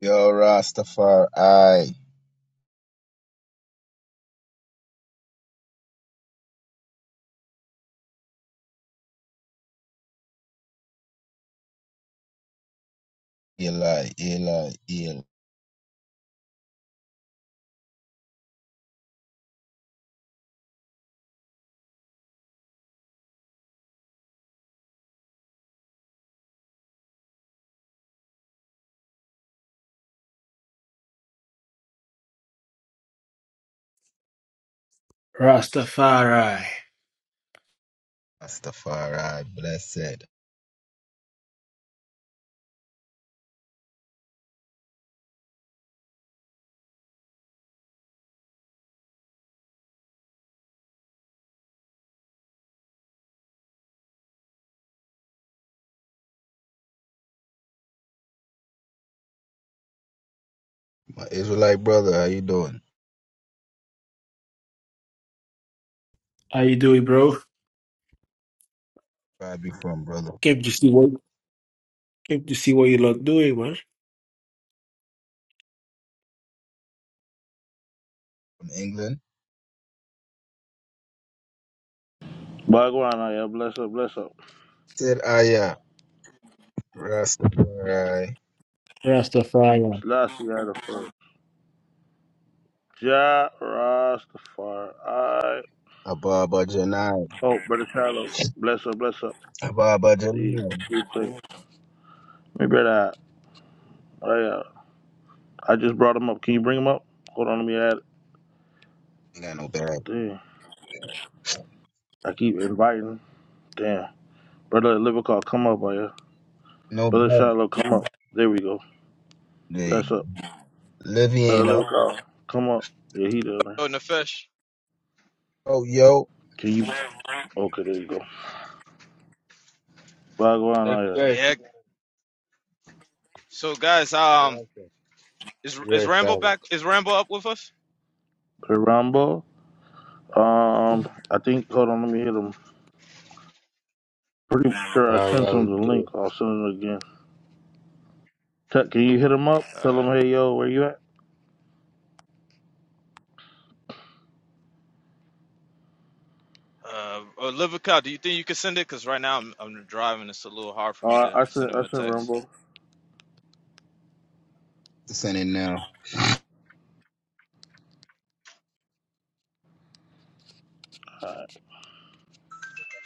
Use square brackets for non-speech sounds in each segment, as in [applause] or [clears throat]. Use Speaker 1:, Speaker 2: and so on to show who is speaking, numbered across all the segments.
Speaker 1: Yo, Rastafari, Eli, Eli, Eli,
Speaker 2: Rastafari.
Speaker 1: Rastafari, blessed. My Israelite brother, how you doing?
Speaker 2: How you doing, bro?
Speaker 1: Where you from, brother?
Speaker 2: Came to see what came to see what you lot doing, man.
Speaker 1: From England?
Speaker 3: Bhagwan, yeah, bless up, bless up.
Speaker 1: Said Aya, Rastafari,
Speaker 2: Rastafari.
Speaker 3: Slash you out of first. Ja Rastafari.
Speaker 1: Ababa Janai,
Speaker 3: Oh, brother Shiloh. Bless up, bless up.
Speaker 1: Ababa
Speaker 3: See,
Speaker 1: Janai.
Speaker 3: see, see. My brother, I, uh, I just brought him up. Can you bring him up? Hold on, let me add.
Speaker 1: Ain't got no bad.
Speaker 3: Damn. I keep inviting. Damn. Brother Livercall, come up, oh, yeah.
Speaker 1: No
Speaker 3: Brother
Speaker 1: bad.
Speaker 3: Shiloh, come up. There we go.
Speaker 1: Hey,
Speaker 3: Bless up.
Speaker 1: Livy
Speaker 3: Brother
Speaker 1: ain't up.
Speaker 3: Livercall, come up. Yeah, he down there.
Speaker 4: Oh, Nefesh.
Speaker 1: Oh, yo,
Speaker 3: Can you? Okay, there you go. Bhagwan, oh,
Speaker 5: Nefesh.
Speaker 4: Yeah. So, guys, um, is is
Speaker 5: Yes,
Speaker 4: Rambo
Speaker 5: Shaba.
Speaker 4: back? Is Rambo up with us?
Speaker 3: yeah. Rambo. Um, I think. Hold on, let me hit him. Pretty sure I sent him the
Speaker 5: Royalty.
Speaker 3: link. I'll send him again. Tech, can you hit him up?
Speaker 4: All
Speaker 3: Tell him,
Speaker 4: right.
Speaker 3: hey, yo, where you at?
Speaker 4: Uh, or Livica, do you think you can send it? Cause right now I'm I'm driving. It's a little hard for me
Speaker 3: Uh,
Speaker 4: to
Speaker 3: I
Speaker 4: send
Speaker 3: sent. I
Speaker 4: him a
Speaker 3: sent
Speaker 4: text.
Speaker 3: Rambo.
Speaker 1: descending now.
Speaker 3: Alright.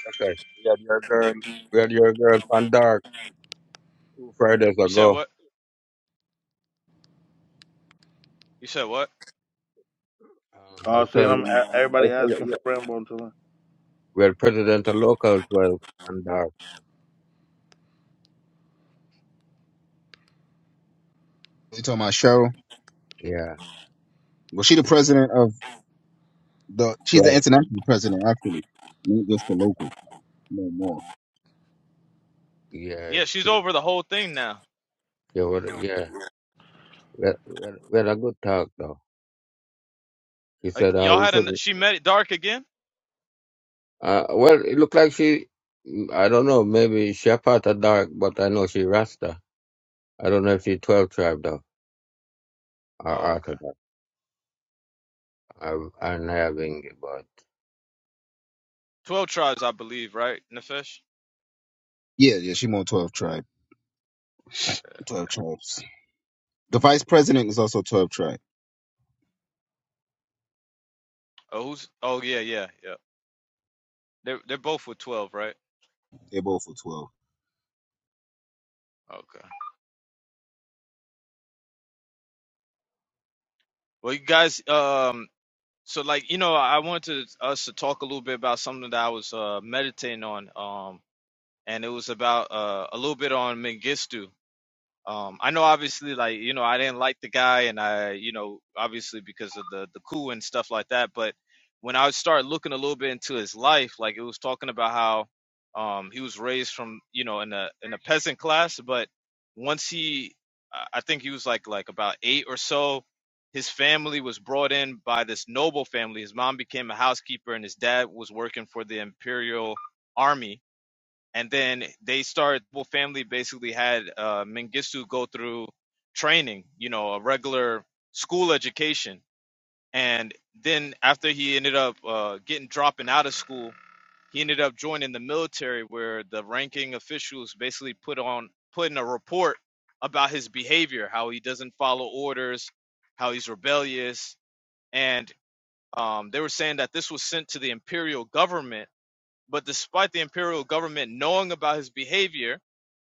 Speaker 5: Nefesh. We had your girl. We had your girl Pandark two Fridays
Speaker 4: You said
Speaker 5: ago.
Speaker 4: what? You said what?
Speaker 5: Um, I
Speaker 3: Uh,
Speaker 5: was
Speaker 3: see, and I'm
Speaker 5: telling.
Speaker 3: a-
Speaker 5: I
Speaker 3: everybody
Speaker 5: was telling.
Speaker 3: asking for
Speaker 5: Yeah.
Speaker 3: Rambo until then.
Speaker 5: We had President of Local 12 Pandark.
Speaker 1: You talking about Cheryl?
Speaker 5: Yeah,
Speaker 1: Well, she the president of the, she's the
Speaker 5: 12.
Speaker 1: international president, actually. Not just the
Speaker 5: Mm.
Speaker 1: local, no more.
Speaker 5: Yeah,
Speaker 4: Yeah, she's
Speaker 5: she.
Speaker 4: over the whole thing now.
Speaker 5: She was. Yeah. We had, we had, we had a good talk though. She
Speaker 4: Like,
Speaker 5: said, "Uh,
Speaker 4: y'all
Speaker 5: we
Speaker 4: had a
Speaker 5: shouldn't."
Speaker 4: she met it dark again?
Speaker 5: Uh, well, it looked like she. I don't know. Maybe she a part of dark, but I know she Rasta. I don't know if she 12 tribe though or
Speaker 4: Oh,
Speaker 5: Orthodox.
Speaker 4: okay.
Speaker 5: I'm, I'm having about
Speaker 4: Twelve tribes, I believe, right, Nefesh?
Speaker 1: Yeah, yeah, she more 12 tribe. 12 tribes. The vice president is also 12 tribe.
Speaker 4: Oh, who's? Oh, yeah, yeah, yeah. They're they're both with twelve, right?
Speaker 1: They're both for 12.
Speaker 4: Okay. Well, you guys, um, So like, you know, I wanted us to talk a little bit about something that I was uh meditating on. Um and it was about uh a little bit on Mengistu. Um, I know obviously like, you know, I didn't like the guy and I, you know, obviously because of the the coup and stuff like that, but when I started looking a little bit into his life, like it was talking about how um he was raised from, you know, in a in a peasant class, but once he I I think he was like like about 8 or so, his family was brought in by this noble family. His mom became a housekeeper and his dad was working for the imperial army and then they started well family basically had uh Mengistu go through training you know a regular school education and then after he ended up uh getting dropping out of school he ended up joining the military where the ranking officials basically put on put in a report about his behavior how he doesn't follow orders how he's rebellious and um, they were saying that this was sent to the imperial government but despite the imperial government knowing about his behavior,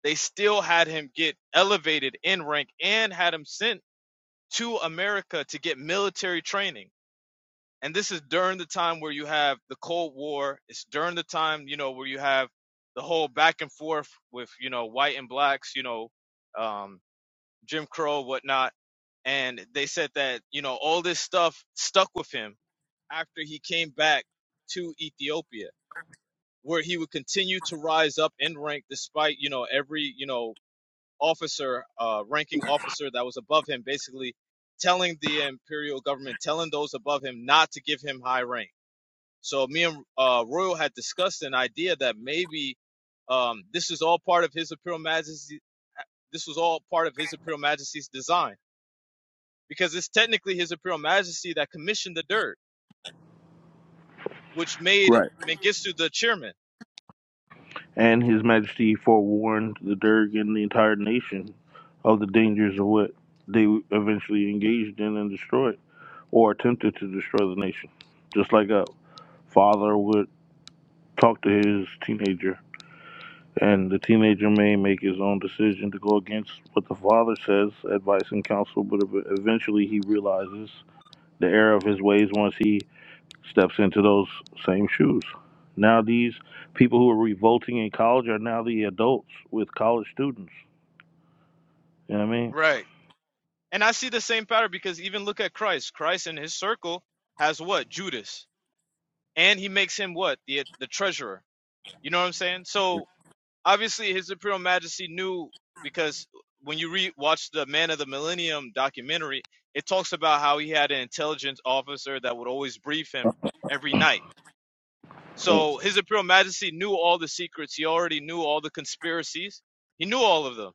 Speaker 4: they still had him get elevated in rank and had him sent to America to get military training. And this is during the time where you have the Cold War. It's during the time, you know, where you have the whole back and forth with, you know, white and blacks, you know, um, Jim Crow, whatnot. And they said that, you know, all this stuff stuck with him after he came back to Ethiopia where he would continue to rise up in rank despite you know every you know officer uh ranking officer that was above him basically telling the imperial government telling those above him not to give him high rank so me and uh royal had discussed an idea that maybe um this is all part of his imperial majesty this was all part of his imperial majesty's design because it's technically his imperial majesty that commissioned the dirt which made
Speaker 3: Right.
Speaker 4: mengistu the chairman
Speaker 3: And His Majesty forewarned the Derg and the entire nation of the dangers of what they eventually engaged in and destroyed, or attempted to destroy the nation, just like a father would talk to his teenager And the teenager may make his own decision to go against what the father says, advice, and counsel, but eventually he realizes the error of his ways once he steps into those same shoes. Now, these people who are revolting in college are now the adults with college students. You know what I mean?
Speaker 4: Right. And I see the same pattern because even look at Christ. Christ in his circle has what? Judas. And he makes him what? The the treasurer. You know what I'm saying? So obviously his imperial majesty knew because when you re watch the Man of the Millennium documentary, it talks about how he had an intelligence officer that would always brief him every night.
Speaker 3: Mm,
Speaker 4: So his imperial majesty knew all the secrets. He already knew all the conspiracies. He knew all of them.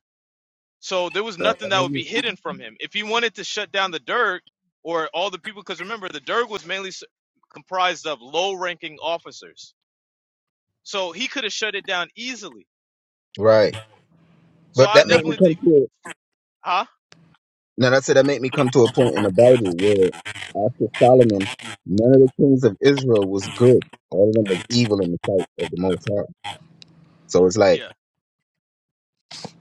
Speaker 4: So there was
Speaker 3: that's-
Speaker 4: nothing
Speaker 1: That
Speaker 4: that
Speaker 1: made
Speaker 4: would
Speaker 1: me,
Speaker 4: be hidden from him. If he wanted to shut down the Derg or all the people, because remember, the Derg was mainly s- comprised of low ranking officers. So he could have shut it down easily.
Speaker 1: right.
Speaker 4: So
Speaker 1: But
Speaker 4: I
Speaker 1: that
Speaker 3: mm.
Speaker 1: made me
Speaker 4: definitely
Speaker 1: come
Speaker 4: think,
Speaker 1: to it.
Speaker 4: huh?
Speaker 1: Now, that's it. That made me come to a point in the Bible where after Solomon, none of the kings of Israel was good. All of them was evil in the sight of the Most High. So it's like
Speaker 4: Yeah.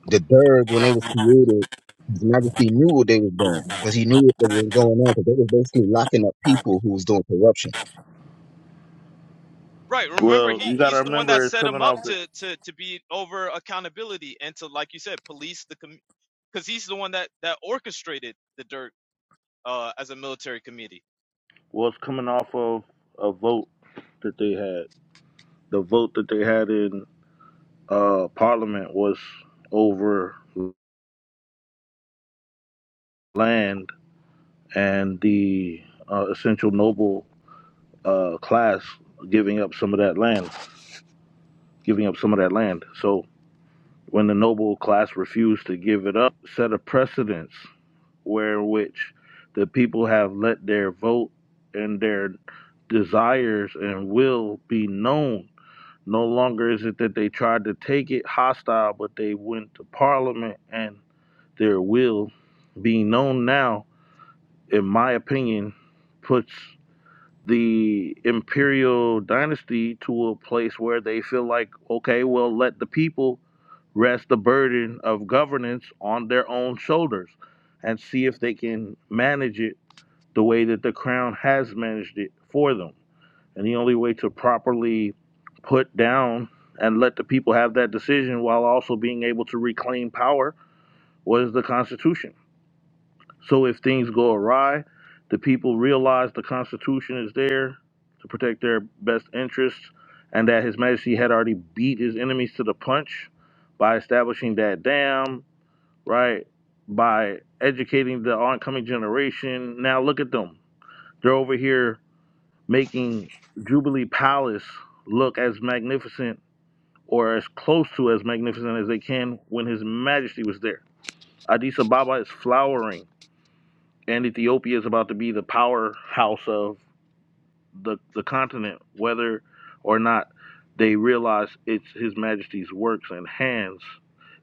Speaker 1: the Derg, when they was created, his majesty knew what they was doing because he knew what was going on because they was basically locking up people who was doing corruption.
Speaker 4: Right. Remember,
Speaker 3: Well,
Speaker 4: he,
Speaker 3: you got to
Speaker 4: he's the one
Speaker 3: remember
Speaker 4: that
Speaker 3: it's
Speaker 4: set him
Speaker 3: coming
Speaker 4: up
Speaker 3: off the,
Speaker 4: to, to, to be over accountability and to, like you said, police the, com, because he's the one that, that orchestrated the Derg uh, as a military committee.
Speaker 3: well, it's coming off of a vote that they had. The vote that they had in uh, Parliament was over land and the uh, essential noble uh, class giving up some of that land, giving up some of that land. So when the noble class refused to give it up, set a precedence where which the people have let their vote and their desires and will be known. No longer is it that they tried to take it hostile, but they went to parliament and their will being known now, in my opinion, puts the imperial dynasty to a place where they feel like, okay, well, let the people rest the burden of governance on their own shoulders and see if they can manage it the way that the crown has managed it for them. And the only way to properly put down and let the people have that decision while also being able to reclaim power was the Constitution. So if things go awry, the people realize the Constitution is there to protect their best interests and that His Majesty had already beat his enemies to the punch by establishing that dam, right? By educating the oncoming generation. Now look at them. They're over here making Jubilee Palace look as magnificent or as close to as magnificent as they can when His Majesty was there. Addis Ababa is flowering and Ethiopia is about to be the powerhouse of the, the continent, whether or not they realize it's His Majesty's works and hands.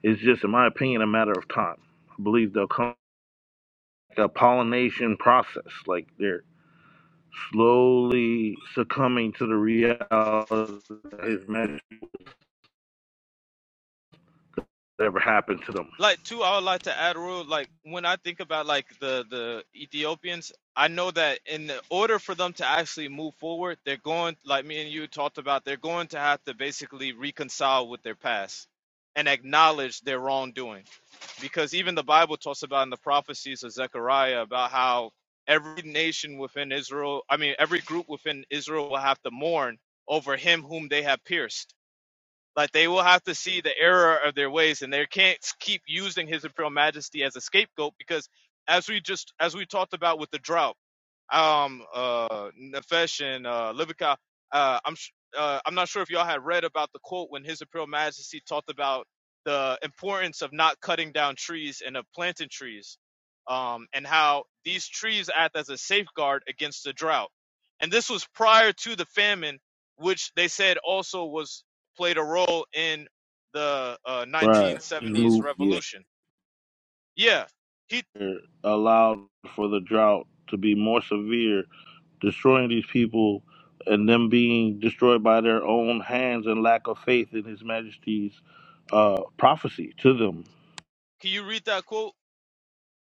Speaker 3: It's just, in my opinion, a matter of time. I believe they'll come a pollination process, like they're slowly succumbing to the reality that His Majesty ever happened to them.
Speaker 4: like too i would like to add rule like when i think about like the the ethiopians i know that in the order for them to actually move forward they're going like me and you talked about they're going to have to basically reconcile with their past and acknowledge their wrongdoing because even the bible talks about in the prophecies of zechariah about how every nation within israel i mean every group within israel will have to mourn over him whom they have pierced like they will have to see the error of their ways, and they can't keep using His Imperial Majesty as a scapegoat because, as we just as we talked about with the drought, um, uh, Nefesh and uh, Libica, uh, I'm sh- uh, I'm not sure if y'all had read about the quote when His Imperial Majesty talked about the importance of not cutting down trees and of planting trees, um, and how these trees act as a safeguard against the drought. And this was prior to the famine, which they said also was played a role in the uh,
Speaker 3: Right.
Speaker 4: 1970s
Speaker 3: Move. yeah.
Speaker 4: revolution. Yeah, he.
Speaker 3: allowed for the drought to be more severe, destroying these people and them being destroyed by their own hands and lack of faith in His Majesty's uh, prophecy to them.
Speaker 4: Can you read that quote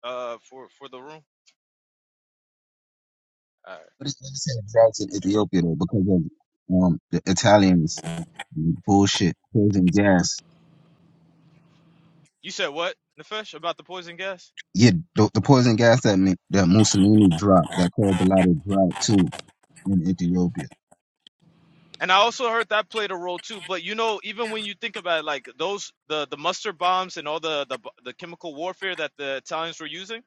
Speaker 4: uh, for for the room? All right.
Speaker 1: But it's not the same drugs in Ethiopia though because of um, the Italians Bullshit. Poison gas.
Speaker 4: You said what, Nefesh, about the poison gas?
Speaker 1: Yeah, the, the poison gas that Mi- that Mussolini dropped, that caused a lot of drought too in Ethiopia.
Speaker 4: And I also heard that played a role too. But you know, even when you think about it, like those the the mustard bombs and all the the the chemical warfare that the Italians were using,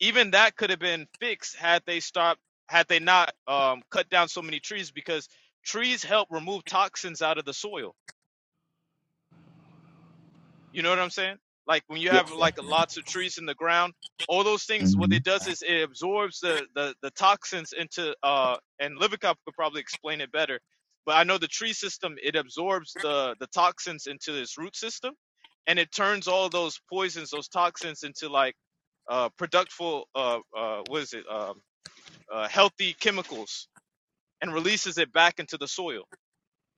Speaker 4: even that could have been fixed had they stopped had they not um, cut down so many trees because trees help remove toxins out of the soil You know what I'm saying? Like when you
Speaker 3: Yeah,
Speaker 4: have
Speaker 1: Yeah.
Speaker 4: like lots of trees in the ground, all those things, what
Speaker 1: hmm
Speaker 4: it does is it absorbs the the, the toxins into uh and Livikop could probably explain it better. But I know the tree system, it absorbs the the toxins into its root system and it turns all those poisons, those toxins into like uh productful uh uh what is it? Um uh, uh healthy chemicals and releases it back into the soil.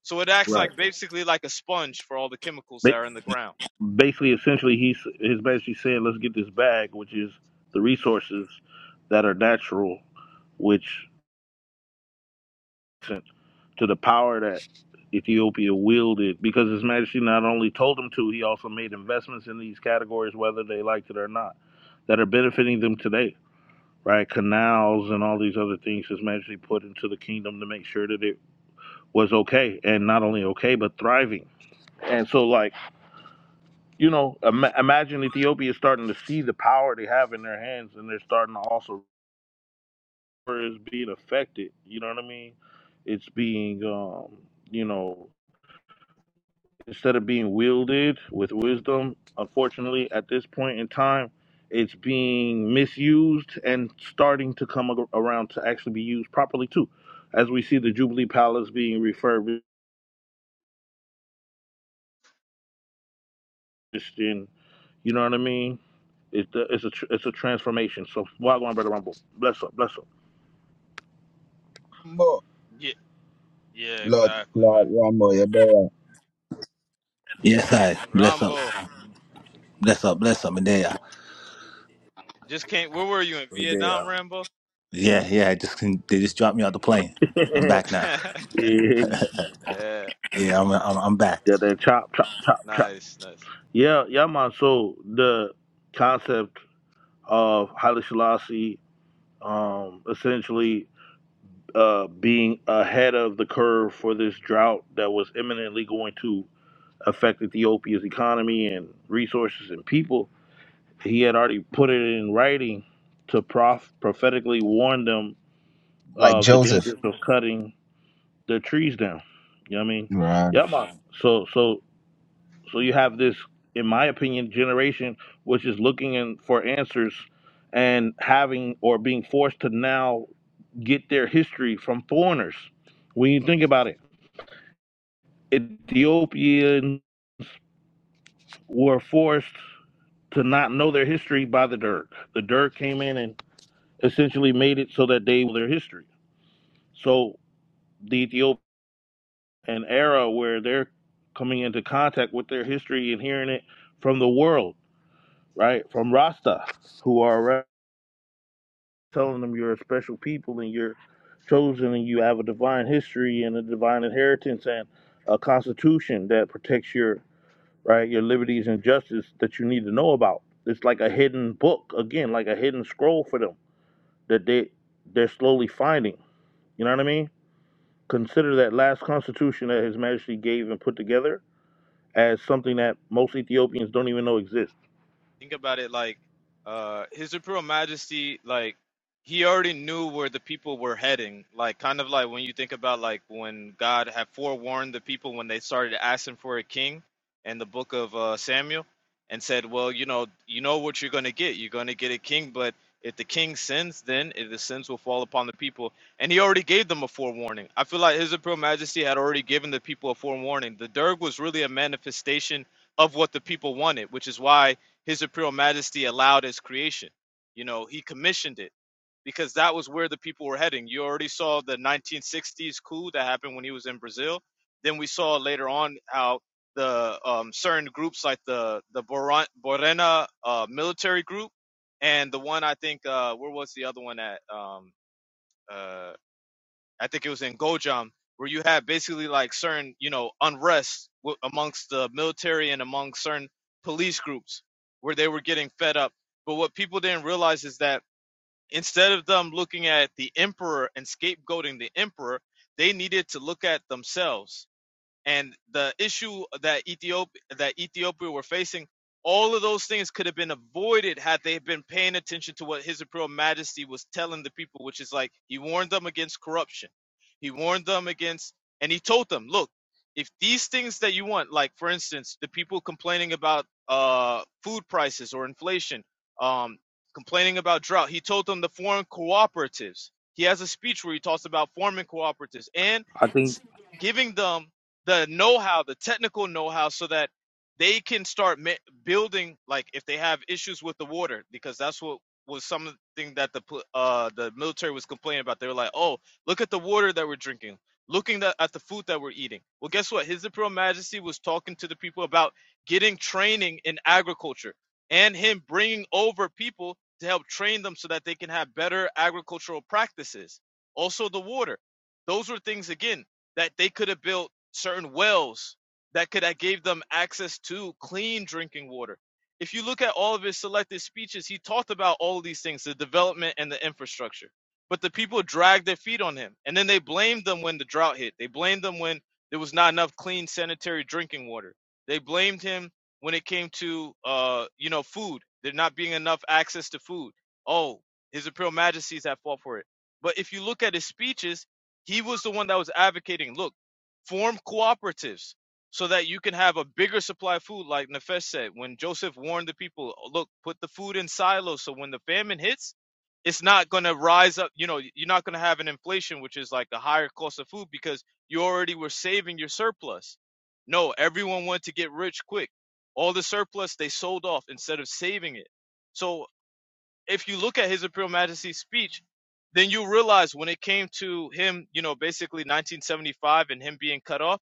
Speaker 4: So it acts
Speaker 3: right.
Speaker 4: like basically like a sponge for all the chemicals that
Speaker 3: Ba-
Speaker 4: are in the ground.
Speaker 3: Basically, essentially, he's His Majesty saying, "Let's get this bag, which is the resources that are natural, which to the power that Ethiopia wielded because His Majesty not only told him to, he also made investments in these categories, whether they liked it or not, that are benefiting them today, right? Canals and all these other things His Majesty put into the kingdom to make sure that it was okay and not only okay, but thriving. And so, like, you know, Im- imagine Ethiopia starting to see the power they have in their hands and they're starting to also, it's being affected, you know what I mean? It's being, um, you know, instead of being wielded with wisdom, unfortunately, at this point in time, it's being misused and starting to come ar- around to actually be used properly too. As we see the Jubilee Palace being refurbished, and you know what I mean. It, uh, it's a tr- it's a transformation. So why Wagwan Brother Rumble, bless up, bless up.
Speaker 1: More
Speaker 4: Yeah,
Speaker 1: blood,
Speaker 4: exactly,
Speaker 1: blood,
Speaker 4: man.
Speaker 1: one more, yeah, boy.
Speaker 6: Yes, I bless up,
Speaker 4: Rambo,
Speaker 6: bless up, bless up, and there.
Speaker 4: just came. Where were you in Vietnam,
Speaker 3: Yeah,
Speaker 4: Rambo?
Speaker 6: Yeah, yeah. I just can, they just dropped me out the plane. I'm back now.
Speaker 4: [laughs]
Speaker 3: [laughs] yeah,
Speaker 4: yeah,
Speaker 6: Yeah, I'm I'm, I'm back.
Speaker 3: yeah. That chop, chop, chop, chop.
Speaker 4: nice, nice.
Speaker 3: Yeah, yeah, man. So the concept of Haile Selassie, um, essentially uh, being ahead of the curve for this drought that was imminently going to affect Ethiopia's economy and resources and people. He had already put it in writing to prof- prophetically warn them
Speaker 1: Like
Speaker 3: of the
Speaker 1: Joseph.
Speaker 3: dangers of cutting the trees down. You know what I mean?
Speaker 1: Right.
Speaker 3: Yeah, man. So, so, so you have this, in my opinion, generation which is looking in for answers and having or being forced to now get their history from foreigners. When you think about it Ethiopians were forced to not know their history by the Dirk. The Dirk came in and essentially made it so that they knew their history. So the Ethiopian era where they're coming into contact with their history and hearing it from the world, right? From Rasta, who are around telling them you're a special people and you're chosen and you have a divine history and a divine inheritance and a constitution that protects your right? Your liberties and justice that you need to know about. It's like a hidden book, again, like a hidden scroll for them that they they're slowly finding. You know what I mean? Consider that last constitution that His Majesty gave and put together as something that most Ethiopians don't even know exists.
Speaker 4: think about it like uh his imperial majesty like he already knew where the people were heading like kind of like when you think about like when god had forewarned the people when they started asking for a king in the book of uh, samuel and said well you know you know what you're going to get you're going to get a king but if the king sins then if the sins will fall upon the people and he already gave them a forewarning i feel like his imperial majesty had already given the people a forewarning the derg was really a manifestation of what the people wanted which is why his Imperial Majesty allowed its creation. You know, he commissioned it because that was where the people were heading. You already saw the 1960s coup that happened when he was in Brazil. Then we saw later on how the um, certain groups like the the Boran- Borena uh, military group and the one I think uh, where was the other one at um, uh, I think it was in Gojam, where you had basically like certain, you know, unrest w- amongst the military and among certain police groups where they were getting fed up. But what people didn't realize is that instead of them looking at the emperor and scapegoating the emperor, they needed to look at themselves and the issue that Ethiopia that Ethiopia were facing, all of those things could have been avoided had they been paying attention to what His Imperial Majesty was telling the people, which is like he warned them against corruption, he warned them against, and he told them, look, if these things that you want, like for instance, the people complaining about uh, food prices or inflation, um, complaining about drought, he told them the foreign cooperatives. He has a speech where he talks about forming cooperatives and
Speaker 3: I think
Speaker 4: giving them the know-how, the technical know-how, so that they can start ma- building. Like if they have issues with the water, because that's what was something that the uh, the military was complaining about. They were like, "Oh, look at the water that we're drinking. Looking the, at the food that we're eating." Well, guess what? His Imperial Majesty was talking to the people about getting training in agriculture, and him bringing over people to help train them so that they can have better agricultural practices. Also, the water. Those were things again that they could have built certain wells that could have gave them access to clean drinking water. If you look at all of his selected speeches, he talked about all of these things, the development and the infrastructure. But the people dragged their feet on him. And then they blamed them when the drought hit. They blamed them when there was not enough clean sanitary drinking water. They blamed him when it came to uh, you know, food. There not being enough access to food. Oh, his imperial majesties have fought for it. But if you look at his speeches, he was the one that was advocating, look, form cooperatives so that you can have a bigger supply of food, like Nefesh said. When Joseph warned the people, look, put the food in silos so when the famine hits, it's not going to rise up. You know, you're not going to have an inflation, which is like a higher cost of food because you already were saving your surplus. No, everyone wanted to get rich quick. All the surplus they sold off instead of saving it. So if you look at His Imperial Majesty's speech, then you realize when it came to him, you know, basically 1975 and him being cut off,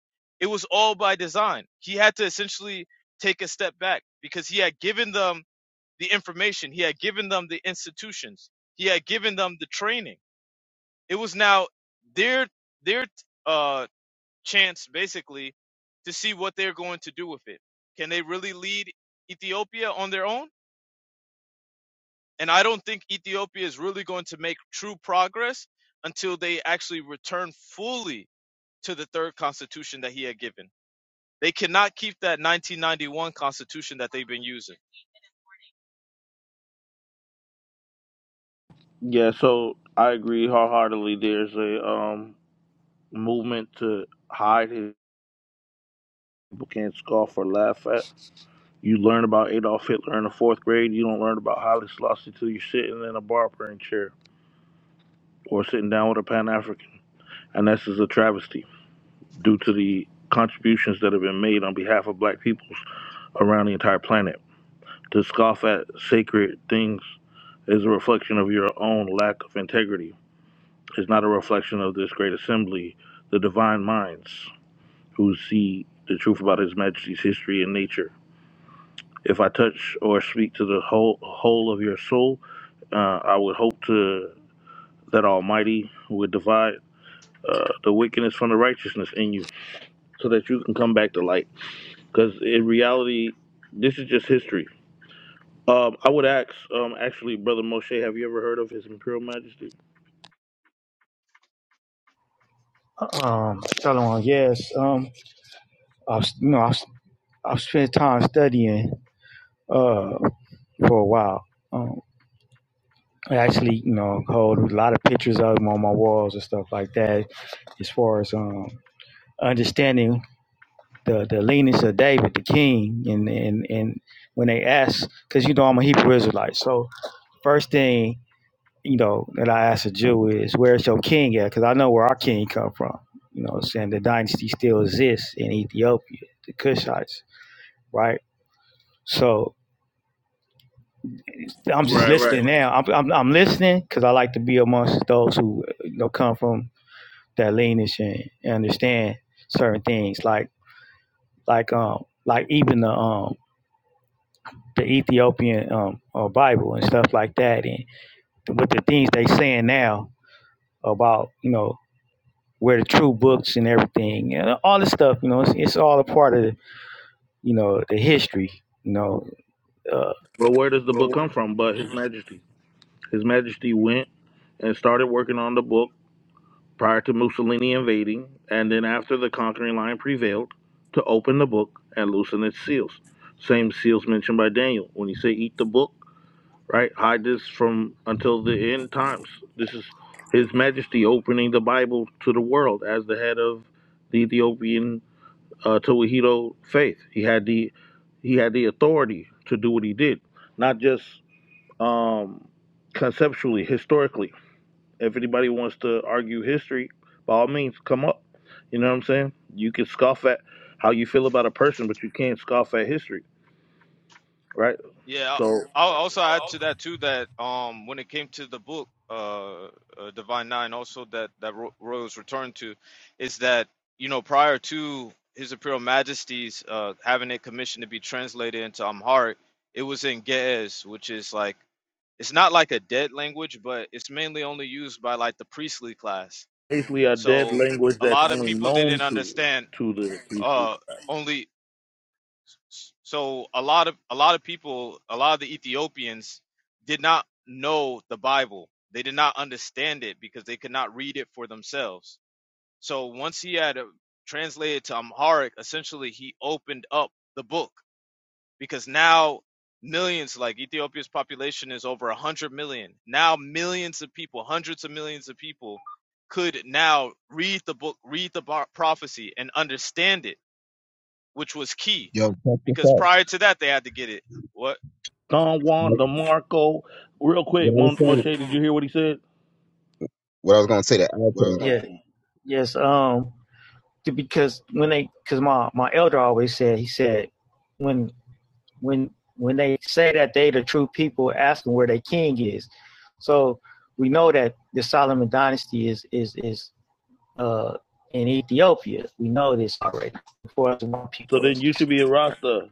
Speaker 4: it was all by design. He had to essentially take a step back because he had given them the information, he had given them the institutions, he had given them the training. It was now their their uh, chance, basically, to see what they're going to do with it. Can they really lead Ethiopia on their own? And I don't think Ethiopia is really going to make true progress until they actually return fully to the third constitution that he had given. They cannot keep that 1991 constitution that they've been using.
Speaker 3: yeah, so I agree wholeheartedly. There's a um movement to hide his people can't scoff or laugh at. You learn about Adolf Hitler in the fourth grade. You don't learn about Haile Selassie till you're sitting in a barbering chair. or sitting down with a Pan African. And this is a travesty due to the contributions that have been made on behalf of black peoples around the entire planet. To scoff at sacred things is a reflection of your own lack of integrity. It's not a reflection of this great assembly, the divine minds who see the truth about His Majesty's history and nature. If I touch or speak to the whole whole of your soul, uh, I would hope to that Almighty would divide uh, the wickedness from the righteousness in you so that you can come back to light. Because in reality, this is just history. Um, I would ask, um, actually, Brother Moshe, have you ever heard of His Imperial Majesty?
Speaker 7: Um, Shalom. Yes. Um, I've you know I've I've spent time studying uh for a while. Um, I actually you know hold a lot of pictures of them on my walls and stuff like that. As far as um understanding the the leanings of David, the king, and and and when they ask, because you know I'm a Hebrew Israelite, so first thing you know, that I ask a Jew is, where's your king at? Because I know where our king come from. You know, what I'm saying the dynasty still exists in Ethiopia, the Kushites, right? So I'm just
Speaker 3: Right, right.
Speaker 7: listening now. I'm I'm, I'm listening because I like to be amongst those who you know come from that lineage and, and understand certain things, like like um like even the um the Ethiopian um uh, Bible and stuff like that, and with the things they saying now about you know where the true books and everything and all this stuff. You know, it's, it's all a part of you know the history. You know, uh,
Speaker 3: Well, where does the book come from but His Majesty? His Majesty went and started working on the book prior to Mussolini invading, and then after the conquering line prevailed, to open the book and loosen its seals. Same seals mentioned by Daniel. When you say eat the book, right? Hide this from until the end times. This is His Majesty opening the Bible to the world as the head of the Ethiopian uh, Tewahedo faith. He had the he had the authority to do what he did, not just um, conceptually, historically. If anybody wants to argue history, by all means, come up. You know what I'm saying? You can scoff at how you feel about a person, but you can't scoff at history, right?
Speaker 4: Yeah, I'll
Speaker 3: So.
Speaker 4: also add to that too that um when it came to the book uh, uh Divine Nine also that that Ro- Royals returned to is that you know prior to His Imperial Majesty's uh having it commissioned to be translated into Amharic, it was in Ge'ez, which is like it's not like a dead language, but it's mainly only used by like the priestly class.
Speaker 3: basically a dead
Speaker 4: So
Speaker 3: language
Speaker 4: a
Speaker 3: that's
Speaker 4: lot of
Speaker 3: only
Speaker 4: people
Speaker 3: known
Speaker 4: didn't
Speaker 3: to
Speaker 4: understand
Speaker 3: to the priestly. class.
Speaker 4: uh only so a lot of a lot of people, a lot of the Ethiopians did not know the Bible. They did not understand it because they could not read it for themselves. So once he had uh, translated to Amharic, essentially he opened up the book because now millions like Ethiopia's population is over 100 million. Now millions of people, hundreds of millions of people could now read the book, read the prophecy and understand it, which was key
Speaker 1: Yo, check this
Speaker 4: because
Speaker 1: out.
Speaker 4: prior to that they had to get it. What
Speaker 3: Don Juan
Speaker 1: What,
Speaker 3: DeMarco, real
Speaker 1: what
Speaker 3: quick,
Speaker 1: I was
Speaker 3: Mon- Moshe,
Speaker 1: saying.
Speaker 3: did you hear what he said?
Speaker 1: What I was gonna say to add to that I put it.
Speaker 7: yeah, yes. Um, because when they, because my my elder always said, he said, when when when they say that they the true people, ask them where their king is. So we know that the Solomon dynasty is is is uh in Ethiopia. We know this already. For us,
Speaker 3: So
Speaker 7: people,
Speaker 3: then you should be a Rasta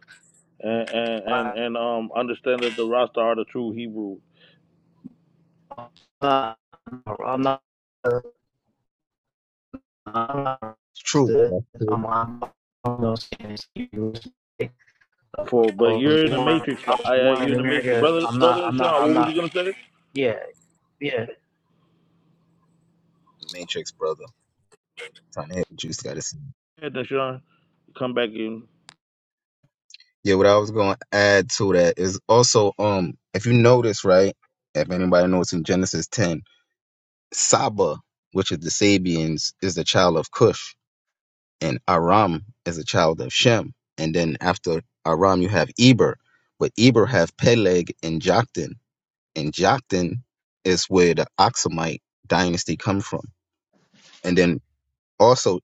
Speaker 3: and and and, and um understand that the Rasta are the true Hebrew.
Speaker 7: I'm not
Speaker 1: It's true.
Speaker 7: the
Speaker 1: That's true.
Speaker 7: um, I'm from I
Speaker 3: For but
Speaker 7: was
Speaker 3: you're in the
Speaker 7: born
Speaker 3: matrix.
Speaker 7: I was
Speaker 3: I, I-
Speaker 7: born
Speaker 3: you're
Speaker 7: in
Speaker 3: in the matrix,
Speaker 7: America.
Speaker 3: brother.
Speaker 7: I'm not
Speaker 3: Brother
Speaker 7: I'm not
Speaker 3: Sean,
Speaker 7: I'm
Speaker 3: what was you
Speaker 7: not
Speaker 3: gonna say?
Speaker 7: yeah, yeah.
Speaker 1: Matrix brother. Trying to hit what you just gotta see.
Speaker 3: Yeah, then Sean come back in.
Speaker 1: Yeah, what I was gonna add to that is also um if you notice, right? If anybody knows in Genesis ten. Saba, which is the Sabians, is the child of Cush, and Aram is a child of Shem. And then after Aram, you have Eber, but Eber have Peleg and Joktan, and Joktan is where the Aksumite dynasty come from. And then also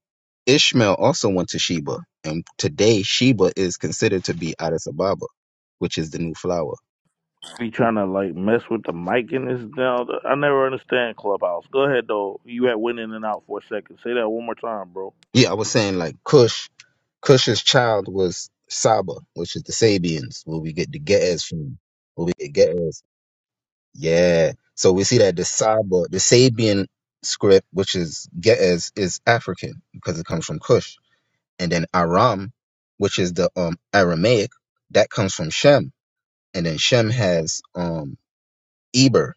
Speaker 1: Ishmael also went to Sheba, and today Sheba is considered to be Addis Ababa, which is the new flower.
Speaker 3: Be trying to like mess with the mic in this now. I never understand Clubhouse. Go ahead though. You had went in and out for a second. Say that one more time, bro.
Speaker 1: Yeah, I was saying like Cush Cush's child was Saba, which is the Sabians, where we get the Ge'ez from. Where we get Ge'ez. Yeah. So we see that the Saba, the Sabian script, which is Ge'ez, is African because it comes from Cush. And then Aram, which is the um Aramaic, that comes from Shem. And then Shem has um Eber,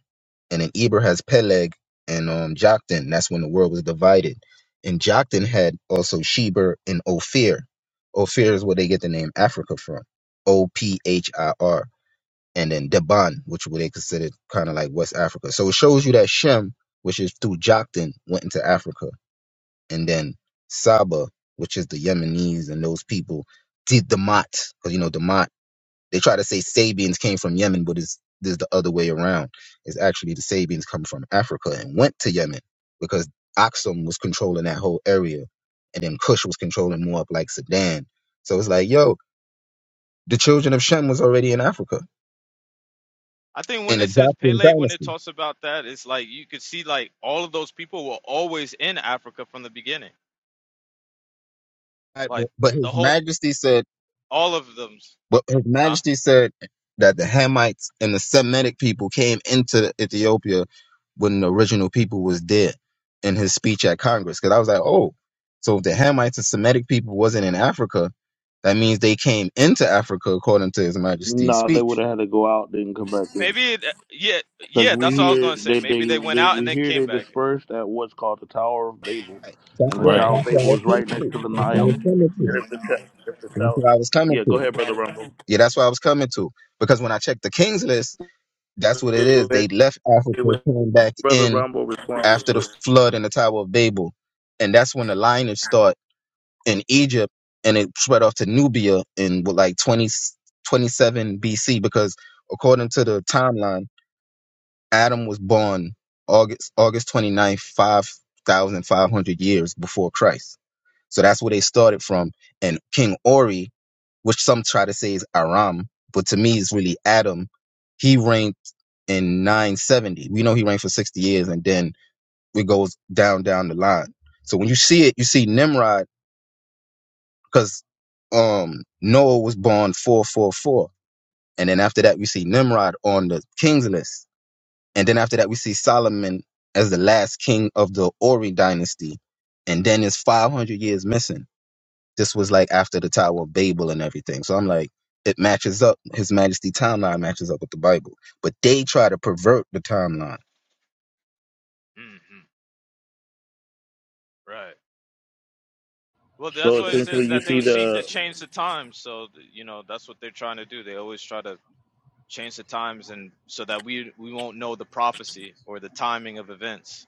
Speaker 1: and then Eber has Peleg and um, Joktan. That's when the world was divided. And Joktan had also Sheber and Ophir. Ophir is where they get the name Africa from. O P H I R. And then Deban, which were they considered kind of like West Africa. So it shows you that Shem, which is through Joktan, went into Africa. And then Saba, which is the Yemenis and those people, did Damat, because you know Damat. They try to say Sabians came from Yemen, but it's there's the other way around. It's actually the Sabians come from Africa and went to Yemen because Aksum was controlling that whole area, and then Kush was controlling more up like Sudan. So it's like, yo, the children of Shem was already in Africa
Speaker 4: I think when
Speaker 1: in the
Speaker 4: it says
Speaker 1: Joplin
Speaker 4: Peleg when it
Speaker 1: dynasty.
Speaker 4: talks about that it's like you could see like all of those people were always in Africa from the beginning.
Speaker 1: Right,
Speaker 4: Like
Speaker 1: But but
Speaker 4: the
Speaker 1: His
Speaker 4: whole
Speaker 1: Majesty said
Speaker 4: all of them,
Speaker 1: But His
Speaker 4: huh?
Speaker 1: Majesty said that the Hamites and the Semitic people came into Ethiopia when the original people was dead in his speech at Congress. Because I was like, oh, so if the Hamites and Semitic people wasn't in Africa, that means they came into Africa according to His Majesty's
Speaker 3: No, they would
Speaker 1: speech.
Speaker 3: have had to go out then come back in.
Speaker 4: Maybe it, yeah,
Speaker 3: Because
Speaker 4: yeah,
Speaker 3: we
Speaker 4: that's what I was
Speaker 3: hear
Speaker 4: going to say.
Speaker 3: they,
Speaker 4: Maybe
Speaker 3: they
Speaker 4: they went
Speaker 3: they
Speaker 4: out and
Speaker 3: we
Speaker 4: then
Speaker 3: hear
Speaker 4: came
Speaker 3: they
Speaker 4: back.
Speaker 3: dispersed at what's called the Tower of Babel,
Speaker 1: Right. That's
Speaker 3: and the
Speaker 1: what
Speaker 6: Right.
Speaker 3: Tower of
Speaker 1: that's what I
Speaker 3: Babel
Speaker 1: was
Speaker 3: is right
Speaker 1: coming
Speaker 3: next
Speaker 1: to.
Speaker 3: to the
Speaker 1: That's what I
Speaker 3: Nile.
Speaker 1: was coming to.
Speaker 3: And if the ta- if the
Speaker 1: That's
Speaker 3: tower,
Speaker 1: what I was coming
Speaker 3: yeah, go
Speaker 1: to.
Speaker 3: ahead, brother Rumble.
Speaker 1: Yeah, that's what I was coming to. Because when I checked the Kings list, that's what it is. They left Africa, came back
Speaker 3: Brother
Speaker 1: in
Speaker 3: Rumble, respond real
Speaker 1: after the
Speaker 3: quick.
Speaker 1: flood in the Tower of Babel. And that's when the lineage start in Egypt and it spread off to Nubia in what, like twenty twenty BC. Because according to the timeline, Adam was born August August 29th, 5,500 years before Christ. So that's where they started from. And King Ori, which some try to say is Aram, but to me it's really Adam. He reigned in 970. We know he reigned for 60 years, and then it goes down down the line. So when you see it, you see Nimrod because um, Noah was born 444, and then after that we see Nimrod on the king's list, and then after that we see Solomon as the last king of the Ori dynasty, and then it's 500 years missing. This was like after the Tower of Babel and everything. So I'm like, it matches up. His Majesty timeline matches up with the Bible, but they try to pervert the timeline.
Speaker 4: hmm Right. Well,
Speaker 3: So
Speaker 4: that's why it
Speaker 3: essentially,
Speaker 4: says
Speaker 3: you
Speaker 4: that they
Speaker 3: see
Speaker 4: would seek
Speaker 3: the
Speaker 4: to change the times. So th- you know that's what they're trying to do. They always try to change the times, and so that we we won't know the prophecy or the timing of events.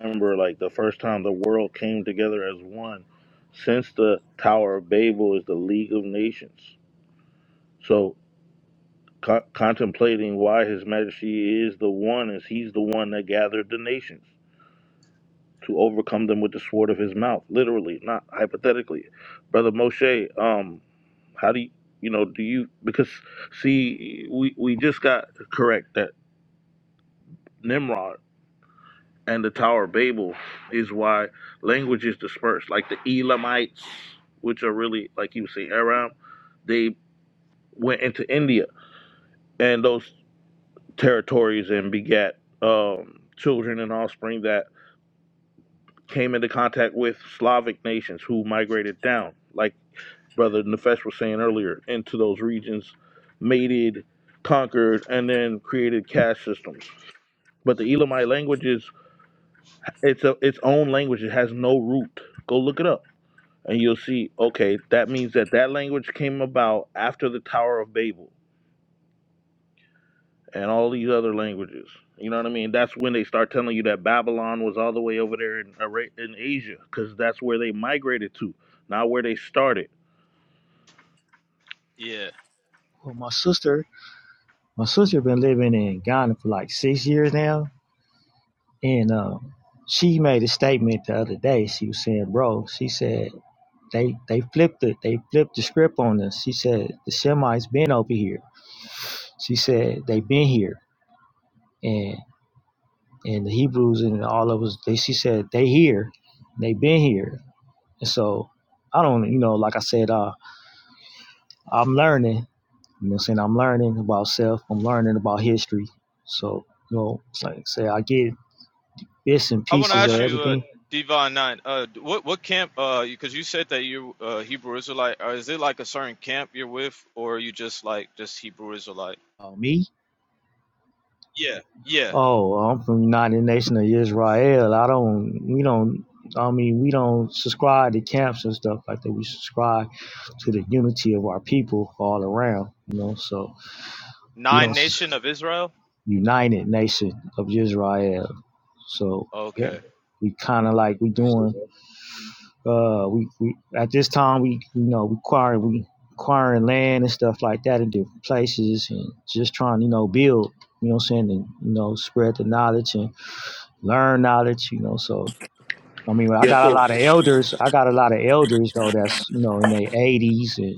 Speaker 3: remember like the first time the world came together as one. Since the Tower of Babel is the League of Nations, so co- contemplating why His Majesty is the one, is He's the one that gathered the nations. to overcome them with the sword of his mouth, literally, not hypothetically. Brother Moshe, um, how do you, you know, do you, because see, we, we just got correct that Nimrod and the Tower of Babel is why language is dispersed. Like the Elamites, which are really, like you say, Aram, they went into India and those territories and begat um, children and offspring that came into contact with Slavic nations who migrated down. Like Brother Nefesh was saying earlier, into those regions, mated, conquered, and then created caste systems. But the Elamite language is it's a, its own language. It has no root. Go look it up, and you'll see. Okay, that means that that language came about after the Tower of Babel and all these other languages. You know what I mean? That's when they start telling you that Babylon was all the way over there in Ara- in Asia, because that's where they migrated to, not where they started.
Speaker 4: Yeah.
Speaker 7: Well my sister my sister been living in Ghana for like six years now and um she made a statement the other day. She was saying, bro, she said they they flipped it. They flipped the script on us. She said the Semites been over here. She said they been here. and. and the Hebrews and all of us, they she said they here, they been here, and so I don't, you know, like I said, uh, I'm learning, you know, what I'm saying I'm learning about self, I'm learning about history, so you know, it's like I say, I get bits and
Speaker 4: I want to
Speaker 7: pieces of
Speaker 4: ask you, uh,
Speaker 7: everything.
Speaker 4: Divine Nine, uh, d- what what camp? Uh, because you said that you uh Hebrew Israelite. Or is it like a certain camp you're with, or are you just like just Hebrew Israelite?
Speaker 7: Oh, me?
Speaker 4: Yeah.
Speaker 7: Oh, I'm from the United Nation of Israel. I don't, we don't. I mean, we don't subscribe to camps and stuff like that. We subscribe to the unity of our people all around, you know. So we
Speaker 4: Nine
Speaker 7: don't.
Speaker 4: Nation of Israel.
Speaker 7: United Nation of Israel. So yeah,
Speaker 4: Okay.
Speaker 7: we kind of like we doing. Uh, we, we at this time we you know we acquiring we acquiring land and stuff like that in different places and just trying to, you know build you know what I'm saying and you know spread the knowledge and learn knowledge you know so I mean I
Speaker 3: Yeah.
Speaker 7: got a
Speaker 3: So,
Speaker 7: lot of elders I got a lot of elders though that's you know in their 80s and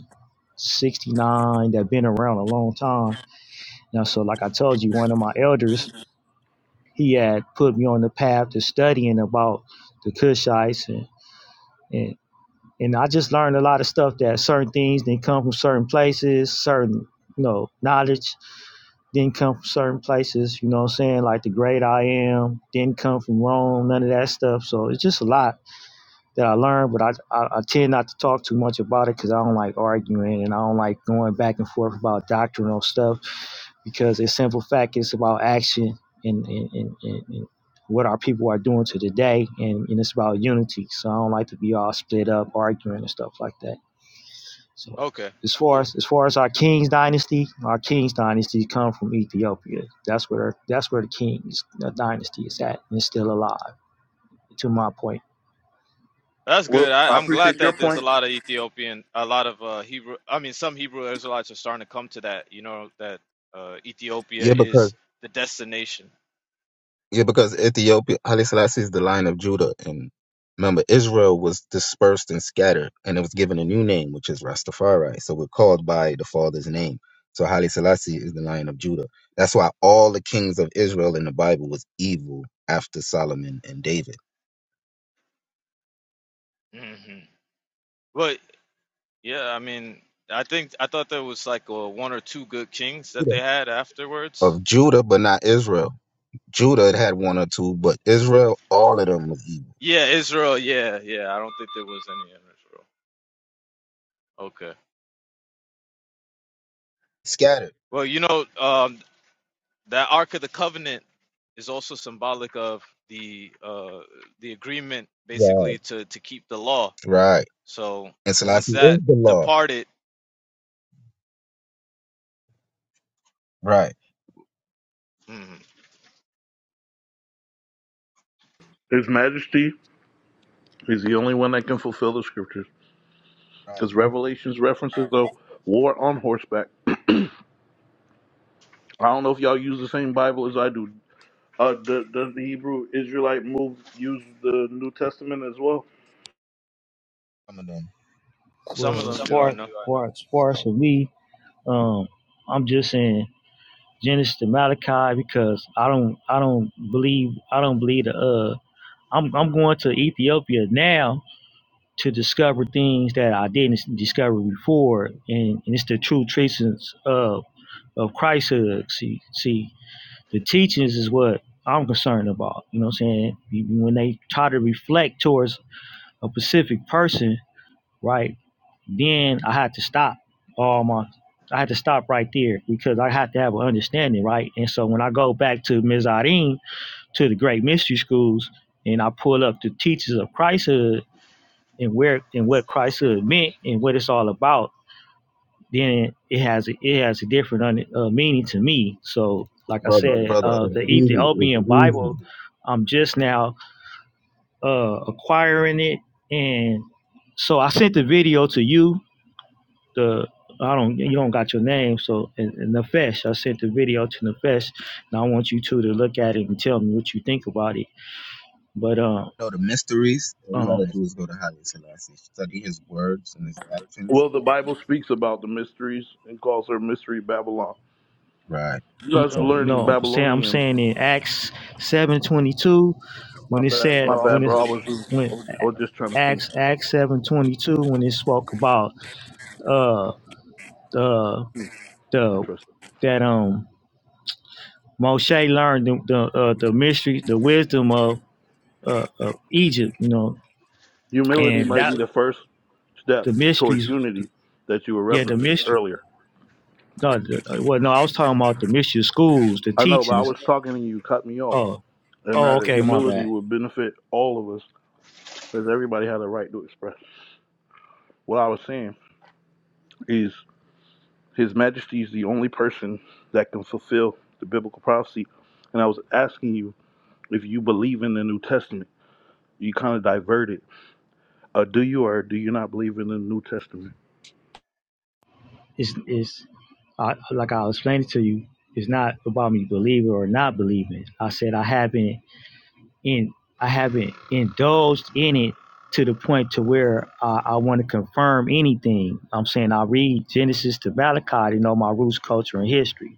Speaker 7: 69 that been around a long time now so like I told you one of my elders he had put me on the path to studying about the Kushites and, and and I just learned a lot of stuff that certain things didn't come from certain places, certain you know, knowledge didn't come from certain places, you know what I'm saying? Like the great I am didn't come from Rome, none of that stuff. So it's just a lot that I learned, but I, I, I tend not to talk too much about it because I don't like arguing and I don't like going back and forth about doctrinal stuff because a simple fact is about action and, and, and, and, what our people are doing to today and, and it's about unity so i don't like to be all split up arguing and stuff like that so
Speaker 4: Okay.
Speaker 7: as far
Speaker 4: Cool.
Speaker 7: as as far as our king's dynasty our king's dynasty come from ethiopia that's where that's where the king's the dynasty is at and it's still alive to my point
Speaker 4: That's
Speaker 3: well,
Speaker 4: good. I,
Speaker 3: I
Speaker 4: I'm glad
Speaker 3: appreciate your
Speaker 4: that there's a
Speaker 3: point,
Speaker 4: lot of Ethiopian, a lot of uh, Hebrew. I mean, some Hebrew Israelites are starting to come to that. You know that uh, Ethiopia
Speaker 1: Yeah, because
Speaker 4: is the destination.
Speaker 1: yeah, because Ethiopia, Haile Selassie is the line of Judah, and remember Israel was dispersed and scattered, and it was given a new name, which is Rastafari. So we're called by the father's name. So Haile Selassie is the line of Judah. That's why all the kings of Israel in the Bible was evil after Solomon and David.
Speaker 4: hmm But yeah, I mean, I think I thought there was like uh one or two good kings that
Speaker 1: Judah.
Speaker 4: they had afterwards.
Speaker 1: Of Judah, but not Israel. Judah had had one or two, but Israel, all of them was evil.
Speaker 4: Yeah, Israel. Yeah, yeah. I don't think there was any in Israel. Okay.
Speaker 1: Scattered.
Speaker 4: Well, you know, um, that Ark of the Covenant is also symbolic of the uh, the agreement,
Speaker 1: Right.
Speaker 4: basically to to keep the law
Speaker 1: Right.
Speaker 4: So
Speaker 1: And
Speaker 4: once
Speaker 1: Selassie
Speaker 4: that
Speaker 1: is the law.
Speaker 4: departed,
Speaker 1: Right.
Speaker 4: mhm,
Speaker 3: His Majesty. He's the only one that can fulfill the scriptures.
Speaker 1: Right.
Speaker 3: Because Revelations references the war on horseback. I don't know if y'all use the same Bible as I do. Uh, does, does the Hebrew Israelite move use the New Testament as well?
Speaker 1: Some of them.
Speaker 4: some of
Speaker 7: well as
Speaker 4: them do
Speaker 7: far
Speaker 4: I
Speaker 7: as
Speaker 4: know.
Speaker 7: far as, far as for me um i'm just saying genesis to malachi because i don't i don't believe i don't believe the uh I'm I'm going to Ethiopia now to discover things that I didn't discover before, and, and it's the true traces of of Christhood. See, see, the teachings is what I'm concerned about. You know what I'm saying? Even When they try to reflect towards a specific person, right? Then I had to stop all my. I had to stop right there because I had to have an understanding, right? And so when I go back to Mizarin to the great mystery schools and I pull up the teachers of Christhood and where and what Christhood meant and what it's all about, then it has a, it has a different un, uh, meaning to me. So, like I
Speaker 1: Brother,
Speaker 7: said,
Speaker 1: brother,
Speaker 7: uh,
Speaker 1: it's
Speaker 7: the
Speaker 1: easy. It's
Speaker 7: Ethiopian Bible,
Speaker 1: easy.
Speaker 7: I'm just now uh, acquiring it, and so I sent the video to you. The I don't you don't got your name, so and, and Nefesh, I sent the video to Nefesh, and I want you two to look at it and tell me what you think about it. But um,
Speaker 1: Know the mysteries. All you
Speaker 7: um,
Speaker 1: gotta do is go to Haile Selassie. Study his words and his actions.
Speaker 3: Well, the Bible speaks about the mysteries and calls her mystery Babylon.
Speaker 1: Right.
Speaker 3: You guys are
Speaker 7: no,
Speaker 1: So
Speaker 3: learning
Speaker 7: no. I'm saying I'm
Speaker 3: Babylonian.
Speaker 7: saying in Acts seven twenty two. My When it bad, said
Speaker 3: My
Speaker 7: bro. I when
Speaker 3: bad,
Speaker 7: was it
Speaker 3: bro. I
Speaker 7: just,
Speaker 3: was just,
Speaker 7: when I was
Speaker 3: I was
Speaker 7: just
Speaker 3: just trying to finish.
Speaker 7: Acts Acts seven twenty two when it spoke about uh the
Speaker 3: Hmm,
Speaker 7: the
Speaker 3: Interesting.
Speaker 7: that um Moshe learned the the, uh, the mystery the wisdom of uh, of Egypt you know
Speaker 3: Humility
Speaker 7: and
Speaker 3: might
Speaker 7: that
Speaker 3: be the first step
Speaker 7: the
Speaker 3: towards
Speaker 7: mysteries
Speaker 3: unity that you were
Speaker 7: yeah the
Speaker 3: referencing
Speaker 7: mystery
Speaker 3: earlier.
Speaker 7: no the, uh, well no I was talking about the mystery of schools the
Speaker 3: I know, but I
Speaker 7: teachings
Speaker 3: was talking and you cut me off.
Speaker 7: oh
Speaker 3: and
Speaker 7: oh
Speaker 3: that
Speaker 7: okay my
Speaker 3: humility
Speaker 7: bad
Speaker 3: would benefit all of us because everybody had a right to express. What I was saying is His Majesty is the only person that can fulfill the biblical prophecy, and I was asking you if you believe in the New Testament. You kind of diverted. Uh, do you or do you not believe in the New Testament?
Speaker 7: it's it's I, like I'll explain it to you it's not about me believing or not believing I said I haven't in I haven't indulged in it to the point to where uh, I want to confirm anything. I'm saying I read Genesis to Malachi to know my roots, culture, and history.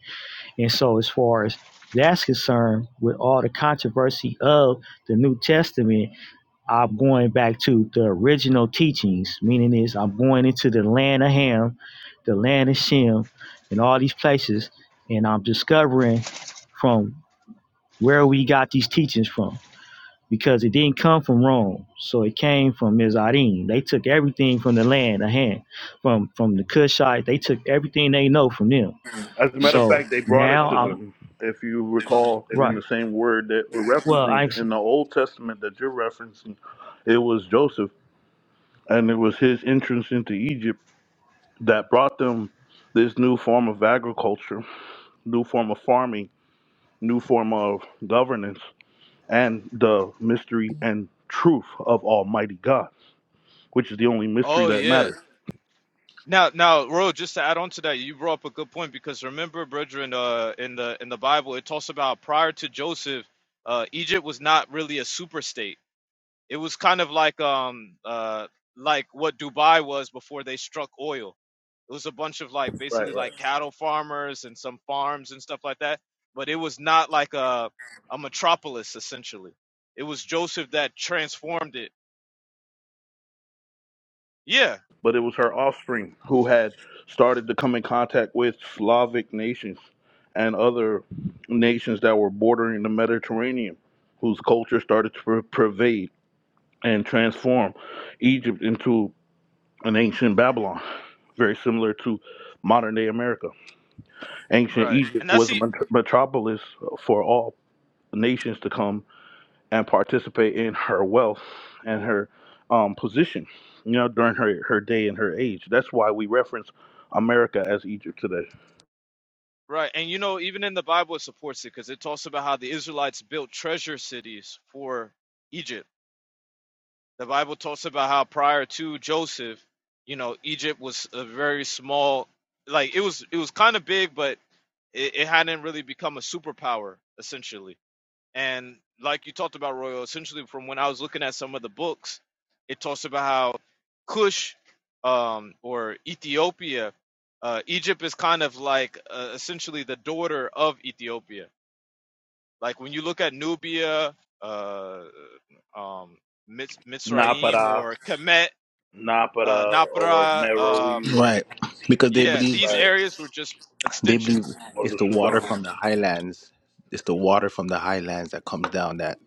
Speaker 7: And so, as far as that's concerned, with all the controversy of the New Testament, I'm going back to the original teachings. Meaning is I'm going into the land of Ham, the land of Shem, and all these places, and I'm discovering from where we got these teachings from because it didn't come from Rome. So it came from Mizraim. They took everything from the land of hand, from from the Cushite. They took everything they know from them.
Speaker 3: As a matter of
Speaker 7: So
Speaker 3: fact, they brought it
Speaker 7: now
Speaker 3: to
Speaker 7: I'm
Speaker 3: them. If you recall, in
Speaker 7: right.
Speaker 3: the same word that we're
Speaker 7: Well, I
Speaker 3: referencing
Speaker 7: yeah.
Speaker 3: in the Old Testament that you're referencing, it was Joseph, and it was his entrance into Egypt that brought them this new form of agriculture, new form of farming, new form of governance, and the mystery and truth of Almighty God, which is the only mystery
Speaker 4: Oh
Speaker 3: that
Speaker 4: yeah.
Speaker 3: matters.
Speaker 4: Now, now, Ro, just to add on to that, you brought up a good point because remember, brethren, uh, in the in the Bible, it talks about prior to Joseph, uh, Egypt was not really a super state. It was kind of like um uh like what Dubai was before they struck oil. It was a bunch of like
Speaker 3: Right,
Speaker 4: basically
Speaker 3: right.
Speaker 4: like cattle farmers and some farms and stuff like that. But it was not like a a metropolis essentially. It was Joseph that transformed it. Yeah,
Speaker 3: But it was her offspring who had started to come in contact with Slavic nations and other nations that were bordering the Mediterranean, whose culture started to per- pervade and transform Egypt into an ancient Babylon very similar to modern day America. Ancient
Speaker 4: right.
Speaker 3: Egypt
Speaker 4: And that's
Speaker 3: was a
Speaker 4: the
Speaker 3: met- metropolis for all nations to come and participate in her wealth and her um, position, you know, during her, her day and her age. That's why we reference America as Egypt today.
Speaker 4: right. And you know, even in the Bible it supports it because it talks about how the Israelites built treasure cities for Egypt The Bible talks about how prior to Joseph, you know, Egypt was a very small, like it was it was kind of big, but it, it hadn't really become a superpower essentially. And like you talked about, Royal, essentially from when I was looking at some of the books, it talks about how Cush um, or Ethiopia, uh, Egypt is kind of like uh, essentially the daughter of Ethiopia like when you look at Nubia, uh, um, Mitz- Mitzrayim
Speaker 3: Napara,
Speaker 4: or Kemet, uh,
Speaker 3: Napara, or
Speaker 4: Napra, um,
Speaker 3: Meroe,
Speaker 6: Right, because they
Speaker 4: yeah,
Speaker 6: believe
Speaker 4: these
Speaker 3: right,
Speaker 4: areas were just
Speaker 6: they
Speaker 4: extensions
Speaker 6: believe
Speaker 3: or
Speaker 6: it's
Speaker 3: the
Speaker 6: the water
Speaker 3: Sudan.
Speaker 6: from the highlands. It's the water from the highlands that comes down that,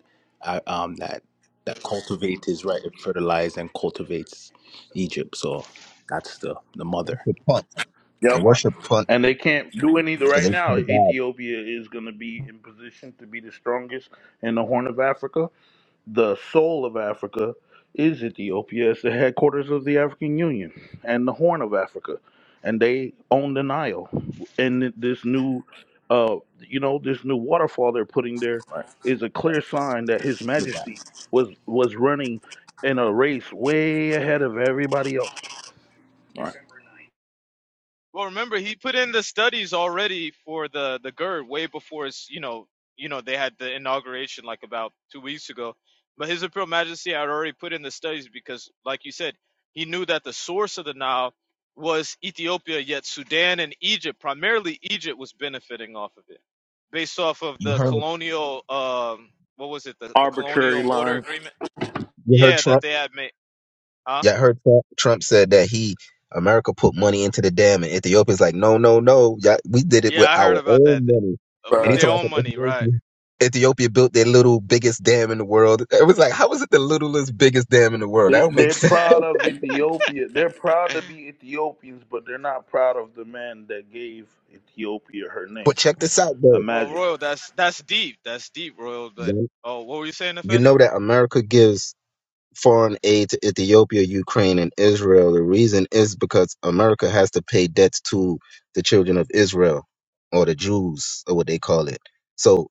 Speaker 6: uh, um, that that cultivates is right. It fertilizes and cultivates Egypt. So that's the the
Speaker 1: they
Speaker 6: mother,
Speaker 1: worship punt. They
Speaker 3: Yeah, man.
Speaker 1: worship punt
Speaker 3: And they can't do anything
Speaker 1: because
Speaker 3: right
Speaker 1: they to
Speaker 3: now.
Speaker 1: the God.
Speaker 3: Ethiopia is going to be in position to be the strongest in the Horn of Africa The soul of Africa is Ethiopia. It's the headquarters of the African Union and the Horn of Africa, and they own the Nile. And this new, uh, you know, this new waterfall they're putting there
Speaker 6: right?
Speaker 3: is a clear sign that His
Speaker 6: With that,
Speaker 3: Majesty was was running in a race way ahead of everybody else.
Speaker 6: right?
Speaker 4: Well, remember he put in the studies already for the the GERD way before his, you know, you know they had the inauguration like about two weeks ago. But His Imperial Majesty had already put in the studies because, like you said, he knew that the source of the Nile was Ethiopia, yet Sudan and Egypt, primarily Egypt, was benefiting off of it, based off of
Speaker 1: You
Speaker 4: the
Speaker 1: heard
Speaker 4: colonial, um, what was it, the, the
Speaker 3: Arbitrary
Speaker 4: colonial water
Speaker 3: lines.
Speaker 4: agreement?
Speaker 1: you heard
Speaker 4: Yeah,
Speaker 1: Trump.
Speaker 4: that they had made. Huh?
Speaker 1: Yeah, I heard Trump, Trump said that he America put money into the dam, and Ethiopia's like, no, no, no, yeah, we did it
Speaker 4: Yeah,
Speaker 1: with
Speaker 4: I heard
Speaker 1: our
Speaker 4: about that
Speaker 1: own money.
Speaker 4: uh, with
Speaker 1: And he
Speaker 4: their
Speaker 1: told us
Speaker 4: own money, right?
Speaker 1: Ethiopia, Ethiopia built their little biggest dam in the world. It was like, how is it the littlest biggest dam in the world? That
Speaker 3: They,
Speaker 1: don't make
Speaker 3: they're
Speaker 1: sense. [laughs]
Speaker 3: proud of Ethiopia. They're proud
Speaker 4: [laughs]
Speaker 3: to be Ethiopians, but they're not proud of the man that gave Ethiopia her name.
Speaker 1: But check this out, though.
Speaker 4: Well,
Speaker 3: Imagine.
Speaker 4: Royal, that's that's deep. That's deep, Royal. But
Speaker 1: You
Speaker 4: oh, what were you saying,
Speaker 1: you
Speaker 4: Nefesh?
Speaker 1: know that America gives foreign aid to Ethiopia, Ukraine, and Israel. The reason is because America has to pay debts to the children of Israel or the Jews or what they call it. So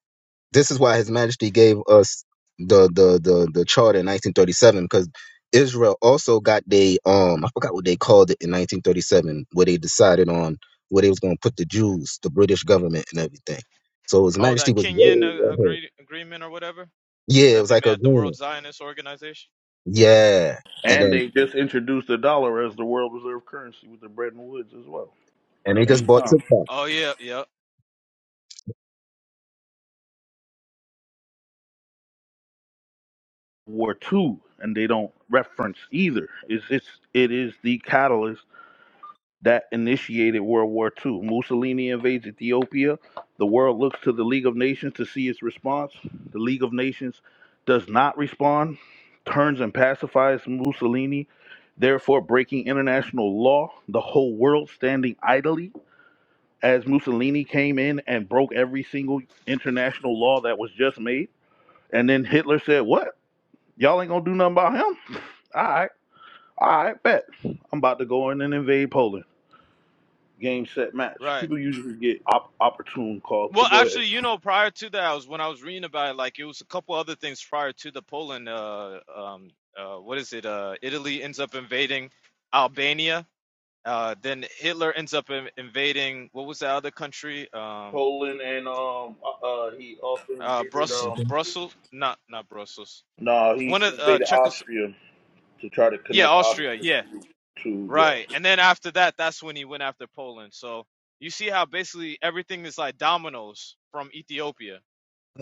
Speaker 1: This is why His Majesty gave us the the the the charter in 1937 because Israel also got they um I forgot what they called it in 1937 where they decided on where they was going to put the Jews, the British government, and everything. So His
Speaker 4: Oh,
Speaker 1: Majesty
Speaker 4: that
Speaker 1: was
Speaker 4: Kenyan uh,
Speaker 1: way ahead.
Speaker 4: agree, agreement or whatever
Speaker 1: Yeah, it
Speaker 4: that
Speaker 1: was
Speaker 4: they
Speaker 1: like
Speaker 4: made
Speaker 1: a
Speaker 4: at the World
Speaker 1: agreement.
Speaker 4: Zionist Organization.
Speaker 1: Yeah, and
Speaker 3: And
Speaker 1: then
Speaker 3: they just introduced the dollar as the world reserve currency with the Bretton Woods as well.
Speaker 1: and they just
Speaker 3: Same
Speaker 1: bought
Speaker 3: time.
Speaker 1: TikTok.
Speaker 4: Oh yeah, yeah,
Speaker 3: War two, and they don't reference either. It's it's it is the catalyst that initiated World War Two. Mussolini invades Ethiopia. The world looks to the League of Nations to see its response. The League of Nations does not respond, turns and pacifies Mussolini, therefore breaking international law, the whole world standing idly as Mussolini came in and broke every single international law that was just made. And then Hitler said, What? Y'all ain't gonna do nothing about him? All right, all right, bet. I'm about to go in and invade Poland. Game, set, match.
Speaker 4: right.
Speaker 3: People usually get op- opportune calls,
Speaker 4: Well,
Speaker 3: but go ahead.
Speaker 4: actually, you know, prior to that, I was when I was reading about it, like it was a couple other things prior to the Poland. Uh, um, uh, what is it? Uh, Italy ends up invading Albania. Uh, then Hitler ends up in, invading what was the other country? Um,
Speaker 3: Poland and um, uh, uh, he also
Speaker 4: uh,
Speaker 3: invaded
Speaker 4: Brus-
Speaker 3: um,
Speaker 1: Something.
Speaker 4: Brussels, not not Brussels
Speaker 3: no, he
Speaker 4: one of uh,
Speaker 3: invaded
Speaker 4: Czechos
Speaker 3: Austria to try to
Speaker 4: Yeah,
Speaker 3: connect
Speaker 4: Austria.
Speaker 3: Austria
Speaker 4: Yeah,
Speaker 3: to
Speaker 4: right.
Speaker 3: yeah.
Speaker 4: And then after that, that's when he went after Poland. So you see how basically everything is like dominoes from Ethiopia.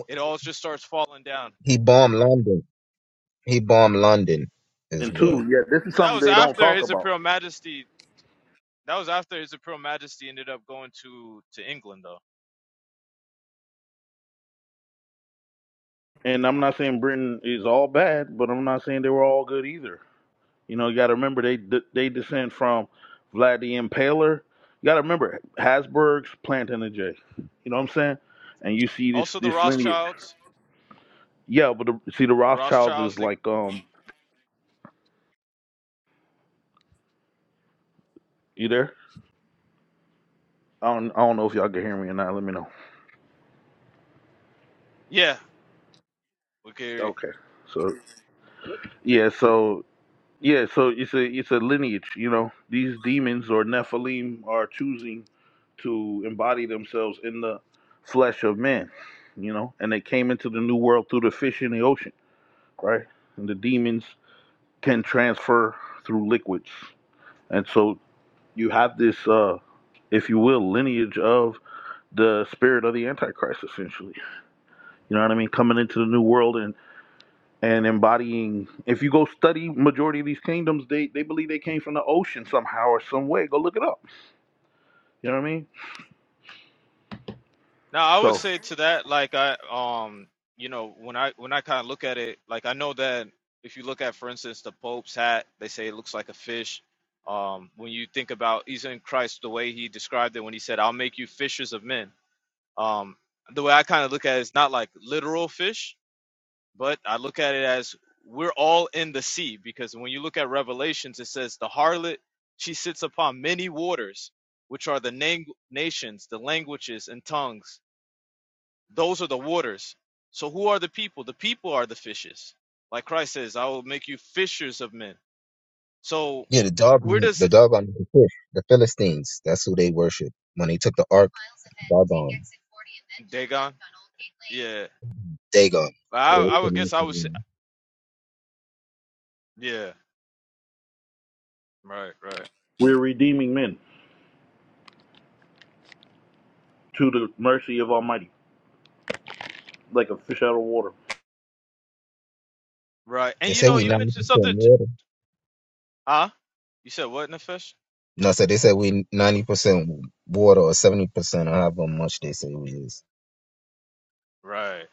Speaker 4: It all just starts falling down.
Speaker 1: He bombed London. He bombed London as
Speaker 3: And
Speaker 1: well.
Speaker 3: two, yeah, this is
Speaker 4: Well, that
Speaker 3: something
Speaker 4: was
Speaker 3: they don't
Speaker 4: after
Speaker 3: talk
Speaker 4: His
Speaker 3: about.
Speaker 4: Imperial Majesty. That was after His Imperial Majesty ended up going to to England, though.
Speaker 3: And I'm not saying Britain is all bad, but I'm not saying they were all good either. You know, you got to remember they they descend from Vlad the Impaler. You got to remember Hasburg's planting a J. You know what I'm saying? And you see this
Speaker 4: Also, the
Speaker 3: this lineage.
Speaker 4: Rothschilds.
Speaker 3: Yeah, but the, see the
Speaker 4: The
Speaker 3: Rothschilds
Speaker 4: Rothschilds.
Speaker 3: is
Speaker 4: They
Speaker 3: like um you there? I don't I don't know if y'all can hear me or not. Let me know.
Speaker 4: yeah. Okay.
Speaker 3: Okay. So yeah, so yeah, so it's a it's a lineage. You know, these demons or Nephilim are choosing to embody themselves in the flesh of men. You know, and they came into the new world through the fish in the ocean right? And the demons can transfer through liquids. And so you have this, uh, if you will, lineage of the spirit of the Antichrist, essentially. You know what I mean? Coming into the new world and, and embodying. If you go study majority of these kingdoms, they, they believe they came from the ocean somehow or some way. Go look it up. You know what I mean?
Speaker 4: Now, I would
Speaker 3: So
Speaker 4: say to that, like I, um, you know, when I when I kind of look at it, like I know that if you look at, for instance, the Pope's hat, they say it looks like a fish. Um, when you think about even Christ, the way he described it, when he said, "I'll make you fishers of men," um, the way I kind of look at it is not like literal fish, but I look at it as we're all in the sea because when you look at Revelations, it says the harlot she sits upon many waters, which are the nang- nations, the languages, and tongues those are the waters. So who are the people? The people are the fishes. Like Christ says, I will make you fishers of men. So
Speaker 1: Yeah, the Darby,
Speaker 4: where does
Speaker 1: the Dogon, the fish, the Philistines. That's who they worship. When they took the Ark, Dagon.
Speaker 4: uh,
Speaker 1: Dagon.
Speaker 4: I, I would guess I would say, yeah, right, right,
Speaker 3: we're redeeming men to the mercy of Almighty, like a fish out of water.
Speaker 4: right. And
Speaker 1: They
Speaker 4: you
Speaker 1: say
Speaker 4: know,
Speaker 1: we
Speaker 4: you
Speaker 1: ninety
Speaker 4: mentioned
Speaker 1: percent
Speaker 4: something, t-
Speaker 1: water.
Speaker 4: huh? You said what, Nefesh?
Speaker 1: No, so they say we ninety percent water or seventy percent, however much they say we is.
Speaker 4: Right.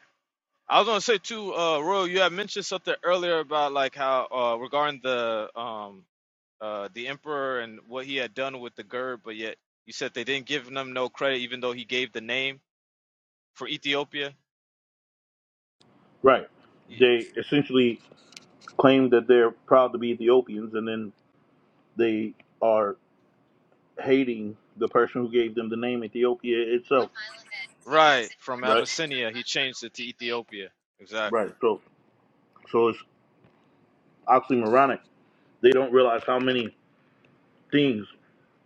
Speaker 4: I was gonna say too, uh, Royal, you had mentioned something earlier about like how uh, regarding the um uh the emperor and what he had done with the gird, but yet you said they didn't give him no credit, even though he gave the name for Ethiopia.
Speaker 3: Right. They essentially claim that they're proud to be Ethiopians, and then They are hating the person who gave them the name Ethiopia itself.
Speaker 4: Right.
Speaker 3: Right.
Speaker 4: Utopia.
Speaker 3: Right.
Speaker 4: Exactly.
Speaker 3: So so it's oxymoronic. They don't realize how many things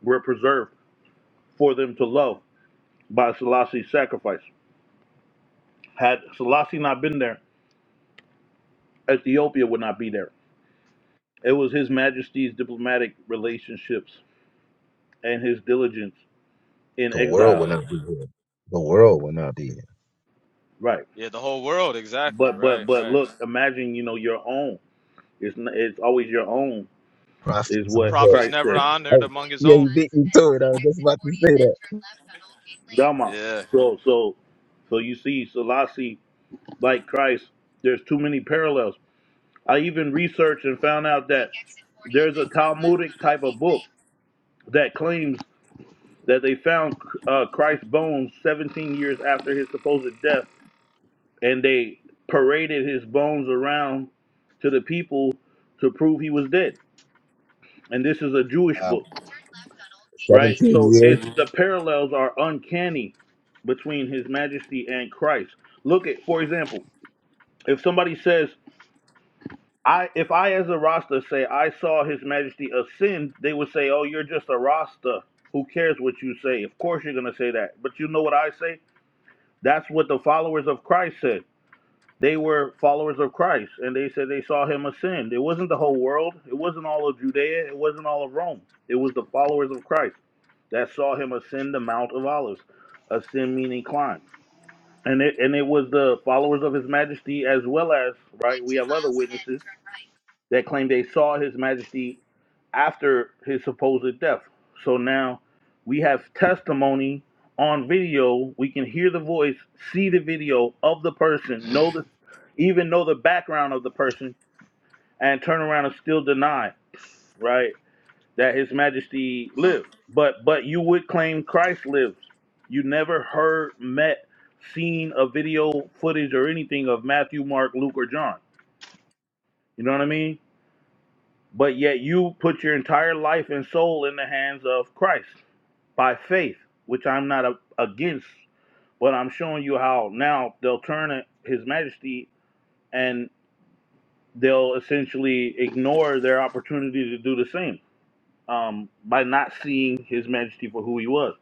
Speaker 3: were preserved for them to love by Selassie's sacrifice. Had Selassie not been there, Ethiopia would not be there. It was His Majesty's diplomatic relationships and his diligence in
Speaker 1: The world
Speaker 3: exile.
Speaker 1: will not be here. The world will not be here.
Speaker 3: Right.
Speaker 4: Yeah, the whole world. Exactly.
Speaker 3: But but
Speaker 4: Right.
Speaker 3: but
Speaker 4: Right.
Speaker 3: look, imagine you know your own. It's n- it's always your own is
Speaker 1: Prophets.
Speaker 4: A
Speaker 3: what
Speaker 4: prophet's
Speaker 3: Christ
Speaker 4: never
Speaker 3: said.
Speaker 4: honored
Speaker 1: Oh,
Speaker 4: among.
Speaker 1: yeah, you beat me to it. I was just about to say that.
Speaker 3: Dama.
Speaker 4: Yeah. yeah.
Speaker 3: So so so you see Selassie like Christ, there's too many parallels. I even researched and found out that there's a Talmudic type of book that claims that they found uh, Christ's bones 17 years after his supposed death, and they paraded his bones around to the people to prove he was dead. And this is a Jewish
Speaker 1: uh,
Speaker 3: book, right?
Speaker 1: 17
Speaker 3: So
Speaker 1: years.
Speaker 3: it's the parallels are uncanny between His Majesty and Christ. Look at, for example, if somebody says I if I as a Rasta say I saw His Majesty ascend, they would say, "Oh, you're just a Rasta. Who cares what you say? Of course you're gonna say that." But you know what I say? That's what the followers of Christ said. They were followers of Christ, and they said they saw Him ascend. It wasn't the whole world. It wasn't all of Judea. It wasn't all of Rome. It was the followers of Christ that saw Him ascend the Mount of Olives. Ascend meaning climb. And it and it was the followers of His Majesty as well as right. We have other witnesses that claim they saw his majesty after his supposed death. So now we have testimony on video. We can hear the voice, see the video of the person, know the even know the background of the person and turn around and still deny, right, that his majesty lived. But but you would claim Christ lives. You never heard, met, seen a video footage or anything of Matthew, Mark, Luke or John. You know what I mean? But yet you put your entire life and soul in the hands of Christ by faith, which I'm not a- against, but I'm showing you how now they'll turn it- His Majesty and they'll essentially ignore their opportunity to do the same um, by not seeing His Majesty for who He was.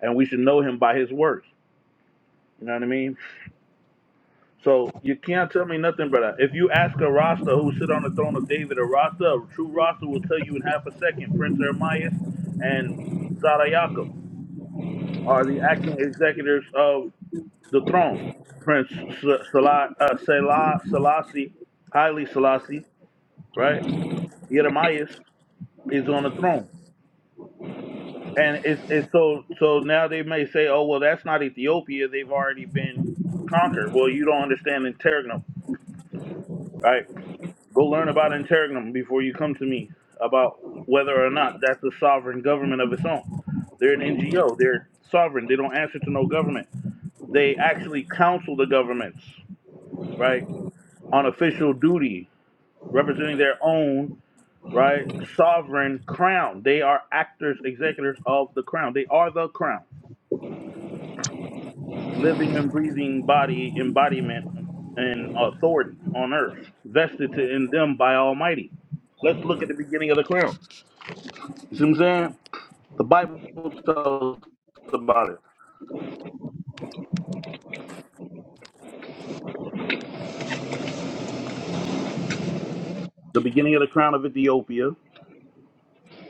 Speaker 3: And we should know Him by His works. You know what I mean? So you can't tell me nothing, brother. If you ask a Rasta who sit on the throne of David, a Rasta, a true Rasta will tell you in half a second, Prince Ermias and Zara Yaakov are the acting executors of the throne. Prince S- Salah, uh, Selah, Selassie, Haile Selassie, right? Yeremias is on the throne. And it's, it's so, so now they may say, oh, well, that's not Ethiopia. They've already been conquered. Well, you don't understand interregnum, right? Go learn about interregnum before you come to me about whether or not that's a sovereign government of its own. They're an NGO. They're sovereign. They don't answer to no government. They actually counsel the governments, right, on official duty, representing their own, right, sovereign crown. They are actors, executors of the crown. They are the crown, living and breathing body, embodiment, and authority on earth, vested to, in them by Almighty. Let's look at the beginning of the crown. You see what I'm saying? The Bible tells us about it. The beginning of the crown of Ethiopia.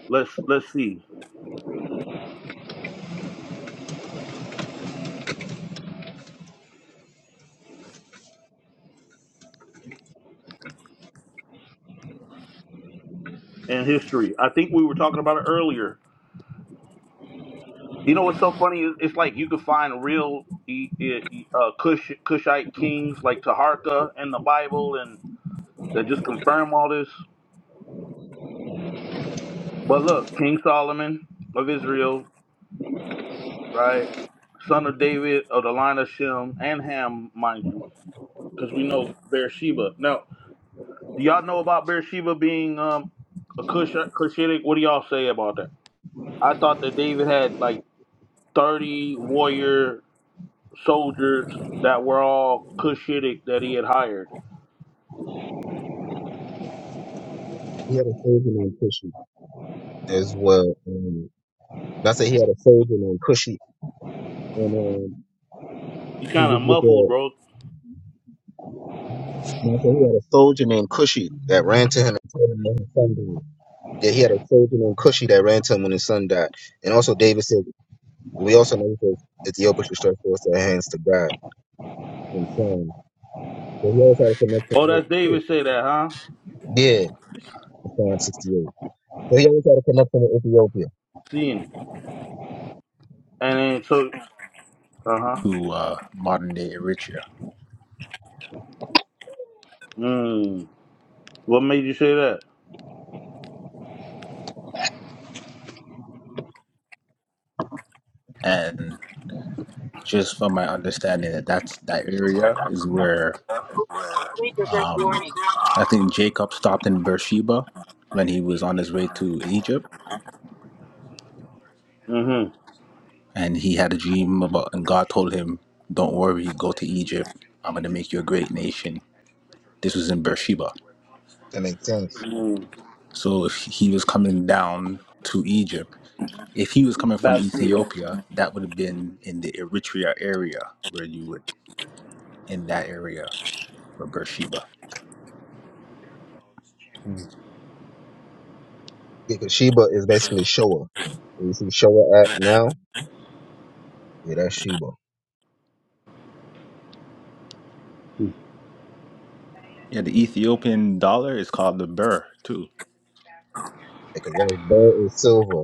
Speaker 3: Let's let's see. And history. I think we were talking about it earlier. You know what's so funny? It- It's like you can find real e- e- e, uh, Cush, Cushite kings like Taharka in the Bible, and that just confirm all this. But look, King Solomon of Israel, right? Son of David of the line of Shem and Ham, mind you, because we know Beersheba. Now. Do y'all know about Beersheba being um a Cush- Cushitic? What do y'all say about that? I thought that David had like thirty warrior soldiers that were all Cushitic that he had hired.
Speaker 1: He had a surgeon named Cushy as well. And I said he had a soldier named Cushy. And um,
Speaker 3: You
Speaker 1: he
Speaker 3: kind
Speaker 1: was
Speaker 3: of
Speaker 1: with
Speaker 3: muffled,
Speaker 1: a,
Speaker 3: bro.
Speaker 1: and I said he had a soldier named Cushy that ran to him and told him that his Yeah, he had a soldier named Cushi that ran to him when his son died. And also David said, we also know that Ethiopia should stretch forth their hands to God and son. So he always had a connection
Speaker 3: Oh,
Speaker 1: with
Speaker 3: that's
Speaker 1: Cush.
Speaker 3: David say that, huh?
Speaker 1: Yeah, Psalm 68. So he always had a connection with Ethiopia.
Speaker 3: Seeing and then so uh huh.
Speaker 6: To uh, modern day Eritrea,
Speaker 3: Mm. What made you say that?
Speaker 6: and just from my understanding that that's that area is where
Speaker 4: Read the great warning.
Speaker 6: I think Jacob stopped in Beersheba when he was on his way to Egypt,
Speaker 3: Mm-hmm.
Speaker 6: and he had a dream about, and God told him, "Don't worry, go to Egypt. I'm going to make you a great nation." This was in Beersheba,
Speaker 1: That makes sense.
Speaker 3: Mm.
Speaker 6: so if he was coming down to Egypt, if he was coming from
Speaker 3: Bathsheba.
Speaker 6: Ethiopia, that would have been in the Eritrea area where you would in that area where Beersheba.
Speaker 1: Yeah, 'cause Sheba is basically Shoah. Where You see Shoah at now? Yeah, that's Sheba.
Speaker 6: Yeah, the Ethiopian dollar is called the birr too.
Speaker 1: Because well, gold is silver,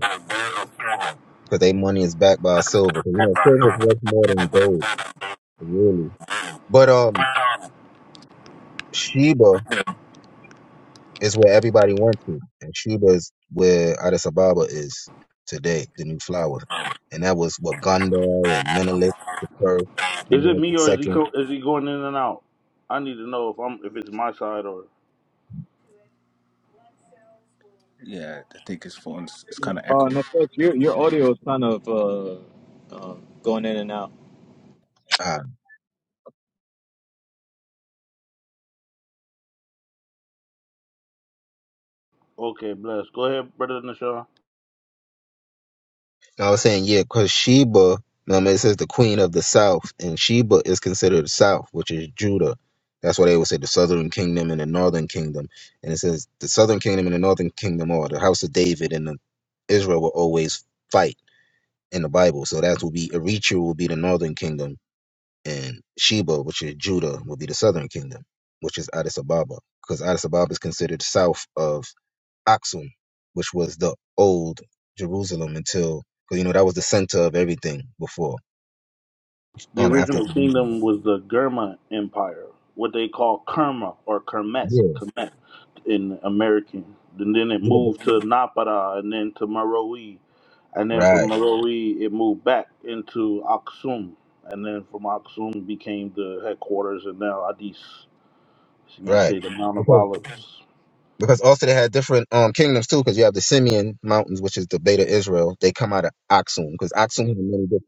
Speaker 1: because their money is backed by silver. 'Cause, you know, silver is worth more than gold, really. But um, Sheba It's where everybody went to. And Cuba is where Addis Ababa is today, the new flower. And that was Waganda and Menelik the first,
Speaker 3: Is it
Speaker 1: Menelik the
Speaker 3: me or is he
Speaker 1: second.
Speaker 3: co- is he going in and out? I need to know if I'm if it's my side or
Speaker 6: Yeah, I think his phone's it's kind of
Speaker 4: Uh,
Speaker 6: echoing.
Speaker 4: Nefesh, your your audio is kind of uh, uh, going in and out.
Speaker 1: Uh,
Speaker 3: okay. Bless. Go ahead, brother Nashawn.
Speaker 1: I was saying, yeah, because Sheba, um, it says the queen of the south, and Sheba is considered the south, which is Judah. That's why they would say the southern kingdom and the northern kingdom. And it says the southern kingdom and the northern kingdom or the house of David and the Israel will always fight in the Bible. So that will be Eritrea will be the northern kingdom and Sheba, which is Judah, would be the southern kingdom, which is Addis Ababa, because Addis Ababa is considered south of Aksum, which was the old Jerusalem until, because you know that was the center of everything before.
Speaker 3: The
Speaker 1: Um, after
Speaker 3: original kingdom was the Gurma Empire, what they call Kerma or Kermet,
Speaker 1: yeah,
Speaker 3: Kermet in American. And then it
Speaker 1: yeah, yeah,
Speaker 3: moved to Napara and then to Meroe, And then from
Speaker 1: right,
Speaker 3: Meroe it moved back into Aksum. And then from Aksum became the headquarters and now Addis. See me, I
Speaker 1: right,
Speaker 3: say the Mount of
Speaker 1: because
Speaker 3: Olives.
Speaker 1: because also they had different um kingdoms too, because you have the Simeon Mountains, which is the Beta Israel. They come out of Aksum, because Aksum has many different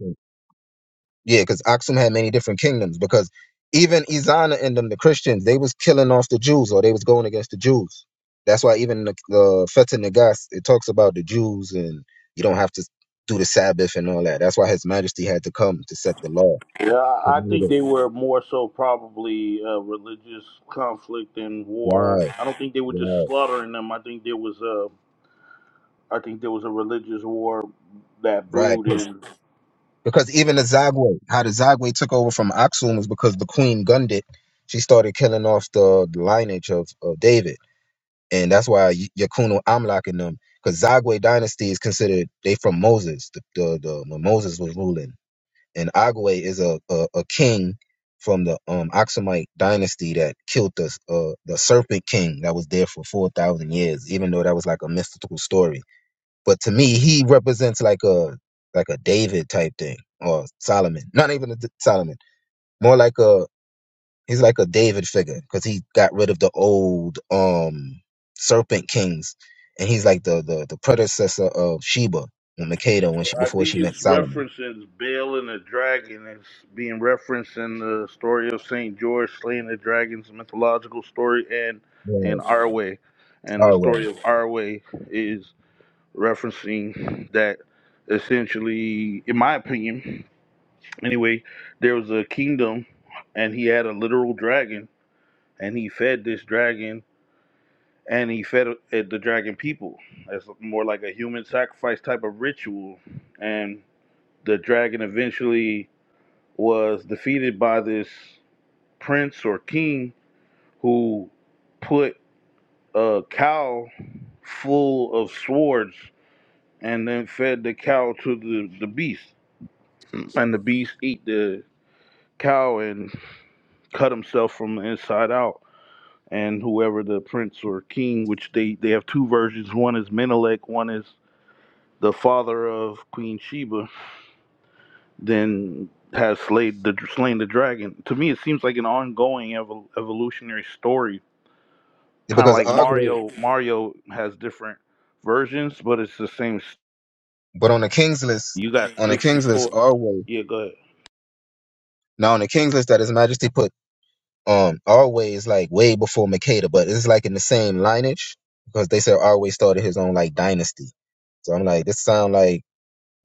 Speaker 1: Yeah, because Aksum had many different kingdoms. Because even Izana and them, the Christians, they was killing off the Jews, or they was going against the Jews. That's why even the, the Feta Nagas it talks about the Jews, and you don't have to do the Sabbath and all that. That's why His Majesty had to come to set the law.
Speaker 3: Yeah, I I think they were more so probably uh, religious conflict and war.
Speaker 1: Right,
Speaker 3: I don't think they were just
Speaker 1: right,
Speaker 3: slaughtering them. I think there was I think there was a religious war that
Speaker 1: right.
Speaker 3: brewed
Speaker 1: 'Cause-
Speaker 3: in.
Speaker 1: because even the Zagwe, how the Zagwe took over from Aksum was because the queen gunned it. She started killing off the, the lineage of, of David. and that's why Y- Yakuno Amlak and them, because Zagwe dynasty is considered they from Moses, the, the, the when Moses was ruling, and Agwe is a, a a king from the um Aksumite dynasty that killed the uh the serpent king that was there for four thousand years, even though that was like a mystical story. But to me, he represents like a like a David type thing or Solomon, not even a D- Solomon, more like a He's like a David figure because he got rid of the old um serpent kings, and he's like the the, the predecessor of Sheba and Makeda when she
Speaker 3: I
Speaker 1: before
Speaker 3: think
Speaker 1: she met
Speaker 3: it's
Speaker 1: Solomon.
Speaker 3: referencing Baal and the dragon. It's being referenced in the story of Saint George slaying the dragon's mythological story, and in
Speaker 1: Yeah,
Speaker 3: our way, and the story
Speaker 1: Arway.
Speaker 3: of our way is referencing that. Essentially, in my opinion, anyway, there was a kingdom, and he had a literal dragon, and he fed this dragon and he fed uh, the dragon people as more like a human sacrifice type of ritual and the dragon eventually was defeated by this prince or king who put a cow full of swords and then fed the cow to the, the beast and the beast ate the cow and cut himself from the inside out and whoever the prince or king which they they have two versions one is menelik one is the father of Queen Sheba, then has slayed the slain the dragon. To me, it seems like an ongoing evol- evolutionary story, kind of
Speaker 1: Because
Speaker 3: like
Speaker 1: Arway,
Speaker 3: Mario. Mario has different versions, but it's the same. s-
Speaker 1: but on the king's list,
Speaker 3: You got
Speaker 1: on the
Speaker 3: sixty
Speaker 1: king's list,
Speaker 3: four.
Speaker 1: Arway.
Speaker 3: Yeah, go ahead.
Speaker 1: Now on the king's list that His Majesty put, um, Arway is like way before Makeda, but it's like in the same lineage because they said Arway started his own like dynasty. So I'm like, this sound like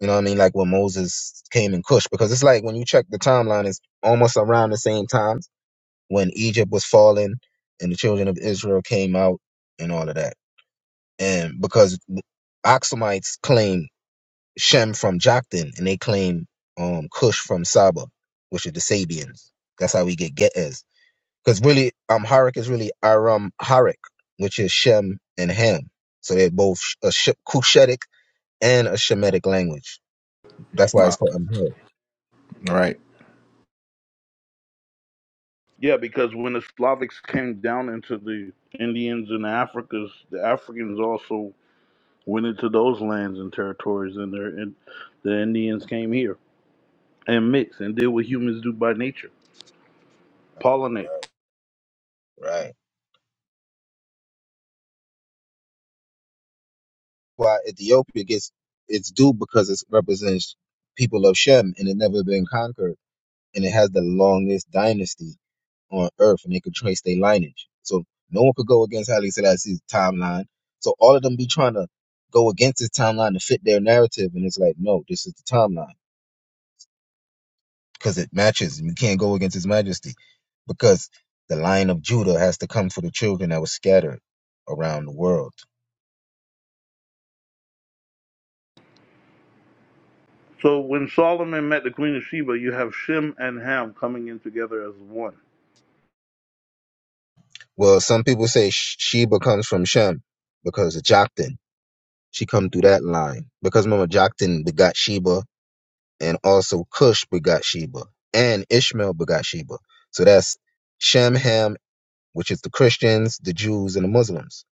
Speaker 1: You know what I mean? Like when Moses came in Cush, because it's like when you check the timeline, it's almost around the same times when Egypt was falling and the children of Israel came out and all of that. And because Oxumites claim Shem from Joktan and they claim um Cush from Saba, which are the Sabians. That's how we get Geez. Because really, um, is really Aram Harik, which is Shem and Ham. So they're both a Sh- Cushitic and a Shemitic language. That's why it's
Speaker 6: Wow.
Speaker 1: called Amharic.
Speaker 6: Right.
Speaker 3: Yeah, because when the Slavics came down into the Indians and Africas, the Africans also went into those lands and territories, and, their, and the Indians came here and mixed and did what humans do by nature, pollinate.
Speaker 1: Right. Why Ethiopia gets its due because it represents people of Shem and it never been conquered and it has the longest dynasty on earth and they could trace their lineage. So no one could go against Haile Selassie's timeline. So all of them be trying to go against his timeline to fit their narrative and it's like, no, this is the timeline because it matches and you can't go against his majesty because the line of Judah has to come for the children that was scattered around the world.
Speaker 3: So when Solomon met the Queen of Sheba, you have Shem and Ham coming in together as one.
Speaker 1: Well, some people say Sh- Sheba comes from Shem because of Joktan. She come through that line because remember Joktan begot Sheba, and also Cush begot Sheba, and Ishmael begot Sheba. So that's Shem, Ham, which is the Christians, the Jews, and the Muslims.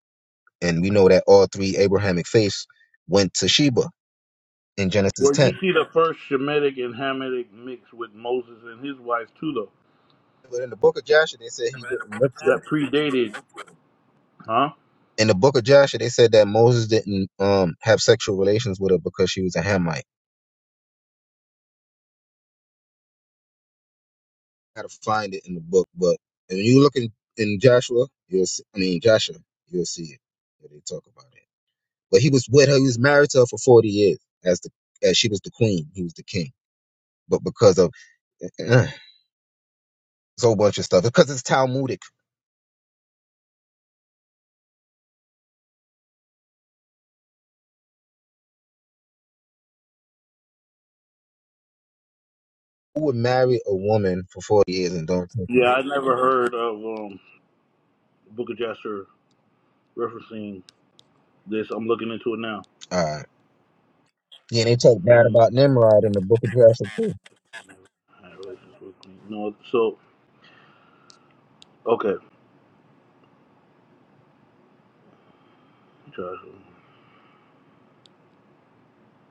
Speaker 1: And we know that all three Abrahamic faiths went to Sheba in Genesis
Speaker 3: Well, you
Speaker 1: 10.
Speaker 3: see the first Shemitic and Hamitic mix with Moses and his wife too, though.
Speaker 1: But in the book of Joshua, they said he didn't mix with
Speaker 3: That
Speaker 1: her.
Speaker 3: predated, huh?
Speaker 1: In the book of Joshua, they said that Moses didn't um, have sexual relations with her because she was a Hamite. how to find it in the book, but when you look in, in Joshua, you'll see, I mean Joshua, you'll see it. where They talk about it. But he was with her. He was married to her for forty years as the as she was the queen. He was the king. But because of uh, it's a whole bunch of stuff, because it's Talmudic, who would marry a woman for forty years and don't? take her?
Speaker 3: Yeah, I never heard of um, Book of Jasher referencing this. I'm looking into it now.
Speaker 1: Uh, yeah, and they talk bad about Nimrod in the Book of Joshua too.
Speaker 3: No, so okay,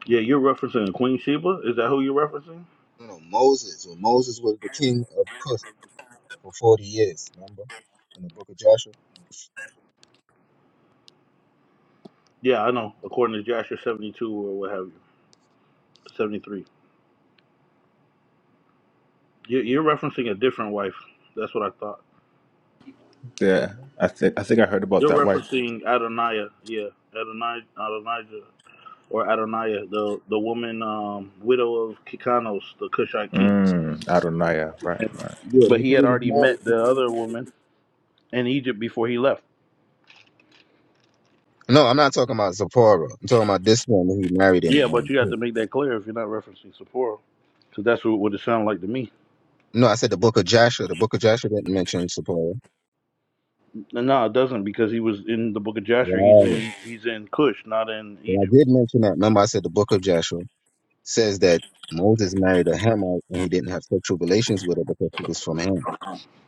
Speaker 3: Yeah, you're referencing Queen Sheba. Is that who you're referencing?
Speaker 1: You know Moses. When Moses was the king of Cush for forty years, remember in the Book of Joshua.
Speaker 3: Yeah, I know. According to Jasher 72 or what have you, 73. You, you're referencing a different wife. That's what I thought.
Speaker 6: Yeah. I think I think I heard about
Speaker 3: You're
Speaker 6: that wife.
Speaker 3: referencing Adonijah, yeah, Adonijah, Adonijah, or Adonijah, the the woman, um, widow of Kikanos, the Cushite king.
Speaker 6: Mm, Adonaiah. Right. Right.
Speaker 1: Yeah,
Speaker 3: But
Speaker 1: that's
Speaker 3: he
Speaker 1: what
Speaker 3: had
Speaker 1: he was
Speaker 3: already
Speaker 1: married to.
Speaker 3: met the other woman in Egypt before he left.
Speaker 1: No, I'm not talking about Zipporah. I'm talking about this woman he married in.
Speaker 3: Yeah, but you have
Speaker 1: Um,
Speaker 3: to make that clear if you're not referencing Sephora, because that's what what it sounded like to me.
Speaker 1: no, I said the book of Joshua. The book of Joshua didn't mention Zipporah.
Speaker 3: And no, it doesn't, because he was in the Book of Jasher. He's
Speaker 1: Right.
Speaker 3: in he's in Cush, not in
Speaker 1: But I
Speaker 3: Egypt.
Speaker 1: did mention that. Remember, I said the book of Joshua says that Moses married a Hamite and he didn't have sexual relations with her because she was from Ham.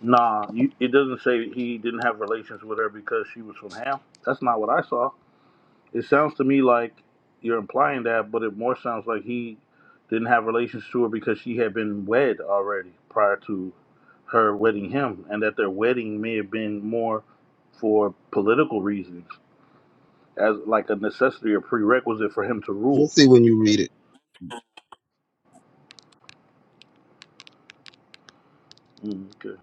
Speaker 3: Nah, you, it doesn't say he didn't have relations with her because she was from Ham. That's not what I saw. It sounds to me like you're implying that, but it more sounds like he didn't have relations to her because she had been wed already prior to her wedding him, and that their wedding may have been more for political reasons, as like a necessity or prerequisite for him to
Speaker 1: You'll
Speaker 3: rule.
Speaker 1: see when you read it.
Speaker 3: Mm, okay.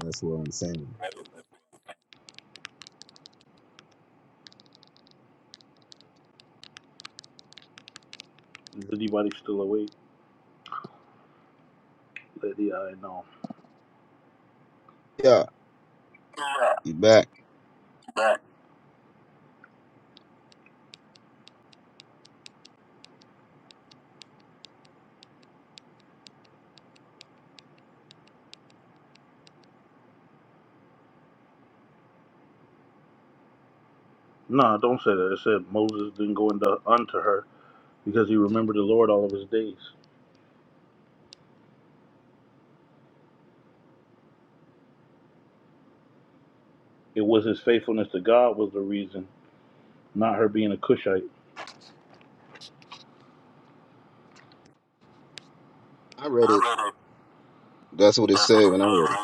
Speaker 1: That's what I'm saying.
Speaker 3: Is anybody still awake? Let the eye know.
Speaker 1: Yeah, you back.
Speaker 3: No, don't say that. It said Moses didn't go into unto her because he remembered the Lord all of his days. It was his faithfulness to God was the reason, not her being a Cushite.
Speaker 1: I read it. That's what it said when I read it.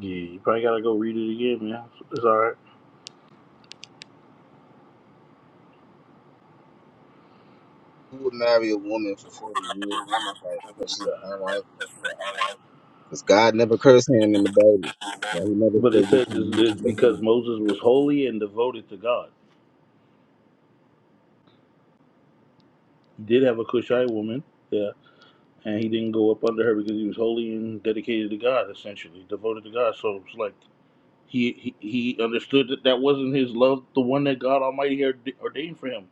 Speaker 3: Yeah, you probably gotta go read it again, man. It's, all right.
Speaker 1: Who would marry a woman for 40 years and it's like, because she's a Hamite? Because God never cursed Ham in the Bible. So he never
Speaker 3: But it
Speaker 1: said you
Speaker 3: says
Speaker 1: can
Speaker 3: it's,
Speaker 1: marry
Speaker 3: it's because
Speaker 1: people.
Speaker 3: Moses was holy and devoted to God. He did have a Cushite woman, yeah, and he didn't go up under her because he was holy and dedicated to God, essentially devoted to God. So it's like he he, he understood that that wasn't his love, the one that God Almighty had ordained for him.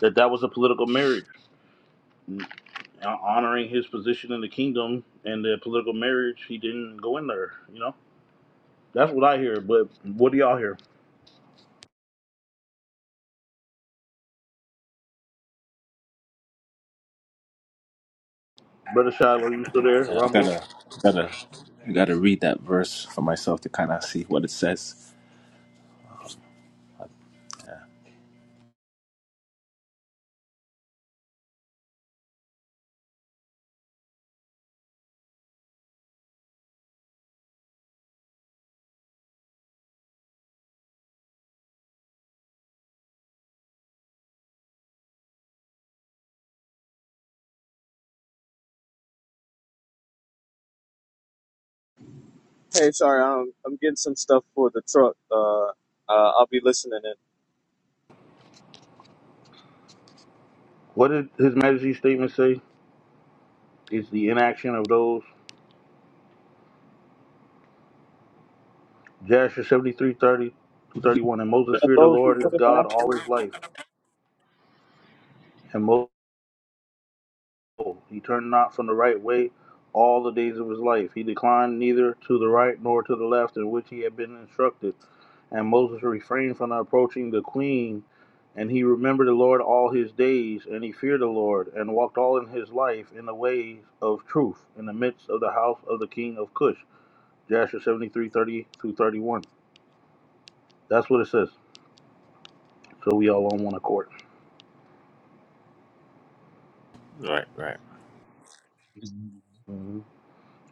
Speaker 3: That that was a political marriage, Mm, uh, honoring his position in the kingdom and the political marriage. He didn't go in there, you know. That's what I hear. But what do y'all hear? Brother Shiloh, you still there?
Speaker 6: Yeah, I
Speaker 3: Rumble.
Speaker 6: gotta, gotta, I gotta read that verse for myself to kind of see what it says.
Speaker 4: Hey, sorry, I'm I'm getting some stuff for the truck. Uh, uh I'll be listening in.
Speaker 3: What did His Majesty's statement say? It's the inaction of those. Jasher 73, 30, 231. And Moses
Speaker 4: For
Speaker 3: feared the
Speaker 4: those who
Speaker 3: Lord his
Speaker 4: put it
Speaker 3: God
Speaker 4: back.
Speaker 3: all his life. And Moses, he turned not from the right way all the days of his life. He declined neither to the right nor to the left in which he had been instructed. And Moses refrained from approaching the queen. And he remembered the Lord all his days, and he feared the Lord, and walked all in his life in the ways of truth, in the midst of the house of the king of Cush. Jasher seventy three thirty 30 through 31. That's what it says. So we all on one accord.
Speaker 6: Right, right,
Speaker 1: Yeah,
Speaker 3: hmm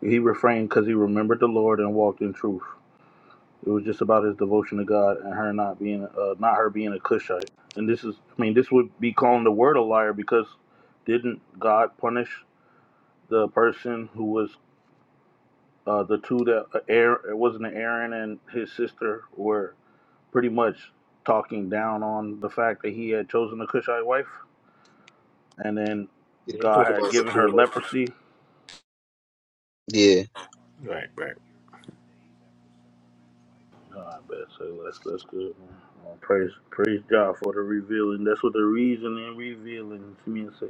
Speaker 3: He refrained because he remembered the Lord and walked in truth. It was just about his devotion to God and her not being, uh, not her being a Cushite. And this is, I mean, this would be calling the word a liar because didn't God punish the person who was uh, the two that uh, Aaron, it wasn't Aaron and his sister were pretty much talking down on the fact that he had chosen a Cushite wife? and then
Speaker 1: I'm
Speaker 3: God
Speaker 1: talking
Speaker 3: had
Speaker 1: about
Speaker 3: given
Speaker 1: support.
Speaker 3: her leprosy.
Speaker 1: Yeah.
Speaker 6: right, right.
Speaker 3: Oh, I bet so. That's that's good. Man. Well, praise praise God for the revealing. That's what the reason in revealing to me. Say.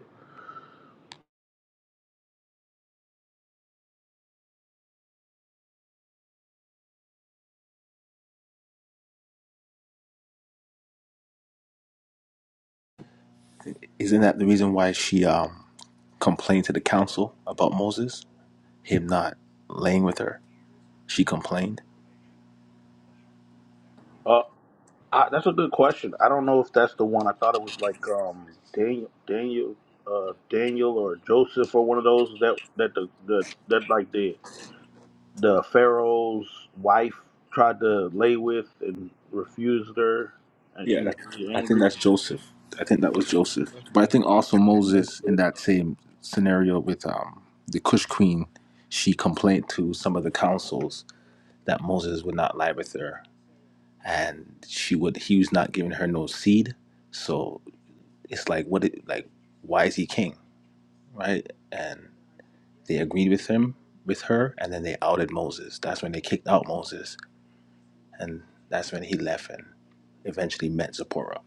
Speaker 6: Isn't that the reason why she um complained to the council about Moses, him not laying with her? She complained.
Speaker 3: Uh, I, that's a good question. I don't know if that's the one. I thought it was like um Daniel Daniel uh Daniel or Joseph or one of those that that the, the that like the the Pharaoh's wife tried to lay with and refused her, and she
Speaker 6: Yeah,
Speaker 3: was
Speaker 6: that,
Speaker 3: really
Speaker 6: I think
Speaker 3: angry.
Speaker 6: that's Joseph. I think that was Joseph. But I think also Moses in that same scenario with um, the Cush queen, she complained to some of the councils that Moses would not lie with her, and she would he was not giving her no seed. So it's like what it like why is he king, right? And they agreed with him with her, and then they outed Moses. That's when they kicked out Moses, and that's when he left and eventually met Zipporah.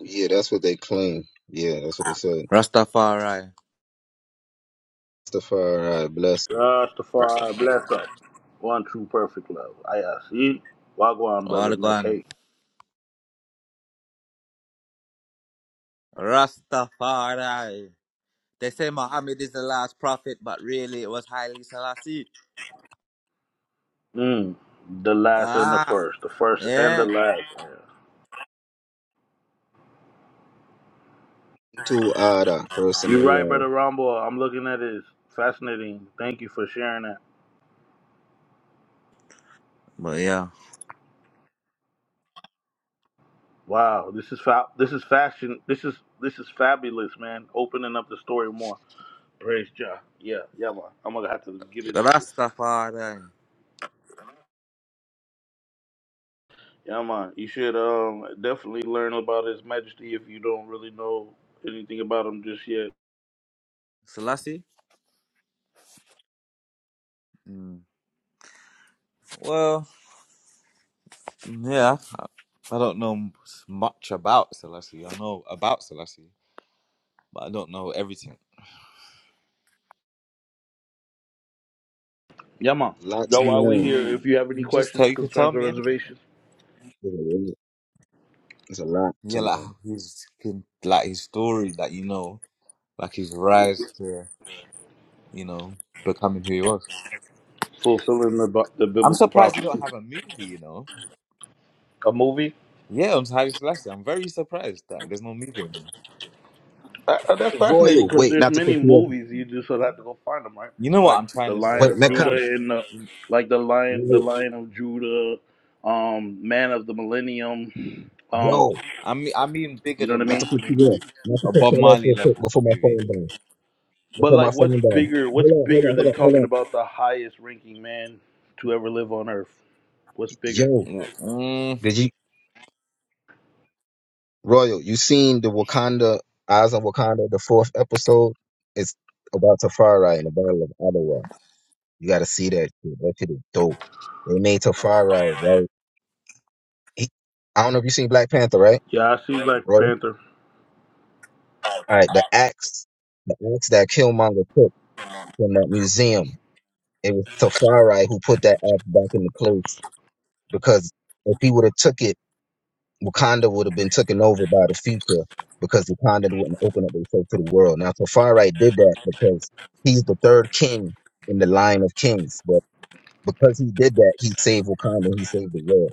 Speaker 1: Yeah, that's what they claim. Yeah, that's what they said.
Speaker 8: Rastafari.
Speaker 1: Rastafari, blessed.
Speaker 6: That's stuff,
Speaker 3: Rastafari,
Speaker 6: all
Speaker 3: bless
Speaker 6: right.
Speaker 3: up. One true perfect love. I see. Wagwan, brother
Speaker 8: All gone.
Speaker 3: McKay.
Speaker 8: Rastafari. They say Muhammad is the last prophet, but really it was Haile Selassie.
Speaker 3: Mm. The last and the
Speaker 8: Ah,
Speaker 3: first. The first and the
Speaker 8: yeah.
Speaker 3: last.
Speaker 1: Two Ada, first and the
Speaker 3: You're right, brother
Speaker 1: last.
Speaker 3: Rambo. I'm looking at it. It's fascinating. Thank you for sharing that.
Speaker 8: But yeah,
Speaker 3: Wow, this is fa- this is fashion. This is this is fabulous, man. Opening up the story more. Praise Jah. Yeah, yeah, man. I'm gonna have to get into this.
Speaker 8: Rastafari.
Speaker 3: Yeah, man. You should um definitely learn about His Majesty if you don't really know anything about him just yet.
Speaker 8: Selassie? Mm. Well, yeah. I I don't know much about Selassie. I know about Selassie, but I don't know everything.
Speaker 3: Yeah, Yama,
Speaker 1: Lot
Speaker 3: yo,
Speaker 1: to
Speaker 3: while we
Speaker 1: learn.
Speaker 3: here, if you have any
Speaker 8: You Just tell
Speaker 3: questions,
Speaker 8: you can tell
Speaker 3: concerns, or
Speaker 8: me anything.
Speaker 3: reservations,
Speaker 1: There's a lot there's a lot to
Speaker 8: Yeah, like
Speaker 1: learn.
Speaker 8: how his can- like his story that you know, like his rise to you know becoming who he was.
Speaker 3: fulfilling the, bu- the
Speaker 8: I'm
Speaker 3: biblical
Speaker 8: surprised you don't
Speaker 3: prophecy,
Speaker 8: have a movie, you know?
Speaker 3: a movie.
Speaker 8: Yeah, I'm Haile Selassie. I'm very surprised that there's no movie. on
Speaker 3: Uh, uh, that's fascinating
Speaker 1: Royal,
Speaker 3: because
Speaker 1: wait,
Speaker 3: there's
Speaker 1: not to cut
Speaker 3: many
Speaker 1: you off.
Speaker 3: movies. You just will have to go find them, right?
Speaker 8: You know what
Speaker 3: Like
Speaker 8: I'm trying
Speaker 3: the
Speaker 8: to
Speaker 3: Lion
Speaker 8: say,
Speaker 1: Wait,
Speaker 3: of
Speaker 1: Mecca,
Speaker 8: bro?
Speaker 3: Judah and the like the Lion, the
Speaker 1: wait,
Speaker 3: Lion of Judah, um, Man of the Millennium. Um,
Speaker 1: bro,
Speaker 8: I mean, I mean bigger
Speaker 3: you know what I
Speaker 8: than
Speaker 1: not
Speaker 8: that.
Speaker 1: to
Speaker 3: mean?
Speaker 8: I
Speaker 1: cut
Speaker 8: mean
Speaker 1: you off.
Speaker 8: like
Speaker 1: Not to
Speaker 8: a
Speaker 1: cut
Speaker 8: Bob
Speaker 1: you off
Speaker 8: Marley
Speaker 1: real quick
Speaker 8: level
Speaker 1: before my
Speaker 8: movie.
Speaker 1: phone down.
Speaker 3: But
Speaker 1: Before my
Speaker 3: like, what's
Speaker 1: phone down.
Speaker 3: bigger?
Speaker 1: Hold
Speaker 3: What's
Speaker 1: on, hold
Speaker 3: bigger
Speaker 1: on, hold
Speaker 3: than
Speaker 1: on, hold on.
Speaker 3: talking about the highest ranking man to ever live on Earth? What's bigger?
Speaker 1: Yo,
Speaker 8: Mm, mm,
Speaker 1: did you? Royal, you seen the Wakanda Eyes on Wakanda, the fourth episode? It's about Tafari in the Battle of Ottawa. You gotta see that shit. That shit is dope. They made Tafari, right? He, I don't know if you seen Black Panther, right?
Speaker 3: Yeah, I see Black
Speaker 1: Royal?
Speaker 3: Panther.
Speaker 1: Alright, the axe, the axe that Killmonger took from that museum. It was Tafari who put that axe back into place because if he would have took it Wakanda would have been taken over by the future because Wakanda wouldn't open up itself to the world. Now, Tafari did that because he's the third king in the line of kings, but because he did that, he saved Wakanda, he saved the world.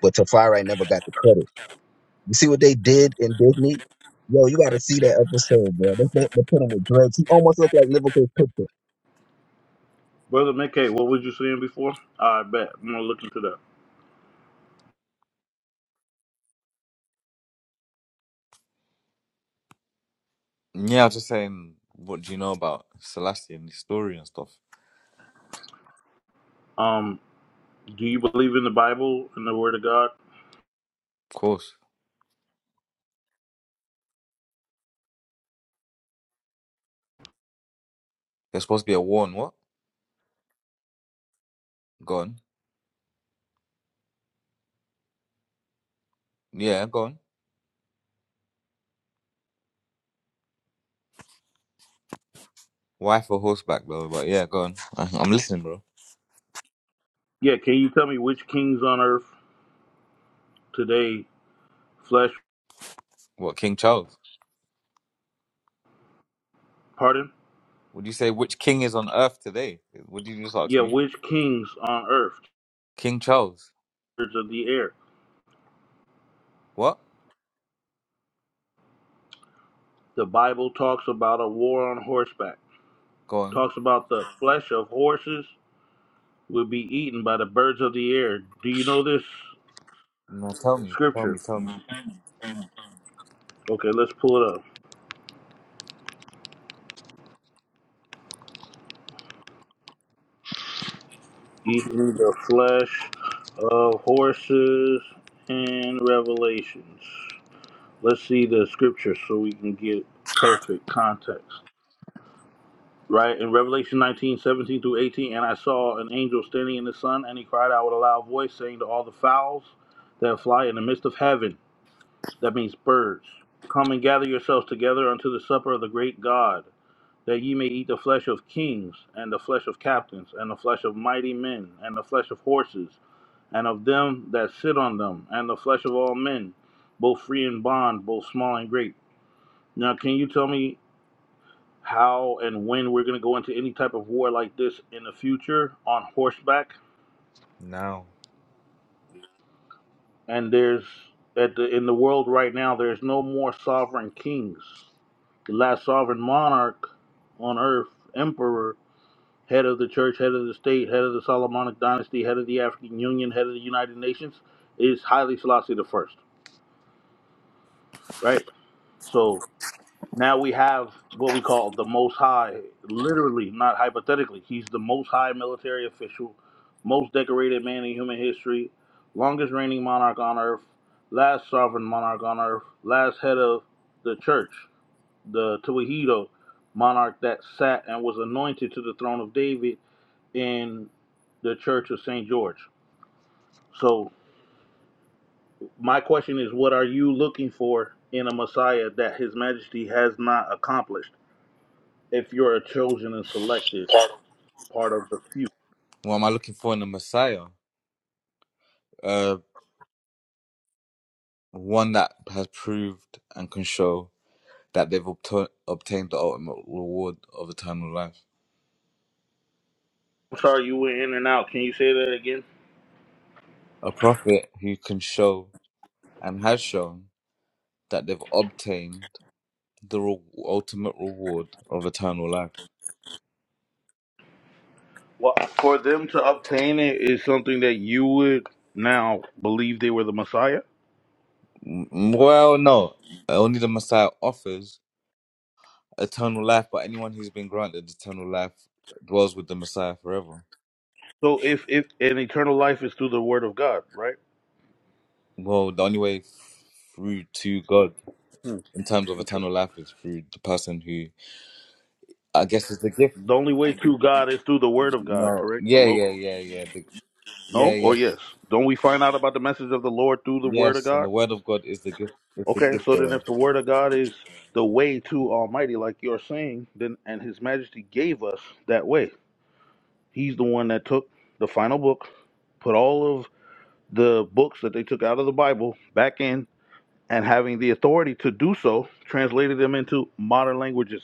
Speaker 1: But Tafari never got the credit. You see what they did in Disney? Yo, you got to see that episode, bro. They, they, they put him with dreads. He almost looked like Liverpool's picture.
Speaker 3: Brother McKay, what was you saying before? I bet. I'm gonna look into that.
Speaker 8: yeah, I was just saying, what do you know about Selassie and his story and stuff?
Speaker 3: Um, do you believe in the Bible and the Word of God?
Speaker 8: Of course. There's supposed to be a war on what? Gone. Yeah, gone. Wife or horseback, though, but yeah, gone. [laughs] I'm listening, bro.
Speaker 3: Yeah, can you tell me which kings on earth today flesh
Speaker 8: What, King Charles?
Speaker 3: pardon?
Speaker 8: Would you say which king is on earth today? Would you just ask
Speaker 3: Yeah,
Speaker 8: me?
Speaker 3: which kings on earth,
Speaker 8: King Charles.
Speaker 3: birds of the air.
Speaker 8: What?
Speaker 3: The Bible talks about a war on horseback.
Speaker 8: Go on.
Speaker 3: Talks about the flesh of horses will be eaten by the birds of the air. Do you know this
Speaker 8: No, tell me, tell me,
Speaker 3: scripture?
Speaker 8: tell me.
Speaker 3: Okay, let's pull it up. eating the flesh of horses and revelations. Let's see the scripture so we can get perfect context. Right in Revelation nineteen seventeen through 18, and I saw an angel standing in the sun, and he cried out with a loud voice, saying to all the fowls that fly in the midst of heaven, that means birds, come and gather yourselves together unto the supper of the great God, that ye may eat the flesh of kings, and the flesh of captains, and the flesh of mighty men, and the flesh of horses and of them that sit on them, and the flesh of all men, both free and bond, both small and great. Now, can you tell me how and when we're going to go into any type of war like this in the future on horseback?
Speaker 8: Now,
Speaker 3: And there's at the in the world right now, there's no more sovereign kings. The last sovereign monarch on earth, emperor, head of the church, head of the state, head of the Solomonic dynasty, head of the African Union, head of the United Nations, is Haile Selassie the first, right? So Now we have what we call the Most High, literally, not hypothetically. He's the Most High military official, most decorated man in human history, longest reigning monarch on earth, last sovereign monarch on earth, last head of the church, the Tewahedo monarch that sat and was anointed to the throne of David in the church of St. George. So, my question is what are you looking for in a Messiah that His Majesty has not accomplished? If you're a chosen and selected, part of the few.
Speaker 8: what am I looking for in a Messiah? Uh, one that has proved and can show that they've obta- obtained the ultimate reward of eternal life.
Speaker 3: I'm sorry, you went in and out. Can you say that again?
Speaker 8: A prophet who can show and has shown that they've obtained the re- ultimate reward of eternal life.
Speaker 3: Well, for them to obtain it is something that you would now believe they were the Messiah.
Speaker 8: M- well, no, only the Messiah offers eternal life, but anyone who's been granted eternal life dwells with the Messiah forever.
Speaker 3: So if if an eternal life is through the Word of God, right?
Speaker 8: Well, the only way through to God
Speaker 3: Hmm,
Speaker 8: in terms of eternal
Speaker 3: interesting.
Speaker 8: life is through the person who, I guess, is the gift.
Speaker 3: The only way to God is through the Word of God,
Speaker 8: No,
Speaker 3: correct? The
Speaker 8: yeah, yeah,
Speaker 3: logos.
Speaker 8: yeah, yeah, the, yeah,
Speaker 3: No or
Speaker 8: yes,
Speaker 3: yes? Don't we find out about the message of the Lord through the Word of
Speaker 8: yes, and
Speaker 3: God?
Speaker 8: the Word of God is the gift. Is the
Speaker 3: Okay,
Speaker 8: gift
Speaker 3: so then
Speaker 8: bearer.
Speaker 3: if the Word of God is the way to Almighty, like you're saying, then and His Majesty gave us that way. He's the one that took the final book, put all of the books that they took out of the Bible back in, and having the authority to do so, translated them into modern languages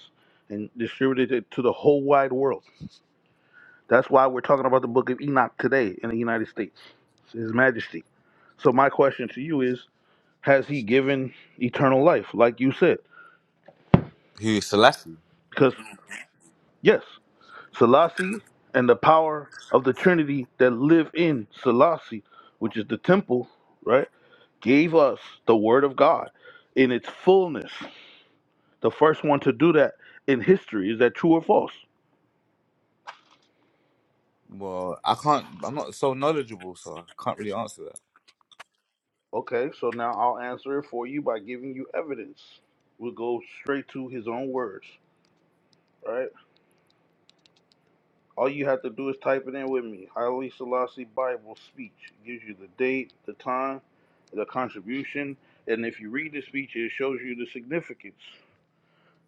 Speaker 3: and distributed it to the whole wide world. That's why we're talking about the book of Enoch today in the United States, His Majesty. So, my question to you is Has he given eternal life, like you said?
Speaker 8: who is Selassie?
Speaker 3: Because, yes. Selassie and the power of the Trinity that live in Selassie, which is the temple, right, gave us the Word of God in its fullness. The first one to do that in history. Is that true or false?
Speaker 8: Well, I can't. I'm not so knowledgeable, so I can't really answer that.
Speaker 3: Okay, so now I'll answer it for you by giving you evidence. We'll go straight to his own words, right? All you have to do is type it in with me. Haile Selassie Bible speech It gives you the date, the time, the contribution, and if you read the speech, it shows you the significance.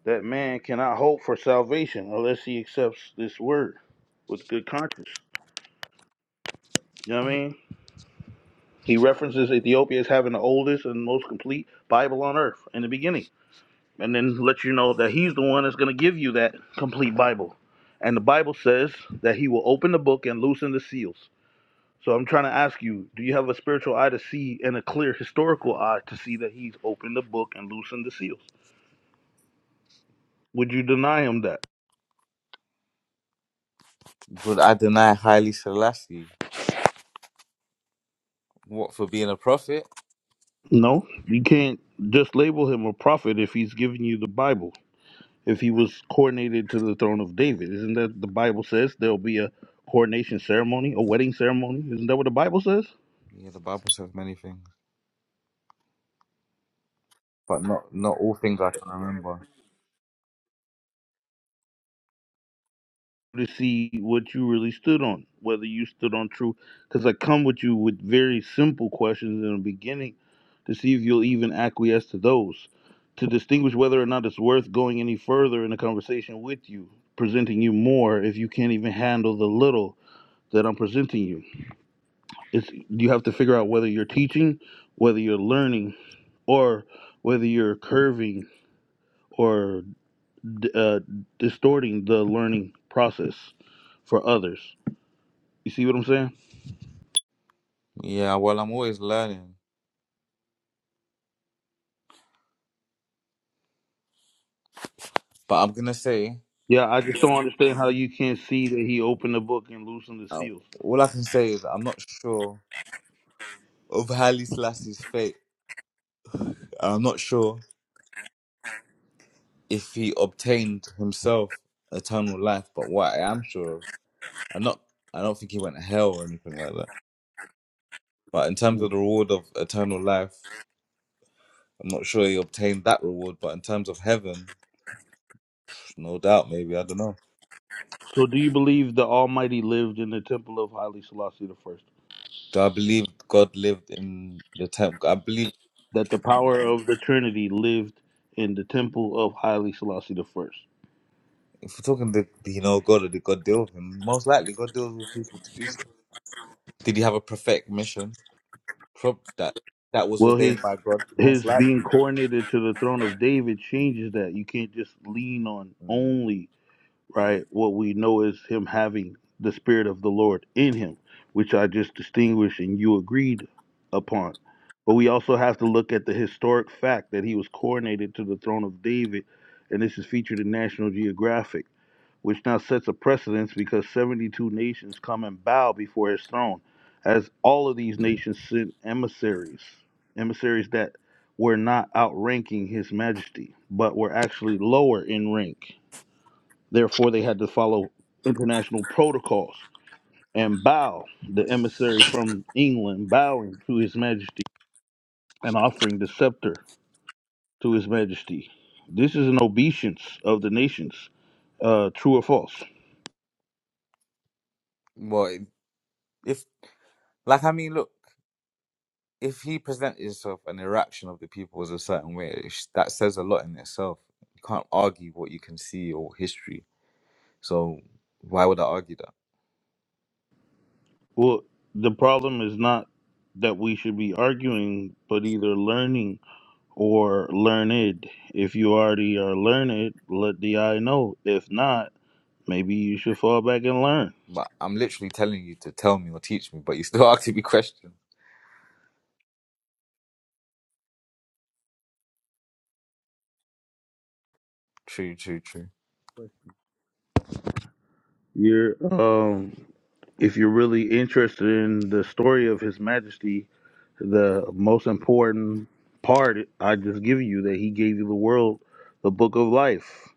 Speaker 3: That man cannot hope for salvation unless he accepts this word with good conscience. You know what I mean? He references Ethiopia as having the oldest and most complete Bible on earth in the beginning, and then lets you know that he's the one that's going to give you that complete Bible. And the Bible says that he will open the book and loosen the seals. So I'm trying to ask you, do you have a spiritual eye to see and a clear historical eye to see that he's opened the book and loosened the seals? Would you deny him that?
Speaker 8: Would I deny highly Selassie? What for being a prophet?
Speaker 3: No, you can't just label him a prophet if he's giving you the Bible. If he was coronated to the throne of David, isn't that the Bible says there'll be a coronation ceremony, a wedding ceremony? Isn't that what the Bible says?
Speaker 8: Yeah, the Bible says many things, but not not all things I can remember.
Speaker 3: to see what you really stood on, whether you stood on truth. Because I come with you with very simple questions in the beginning to see if you'll even acquiesce to those, to distinguish whether or not it's worth going any further in a conversation with you, presenting you more if you can't even handle the little that I'm presenting you. It's you have to figure out whether you're teaching, whether you're learning, or whether you're curving or d- uh, distorting the learning process for others. You see what I'm saying?
Speaker 8: Yeah, well, I'm always learning, but I'm gonna say.
Speaker 3: Yeah, I just don't understand how you can't see that he opened the book and loosened the
Speaker 8: Um,
Speaker 3: seals.
Speaker 8: all I can say is I'm not sure of Haile Selassie's fate. I'm not sure if he obtained himself eternal life, but what I am sure of, I'm not. I don't think he went to hell or anything like that. But in terms of the reward of eternal life, I'm not sure he obtained that reward. But in terms of heaven, no doubt, maybe I don't know.
Speaker 3: So, do you believe the Almighty lived in the temple of Haile Selassie the First?
Speaker 8: Do I believe God lived in the temple? I believe
Speaker 3: That the power of the Trinity lived in the temple of Haile Selassie the First?
Speaker 8: if we're talking, did he know God or did God deal with him? Most likely, God deals with people to do stuff. Did he have a prophetic mission? Prob that that was
Speaker 3: Well, his
Speaker 8: ordained by God,
Speaker 3: his
Speaker 8: most
Speaker 3: being
Speaker 8: likely.
Speaker 3: coronated to the throne of David changes that. You can't just lean on
Speaker 8: Mm.
Speaker 3: only right? What we know is him having the spirit of the Lord in him, which I just distinguished and you agreed upon. But we also have to look at the historic fact that he was coronated to the throne of David, and this is featured in National Geographic, which now sets a precedence because 72 nations come and bow before his throne, as all of these nations sent emissaries, emissaries that were not outranking his majesty, but were actually lower in rank Therefore, they had to follow international protocols and bow, the emissary from England, bowing to His Majesty and offering the scepter to His Majesty. This is an obeisance of the nations, uh, true or false.
Speaker 8: Well, if like I mean, look, if he presented himself and the reaction of the people was a certain way, it sh- that says a lot in itself. You can't argue what you can see or history. So why would I argue that?
Speaker 3: Well, the problem is not that we should be arguing, but either learning or learned. If you already are learned, let the eye know. If not, maybe you should fall back and learn.
Speaker 8: But I'm literally telling you to tell me or teach me, but you still [laughs] asking me questions. True, true, true.
Speaker 3: You're um if you're really interested in the story of His Majesty, the most important part I just give you that He gave you the world, the Book of Life,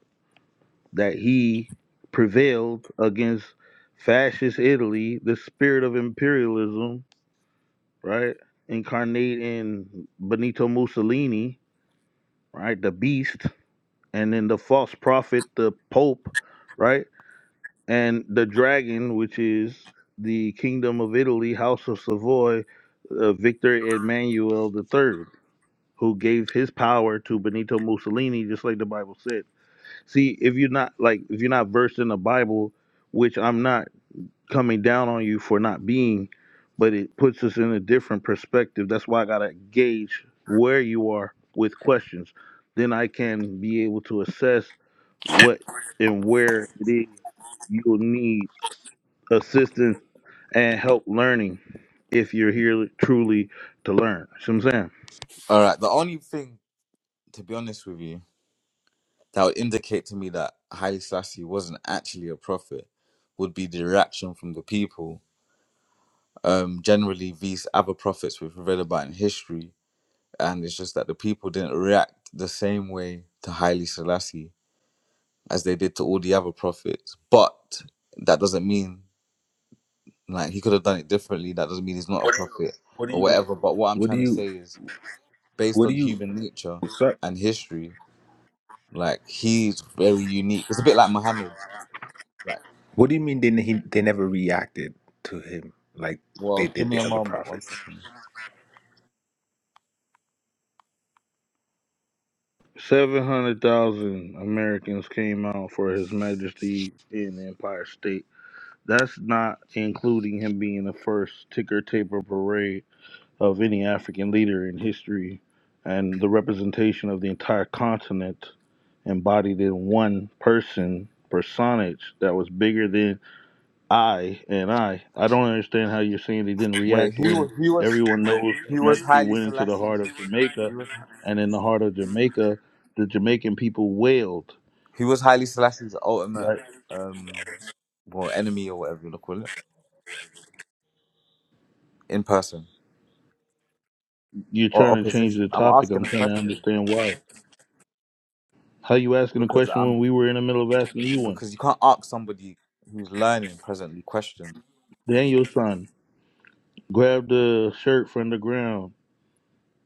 Speaker 3: that He prevailed against fascist Italy, the spirit of imperialism, right? Incarnate in Benito Mussolini, right? The beast, and then the false prophet, the Pope, right? and the dragon, which is the kingdom of Italy, house of Savoy, uh, Victor Emmanuel III, who gave his power to Benito Mussolini, just like the Bible said. See, if you're not like if you're not versed in the Bible, which I'm not coming down on you for not being, but it puts us in a different perspective. That's why I gotta gauge where you are with questions. Then I can be able to assess what and where it is you'll need assistance and help learning if you're here truly to learn. See what I'm saying?
Speaker 8: All right. The only thing, to be honest with you, that would indicate to me that Haile Selassie wasn't actually a prophet would be the reaction from the people um, generally these other prophets we've read about in history, and it's just that the people didn't react the same way to Haile Selassie as they did to all the other prophets. But that doesn't mean like he could have done it differently. That doesn't mean he's not a prophet
Speaker 6: What do
Speaker 8: or
Speaker 6: you
Speaker 8: whatever. But what I'm
Speaker 6: What do
Speaker 8: trying to
Speaker 6: you?
Speaker 8: say is, based
Speaker 6: What do
Speaker 8: on
Speaker 6: you?
Speaker 8: human nature
Speaker 6: Sorry,
Speaker 8: and history, like he's very unique. It's a bit like Muhammad. Like,
Speaker 6: what do you mean? They ne- he, they never reacted to him like they
Speaker 8: well, give
Speaker 6: did
Speaker 8: me
Speaker 6: the
Speaker 8: a
Speaker 6: other
Speaker 8: moment, one
Speaker 6: prophets.
Speaker 8: second.
Speaker 3: 700,000 Americans came out for His Majesty in the Empire State. That's not including him being the first ticker taper parade of any African leader in history and the representation of the entire continent embodied in one person personage that was bigger than I and I. I don't understand how you're saying they didn't
Speaker 8: Wait,
Speaker 3: react
Speaker 8: who
Speaker 3: when
Speaker 8: who was
Speaker 3: everyone knows that
Speaker 8: who was
Speaker 3: Majesty
Speaker 8: Haile
Speaker 3: went into the heart
Speaker 8: Selassie's?
Speaker 3: of Jamaica,
Speaker 8: He was.
Speaker 3: and in the heart of Jamaica, the Jamaican people wailed.
Speaker 8: He was Haile Selassie's ultimate,
Speaker 3: Right?
Speaker 8: um, well, enemy or whatever you want to call it, in person
Speaker 3: You're
Speaker 8: or
Speaker 3: trying to change
Speaker 8: opposition.
Speaker 3: the
Speaker 8: I'm
Speaker 3: topic.
Speaker 8: asking
Speaker 3: I'm
Speaker 8: a
Speaker 3: trying to
Speaker 8: question
Speaker 3: understand why. How you asking a
Speaker 8: because
Speaker 3: question
Speaker 8: I'm
Speaker 3: when we were in the middle of asking you one?
Speaker 8: because you can't ask somebody who's learning presently questions.
Speaker 3: Daniel's son grabbed the shirt from the ground,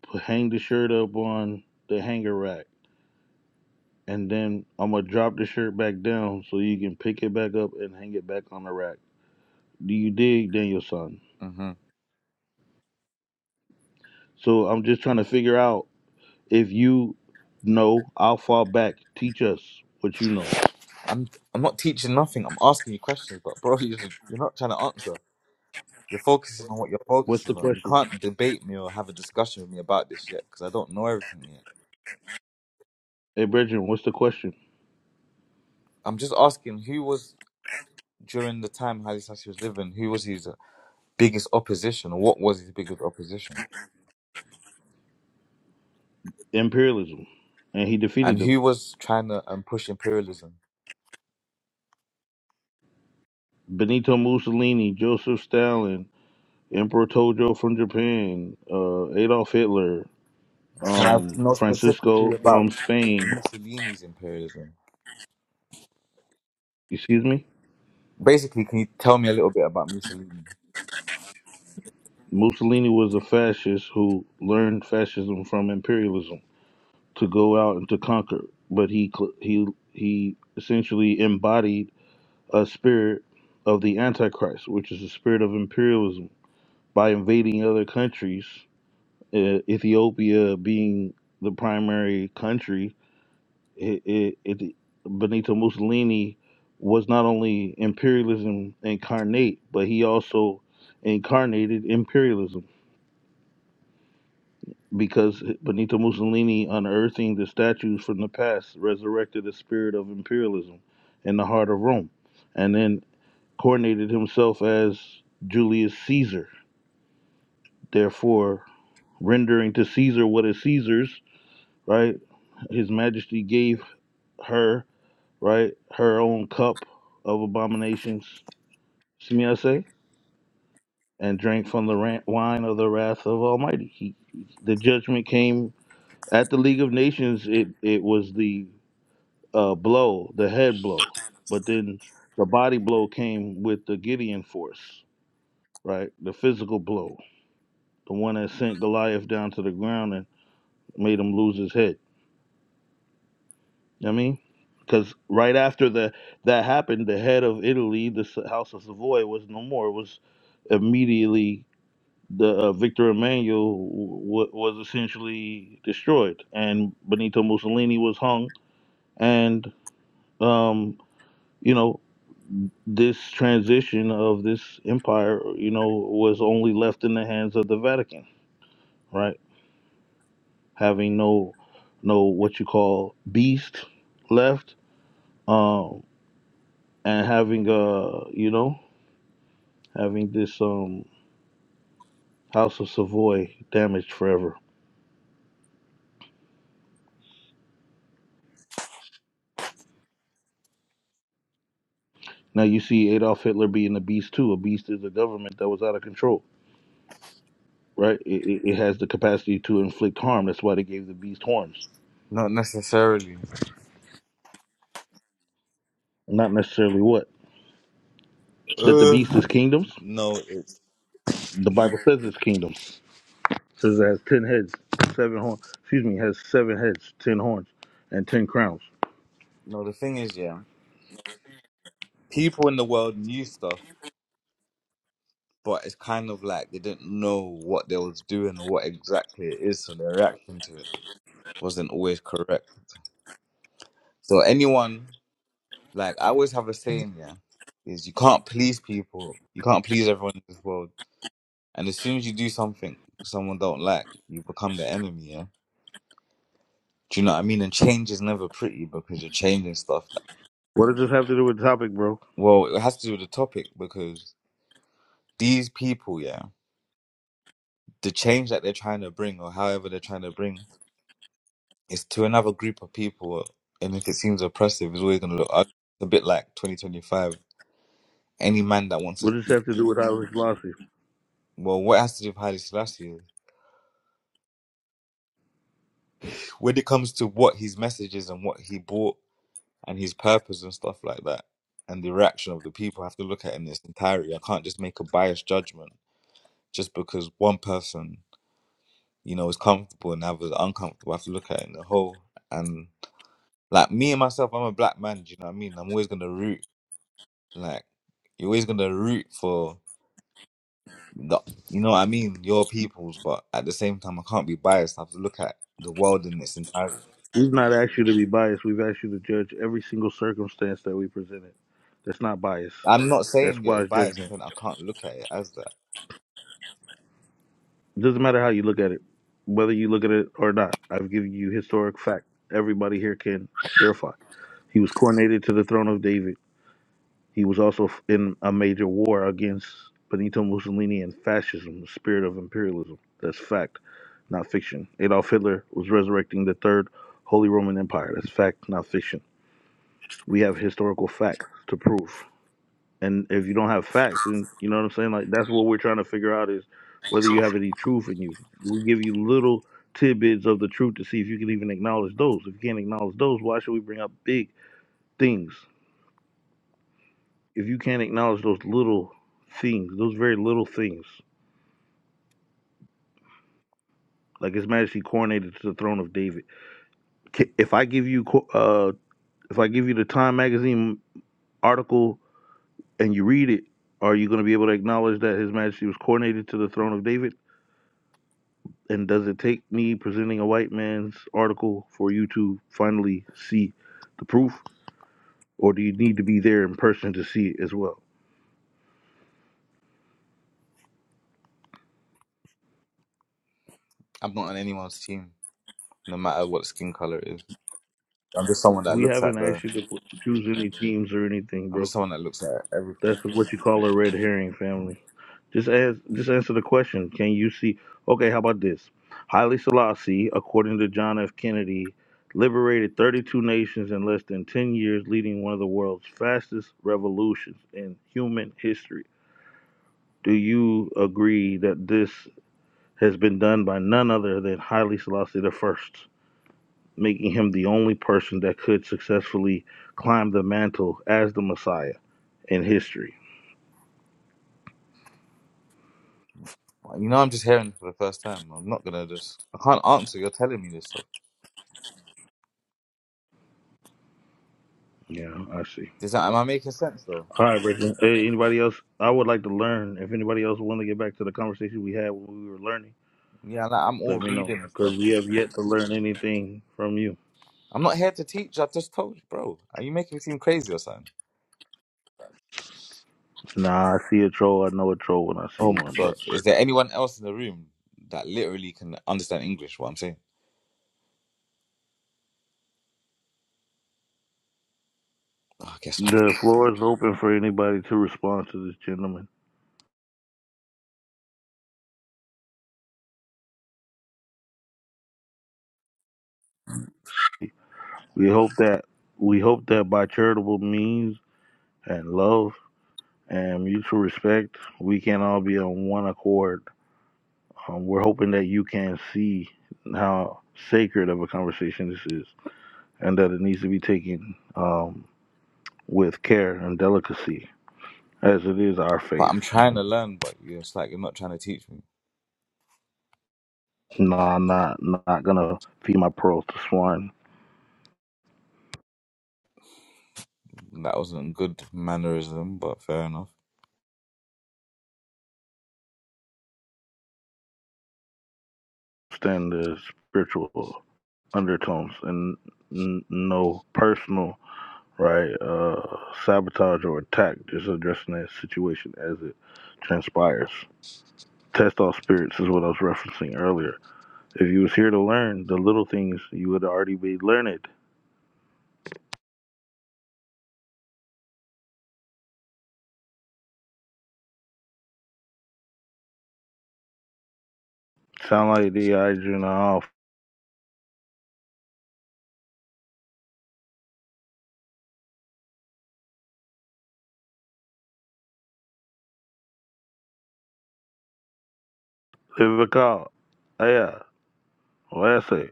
Speaker 3: put, hang the shirt up on the hanger rack, and then I'm gonna drop the shirt back down so you can pick it back up and hang it back on the rack. Do you dig, Daniel son?
Speaker 8: hmm
Speaker 3: So I'm just trying to figure out if you know, I'll fall back. Teach us what you know.
Speaker 8: I'm I'm not teaching nothing. I'm asking you questions, but bro, [laughs] you're, just- you're not trying to answer. You're focusing on what you're
Speaker 3: What's the
Speaker 8: focusing on. You
Speaker 3: question?
Speaker 8: can't debate me or have a discussion with me about this yet because I don't know everything yet.
Speaker 3: Hey, Brethren, what's the question?
Speaker 8: I'm just asking who was during the time Haile Selassie was living. Who was he? biggest opposition? What was his biggest opposition?
Speaker 3: Imperialism. And he defeated
Speaker 8: And
Speaker 3: them.
Speaker 8: who was trying to um, push imperialism?
Speaker 3: Benito Mussolini, Joseph Stalin, Emperor Tojo from Japan, uh, Adolf Hitler,
Speaker 8: Can I
Speaker 3: um,
Speaker 8: know
Speaker 3: Francisco
Speaker 8: specifically about
Speaker 3: from Spain.
Speaker 8: Mussolini's imperialism?
Speaker 3: Excuse me?
Speaker 8: Basically, can you tell me a little bit about Mussolini?
Speaker 3: Mussolini was a fascist who learned fascism from imperialism. to go out and to conquer. But he cl- he he essentially embodied a spirit of the Antichrist, which is the spirit of imperialism, by invading other countries. Uh, Ethiopia being the primary country, it, it, it, Benito Mussolini was not only imperialism incarnate, but he also incarnated imperialism because Benito Mussolini, unearthing the statues from the past, resurrected the spirit of imperialism in the heart of Rome, and then coordinated himself as Julius Caesar, therefore rendering to Caesar what is Caesar's, right? His Majesty gave her, right, her own cup of abominations, see me say, and drank from the ran- wine of the wrath of Almighty. He, the judgment came at the League of Nations. It it was the uh, blow, the head blow, but then the body blow came with the Gideon force, right? The physical blow, the one that sent Goliath down to the ground and made him lose his head. You know what I mean? Because right after the, that happened, the head of Italy, the S- House of Savoy, was no more. It was immediately the uh, Victor Emmanuel w- was essentially destroyed, and Benito Mussolini was hung, and um, you know this transition of this empire, you know, was only left in the hands of the Vatican, right? Having no, no what you call beast left, um, and having uh, you know, having this um House of Savoy damaged forever. Now you see Adolf Hitler being a beast too. A beast is a government that was out of control, right? It, it, it has the capacity to inflict harm. That's why they gave the beast horns,
Speaker 8: Not necessarily.
Speaker 3: not necessarily what that the
Speaker 8: Uh,
Speaker 3: beast is kingdoms.
Speaker 8: no, it's
Speaker 3: The Bible says it's kingdoms Says it has ten heads, seven horns. Excuse me, has seven heads, ten horns, and ten crowns.
Speaker 8: no. The thing is, yeah, people in the world knew stuff, but it's kind of like they didn't know what they was doing or what exactly it is, so their reaction to it wasn't always correct. So anyone Like I always have a saying, yeah, is you can't please people. You can't please everyone in this world. And as soon as you do something someone don't like, you become the enemy, yeah? Do you know what I mean? And change is never pretty because you're changing stuff. that-
Speaker 3: What does this have to do with the topic, bro?
Speaker 8: Well, it has to do with the topic because these people, yeah, the change that they're trying to bring or however they're trying to bring is to another group of people. And if it seems oppressive, it's always going to look ugly. It's a bit like 2025. Any man that wants to
Speaker 3: What does this
Speaker 8: speak,
Speaker 3: have to do with Haile Selassie?
Speaker 8: well, what it has to do with Haile Selassie? when it comes to what his message is and what he brought and his purpose and stuff like that and the reaction of the people I have to look at it in its entirety. I can't just make a biased judgment just because one person, you know, is comfortable and the others are uncomfortable. I have to look at it in the whole and like me and myself, I'm a black man, do you know what I mean? I'm always gonna root like you're always gonna root for the you know what I mean, your peoples, but at the same time I can't be biased. I have to look at the world in its entirety.
Speaker 3: We've not asked you to be biased. We've asked you to judge every single circumstance that we presented. That's not bias.
Speaker 8: I'm not saying
Speaker 3: That's
Speaker 8: that it's
Speaker 3: wise
Speaker 8: biased, I'm
Speaker 3: judgment.
Speaker 8: saying I can't look at it as that.
Speaker 3: It doesn't matter how you look at it, whether you look at it or not. I've given you historic fact. Everybody here can verify. He was coronated to the throne of David. He was also f- in a major war against Benito Mussolini and fascism, the spirit of imperialism. That's fact, not fiction. Adolf Hitler was resurrecting the Third Holy Roman Empire. That's fact, not fiction. We have historical facts to prove. And if you don't have facts, and you know what I'm saying, like that's what we're trying to figure out is whether you have any truth in you. We give you little tidbits of the truth to see if you can even acknowledge those. If you can't acknowledge those, why should we bring up big things? if you can't acknowledge those little things, those very little things, like His Majesty coronated to the throne of David. If I give you, uh, if I give you the Time magazine article and you read it, are you going to be able to acknowledge that His Majesty was coronated to the throne of David? And does it take me presenting a white man's article for you to finally see the proof, or do you need to be there in person to see it as well?
Speaker 8: I'm not on anyone's team, no matter what skin color it is. I'm just someone that
Speaker 3: We
Speaker 8: looks
Speaker 3: haven't
Speaker 8: at the.
Speaker 3: asked you to choose any teams or anything,
Speaker 8: I'm
Speaker 3: bro.
Speaker 8: just someone that looks at everything.
Speaker 3: That's what you call a red herring family. Just ask, just answer the question. Can you see? Okay, how about this? Haile Selassie, according to John F. Kennedy, liberated 32 nations in less than 10 years, leading one of the world's fastest revolutions in human history. Do you agree that this has been done by none other than Haile Selassie the First, making him the only person that could successfully climb the mantle as the Messiah in history?
Speaker 8: You know, I'm just hearing it for the first time. I'm not gonna just. I can't answer. You're telling me this stuff.
Speaker 3: Yeah, I see.
Speaker 8: Does that? Am I making sense though?
Speaker 3: All right, Bridget. Hey, anybody else? I would like to learn. If anybody else want to get back to the conversation we had when we were learning,
Speaker 8: Yeah, like, I'm all
Speaker 3: let me know
Speaker 8: reading and stuff.
Speaker 3: because we have yet to learn anything from you.
Speaker 8: I'm not here to teach. I just told you, bro. Are you making me seem crazy or something?
Speaker 3: Nah, I see a troll. I know a troll when I see
Speaker 8: Oh my
Speaker 3: one, Br-
Speaker 8: god! Is
Speaker 3: Bridget.
Speaker 8: there anyone else in the room that literally can understand English? What I'm saying? Oh, I guess. not.
Speaker 3: The floor is open for anybody to respond to this gentleman. We hope that we hope that by charitable means and love and mutual respect, we can all be on one accord. Um, we're hoping that you can see how sacred of a conversation this is. and that it needs to be taken um, with care and delicacy, as it is our
Speaker 8: But
Speaker 3: faith.
Speaker 8: I'm trying to learn. But you're it's like you're not trying to teach me.
Speaker 3: No, I'm not not gonna feed my pearls to swine.
Speaker 8: That wasn't good mannerism, but fair enough.
Speaker 3: Understand the spiritual undertones and n- no personal right uh, sabotage or attack. Just addressing that situation as it transpires. Test all spirits is what I was referencing earlier. If you was here to learn the little things, you would already be learned. Sound like the Adrian off Leave a call. Yeah, Wesley,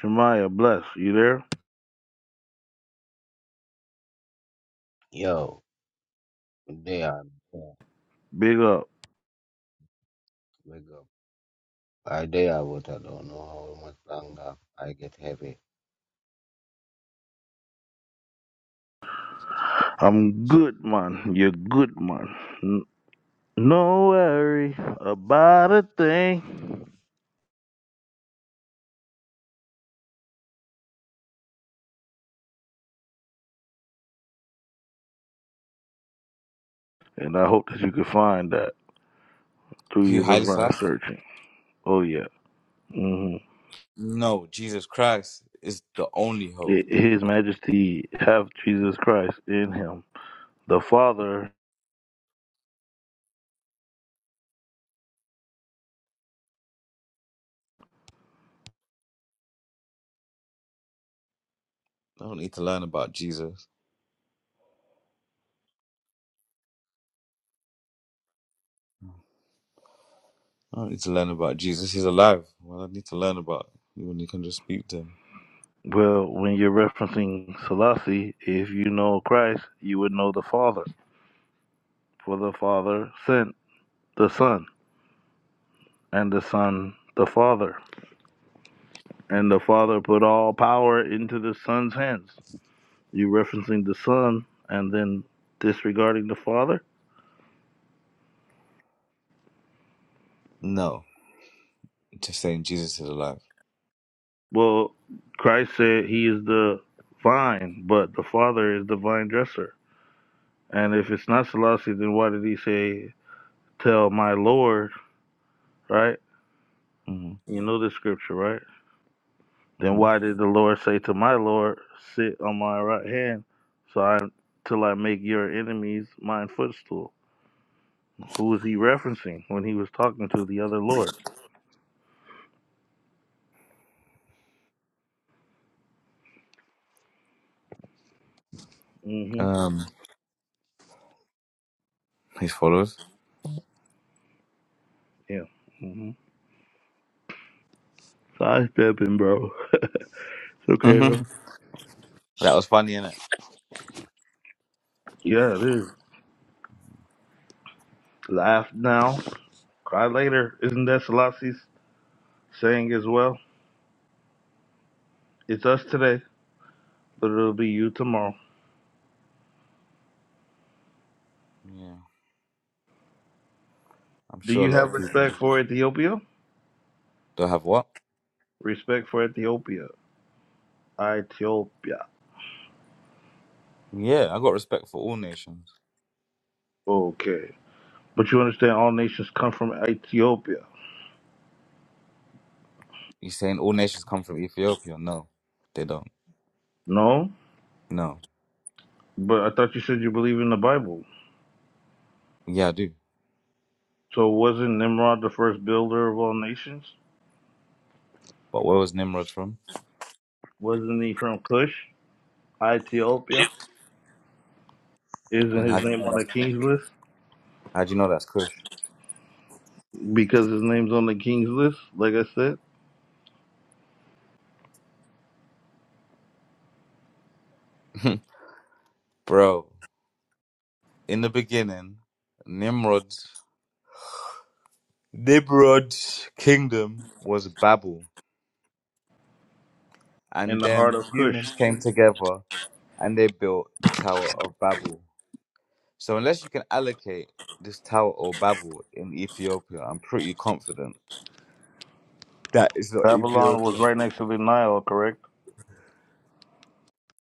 Speaker 3: Shemaya, bless. You there?
Speaker 5: yo. They are
Speaker 3: Big up.
Speaker 5: wake up. I they are what I don't know how much longer I get heavy.
Speaker 3: I'm good, man. You're good, man. N- no worry about a thing. And I hope that you can find that through
Speaker 8: He
Speaker 3: your
Speaker 8: highly
Speaker 3: divine
Speaker 8: Selassie.
Speaker 3: searching. Oh, yeah. hmm
Speaker 8: No, Jesus Christ is the only hope.
Speaker 3: His Majesty have Jesus Christ in him. The Father,
Speaker 8: I don't need to learn about Jesus. I don't need to learn about Jesus. He's alive. Well, I need to learn about you when you can just speak to him.
Speaker 3: well, when you're referencing Selassie, if you know Christ, you would know the Father. For the Father sent the Son. and the Son the Father. And the Father put all power into the Son's hands. You referencing the Son and then disregarding the Father?
Speaker 8: No, just saying Jesus is alive.
Speaker 3: Well, Christ said he is the vine, but the Father is the vine dresser. And if it's not Selassie, then why did he say, Tell my Lord, right?
Speaker 8: hmm
Speaker 3: You know the scripture, right? Then
Speaker 8: hmm
Speaker 3: why did the Lord say to my Lord, Sit on my right hand, so I till I make your enemies mine footstool? Who was he referencing when he was talking to the other Lord? hmm
Speaker 8: Um, his followers.
Speaker 3: Yeah. hmm Sidestepping, bro. It's
Speaker 8: [laughs]
Speaker 3: okay,
Speaker 8: that
Speaker 3: though.
Speaker 8: was funny, innit?
Speaker 3: Yeah, it is. Laugh now, cry later. Isn't that Selassie's saying as well? It's us today, but it'll be you tomorrow.
Speaker 8: Yeah, I'm
Speaker 3: Do
Speaker 8: sure a
Speaker 3: you
Speaker 8: lot
Speaker 3: have
Speaker 8: of people
Speaker 3: respect for Ethiopia?
Speaker 8: don't have what.
Speaker 3: Respect for Ethiopia. Ethiopia.
Speaker 8: Yeah, I got respect for all nations.
Speaker 3: Okay. But you understand all nations come from Ethiopia.
Speaker 8: You saying all nations come from Ethiopia? No, they don't.
Speaker 3: No?
Speaker 8: No,
Speaker 3: But I thought you said you believe in the Bible.
Speaker 8: yeah, I do.
Speaker 3: So wasn't Nimrod the first builder of all nations?
Speaker 8: But where was Nimrod from?
Speaker 3: Wasn't he from Cush, Ethiopia? Isn't
Speaker 8: And how
Speaker 3: his
Speaker 8: do you
Speaker 3: name
Speaker 8: know
Speaker 3: on
Speaker 8: that's
Speaker 3: the
Speaker 8: cool?
Speaker 3: king's list?
Speaker 8: How'd you know that's Kush?
Speaker 3: Because his name's on the king's list, like I said,
Speaker 8: [laughs] Bro, in the beginning, Nimrod's Nimrod's kingdom was Babel.
Speaker 3: in
Speaker 8: And
Speaker 3: the heart
Speaker 8: then
Speaker 3: of Cush.
Speaker 8: humans came together and they built the Tower of Babel. So unless you can allocate this Tower of Babel in Ethiopia, I'm pretty confident that it's not
Speaker 3: Babylon was
Speaker 8: Ethiopia.
Speaker 3: right next to the Nile, correct?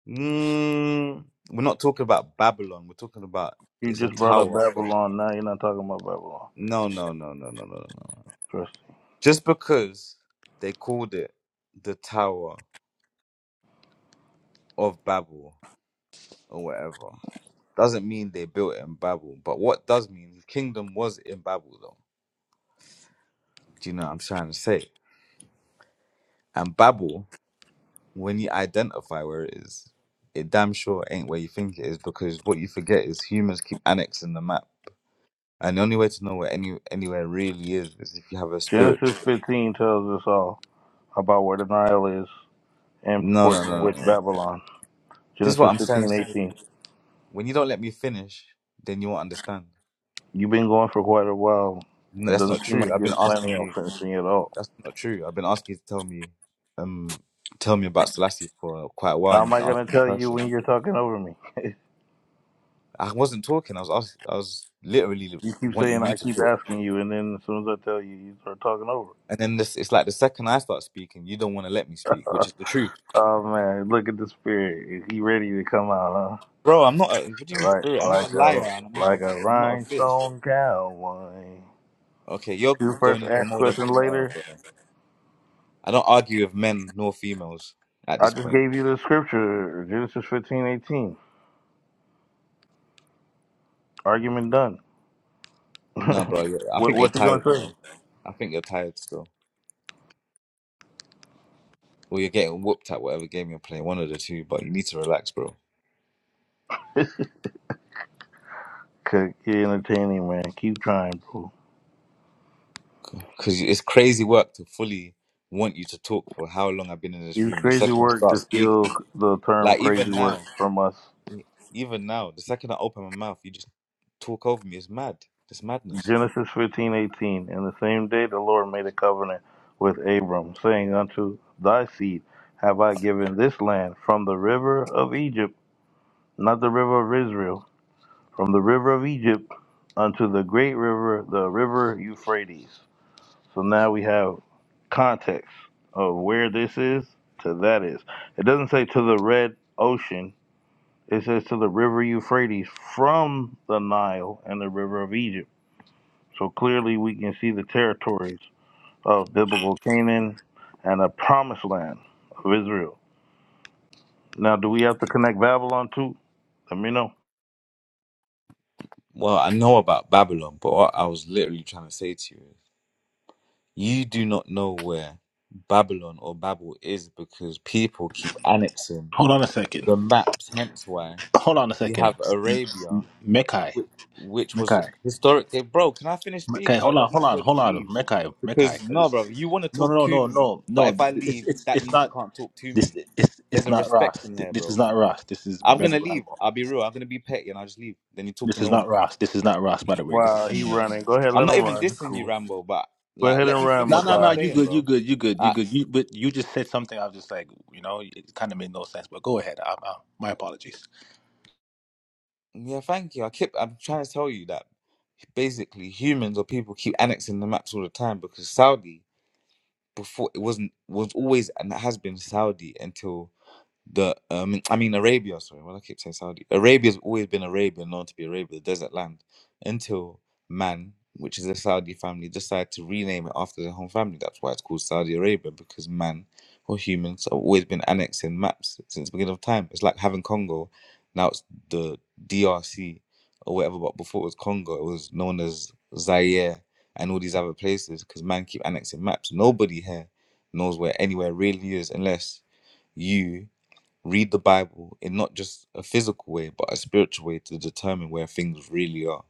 Speaker 8: Mm, we're not talking about Babylon. We're talking about
Speaker 3: You
Speaker 8: it's a
Speaker 3: just brought up
Speaker 8: tower.
Speaker 3: Babylon. Now you're not talking about Babylon.
Speaker 8: No, no, no, no, no, no, no.
Speaker 3: Trust me.
Speaker 8: Just because they called it the Tower of Babel or whatever doesn't mean they built it in Babel. But what does mean, the kingdom was in Babel, though. Do you know what I'm trying to say? And Babel, when you identify where it is, it damn sure ain't where you think it is because what you forget is humans keep annexing the map. And the only way to know where any anywhere really is is if you have a
Speaker 3: Genesis
Speaker 8: spiritual.
Speaker 3: 15 tells us all about where the Nile is in
Speaker 8: No, no,
Speaker 3: proportion
Speaker 8: no,
Speaker 3: with
Speaker 8: no. no.
Speaker 3: Babylon.
Speaker 8: This is what
Speaker 3: Genesis
Speaker 8: I'm trying
Speaker 3: fifteen
Speaker 8: to say.
Speaker 3: eighteen.
Speaker 8: When you don't let me finish, then you won't understand.
Speaker 3: You've been going for quite a while.
Speaker 8: No, that's not
Speaker 3: Doesn't seem
Speaker 8: true.
Speaker 3: like
Speaker 8: I've been
Speaker 3: you're
Speaker 8: asking
Speaker 3: planning on
Speaker 8: you.
Speaker 3: finishing at all.
Speaker 8: That's not true. I've been asking you to tell me, um, tell me about Selassie for quite a while,
Speaker 3: How
Speaker 8: and
Speaker 3: am
Speaker 8: you've
Speaker 3: I
Speaker 8: been asking
Speaker 3: going to
Speaker 8: me the
Speaker 3: tell you
Speaker 8: question.
Speaker 3: when you're talking over me? [laughs]
Speaker 8: I wasn't talking. I was asking, I was literally
Speaker 3: You keep
Speaker 8: wanting
Speaker 3: saying
Speaker 8: you
Speaker 3: I
Speaker 8: to
Speaker 3: keep
Speaker 8: talk.
Speaker 3: asking you, and then as soon as I tell you, you start talking over.
Speaker 8: And then this, it's like the second I start speaking, you don't want to let me speak, which is the truth,
Speaker 3: Oh man, look at the spirit. He ready to come out,
Speaker 8: bro. I'm not. A, what do you
Speaker 3: huh?
Speaker 8: mean,
Speaker 3: Right,
Speaker 8: spirit? I'm not
Speaker 3: like
Speaker 8: a
Speaker 3: a
Speaker 8: liar, and I'm not.
Speaker 3: like a
Speaker 8: A, I'm not a fish.
Speaker 3: rhinestone cowboy.
Speaker 8: Okay, you're
Speaker 3: You first
Speaker 8: going into a
Speaker 3: ask
Speaker 8: mode of,
Speaker 3: question
Speaker 8: oh,
Speaker 3: later.
Speaker 8: bro. I don't argue with men nor females at
Speaker 3: I
Speaker 8: this
Speaker 3: just
Speaker 8: point.
Speaker 3: gave you the scripture, Genesis fifteen eighteen. Argument done. [laughs]
Speaker 8: No,
Speaker 3: what
Speaker 8: bro. you're- I think you're
Speaker 3: what you gonna
Speaker 8: tired,
Speaker 3: say?
Speaker 8: bro. I think you're tired still. or you're getting whooped at whatever game you're playing, one of the two, but you need to relax, bro.
Speaker 3: Cook, you're entertaining, man. Keep trying, bro.
Speaker 8: Because it's crazy work to fully want you to talk for how long I've been in this
Speaker 3: Use
Speaker 8: room. The
Speaker 3: crazy
Speaker 8: second I
Speaker 3: work
Speaker 8: start
Speaker 3: to steal
Speaker 8: speaking,
Speaker 3: the term
Speaker 8: like even
Speaker 3: crazy work
Speaker 8: now,
Speaker 3: from us.
Speaker 8: e-, even now, the second I open my mouth, you just talk over me. It's mad. It's madness.
Speaker 3: Genesis fifteen eighteen. And the same day the Lord made a covenant with Abram, saying, Unto thy seed have I given this land from the river of Egypt, not the river of Israel, from the river of Egypt unto the great river, the river Euphrates. So now we have context of where this is to that is. It doesn't say to the Red Ocean, it says to the river Euphrates from the Nile and the river of Egypt. So clearly we can see the territories of biblical Canaan and a promised land of Israel. Now, do we have to connect Babylon too? Let me know.
Speaker 8: Well, I know about Babylon, but what I was literally trying to say to you is you do not know where Babylon or Babel is because people keep annexing
Speaker 6: Hold on a second.
Speaker 8: the maps, hence why
Speaker 6: Hold on a
Speaker 8: you
Speaker 6: second.
Speaker 8: have Arabia
Speaker 6: Mekai.
Speaker 8: which, which was
Speaker 6: Mekai.
Speaker 8: historic. Hey, bro, can I finish
Speaker 6: Mekai.
Speaker 8: speaking? I,
Speaker 6: Hold
Speaker 8: I
Speaker 6: on.
Speaker 8: might
Speaker 6: Hold
Speaker 8: as
Speaker 6: on.
Speaker 8: well just
Speaker 6: Hold on.
Speaker 8: leave.
Speaker 6: Mekai. Mekai.
Speaker 8: Because, no,
Speaker 6: Because
Speaker 8: bro, you want to
Speaker 6: no,
Speaker 8: talk
Speaker 6: no,
Speaker 8: to
Speaker 6: no, no,
Speaker 8: me,
Speaker 6: no,
Speaker 8: but
Speaker 6: no.
Speaker 8: if I
Speaker 6: It's
Speaker 8: leave,
Speaker 6: it's
Speaker 8: that
Speaker 6: it's
Speaker 8: means you
Speaker 6: not
Speaker 8: can't talk to
Speaker 6: this.
Speaker 8: me.
Speaker 6: It's
Speaker 8: There's
Speaker 6: it's
Speaker 8: a
Speaker 6: not
Speaker 8: respect
Speaker 6: Ross.
Speaker 8: in
Speaker 6: Th-
Speaker 8: here,
Speaker 6: This is
Speaker 8: bro.
Speaker 6: not Ross. This is
Speaker 8: I'm going
Speaker 6: Brother
Speaker 8: to leave.
Speaker 6: Rambo.
Speaker 8: I'll be real. I'm going to be petty and I'll just leave. Then you talk to
Speaker 6: This is
Speaker 8: no one.
Speaker 6: not Ross. This is not Ross. By the way, this is
Speaker 3: Wow, he
Speaker 6: someone else.
Speaker 3: running. Go ahead,
Speaker 8: I'm
Speaker 3: let
Speaker 8: not
Speaker 3: him
Speaker 8: even
Speaker 3: run. It's
Speaker 8: dissing you,
Speaker 3: cool.
Speaker 8: Rambo, but,
Speaker 3: Go
Speaker 8: like,
Speaker 3: ahead
Speaker 8: let
Speaker 3: and
Speaker 8: me
Speaker 3: run,
Speaker 6: No,
Speaker 8: finish
Speaker 6: no,
Speaker 8: what I'm
Speaker 6: no.
Speaker 3: Makai.
Speaker 6: You
Speaker 8: saying,
Speaker 6: good. You
Speaker 8: bro.
Speaker 6: good. You good. You
Speaker 8: I,
Speaker 6: good. You but you just said something. I was just like, you know, it kind of made no sense. But go ahead. I, I, my apologies.
Speaker 8: yeah, thank you. I keep, I'm trying to tell you that basically humans or people keep annexing the maps all the time because Saudi before it wasn't was always and has been Saudi until the um, I mean Arabia. Sorry, well I keep saying Saudi. Arabia's always been Arabia, known to be Arabia, the desert land, until man, which is a Saudi family, decided to rename it after their home family. That's why it's called Saudi Arabia because man or humans have always been annexed in maps since the beginning of time. It's like having Congo, now it's the DRC or whatever. But before it was Congo, it was known as Zaire and all these other places because man keep annexing maps. Nobody here knows where anywhere really is unless you read the Bible in not just a physical way, but a spiritual way to determine where things really are.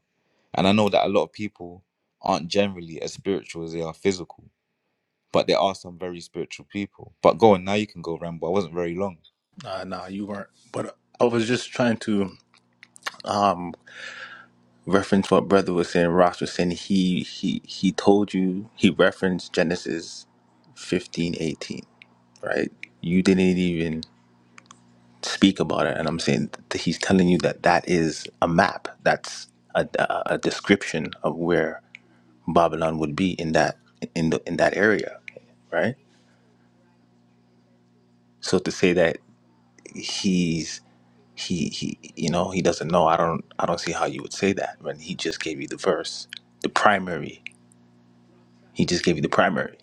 Speaker 8: And I know that a lot of people aren't generally as spiritual as they are physical, but there are some very spiritual people. But go on, now you can go ramble. I wasn't very long.
Speaker 6: Uh, no, you weren't. But I was just trying to um reference what brother was saying. Ross was saying he he he told you he referenced Genesis fifteen eighteen, right? You didn't even speak about it, and I'm saying that he's telling you that that is a map. That's a, a a description of where Babylon would be in that in the in that area, right? So to say that he's he he you know he doesn't know, I don't I don't see how you would say that when he just gave you the verse, the primary. He just gave you the primary,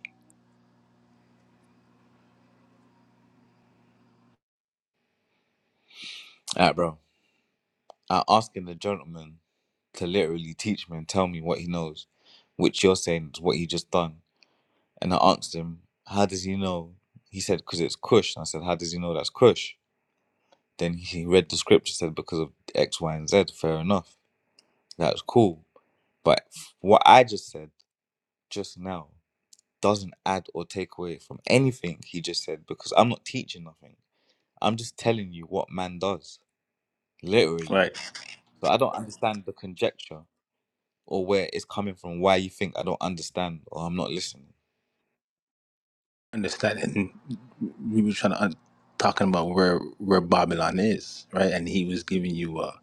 Speaker 8: All right, bro. Uh, asking the gentleman to literally teach me and tell me what he knows, which you're saying is what he just done. And I asked him, How does he know? He said, Because it's Kush. And I said, How does he know that's Kush? Then he read the scripture, said because of X, Y, and Z. Fair enough. That's cool. But what I just said just now doesn't add or take away from anything he just said because I'm not teaching nothing. I'm just telling you what man does, literally.
Speaker 6: right?
Speaker 8: So I don't understand the conjecture or where it's coming from, why you think I don't understand or I'm not listening.
Speaker 6: Understanding we were trying to un- talking about where where Babylon is, right? And he was giving you a,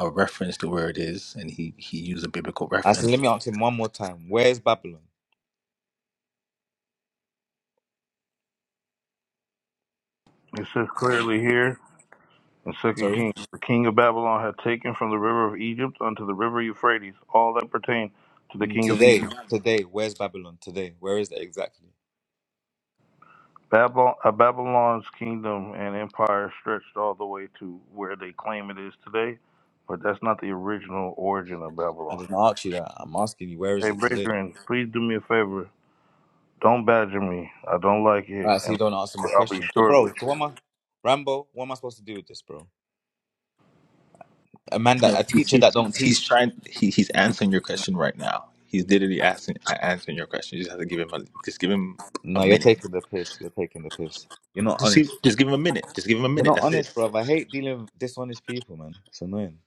Speaker 6: a reference to where it is, and he he used a biblical
Speaker 8: I
Speaker 6: reference
Speaker 8: said, let me ask him one more time. Where's Babylon?
Speaker 3: It says clearly here in Second
Speaker 8: Sorry?
Speaker 3: Kings, the king of Babylon had taken from the river of Egypt unto the river Euphrates all that pertained to the
Speaker 8: Mm,
Speaker 3: king of
Speaker 8: Today,
Speaker 3: Egypt.
Speaker 8: today, where's Babylon today? Where is it exactly?
Speaker 3: Babylon, uh, Babylon's kingdom and empire stretched all the way to where they claim it is today, but that's not the original origin of Babylon.
Speaker 8: I didn't ask you that. I'm asking you, where is
Speaker 3: Hey,
Speaker 8: it today?
Speaker 3: Brethren, please do me a favor. Don't badger me. I don't like
Speaker 8: All
Speaker 3: it,
Speaker 8: right, so
Speaker 3: and
Speaker 8: you don't answer my
Speaker 3: I'll be
Speaker 8: question, so,
Speaker 3: short
Speaker 8: bro.
Speaker 3: with
Speaker 8: So what am I, Rambo? What am I supposed to do with this, bro? A man that
Speaker 6: No,
Speaker 8: a
Speaker 6: he's
Speaker 8: teacher
Speaker 6: he's,
Speaker 8: that don't
Speaker 6: he's
Speaker 8: teach.
Speaker 6: trying. He, he's answering your question right now. He's literally asking answering your question. You just have to give him a just give him a
Speaker 8: No, you're
Speaker 6: minute.
Speaker 8: taking the piss. You're taking the piss. You're not
Speaker 6: Just
Speaker 8: honest.
Speaker 6: give just give him a minute. Just give him a
Speaker 8: You're
Speaker 6: minute.
Speaker 8: not
Speaker 6: That's it.
Speaker 8: honest, bro. I hate dealing with dishonest people, man. It's annoying.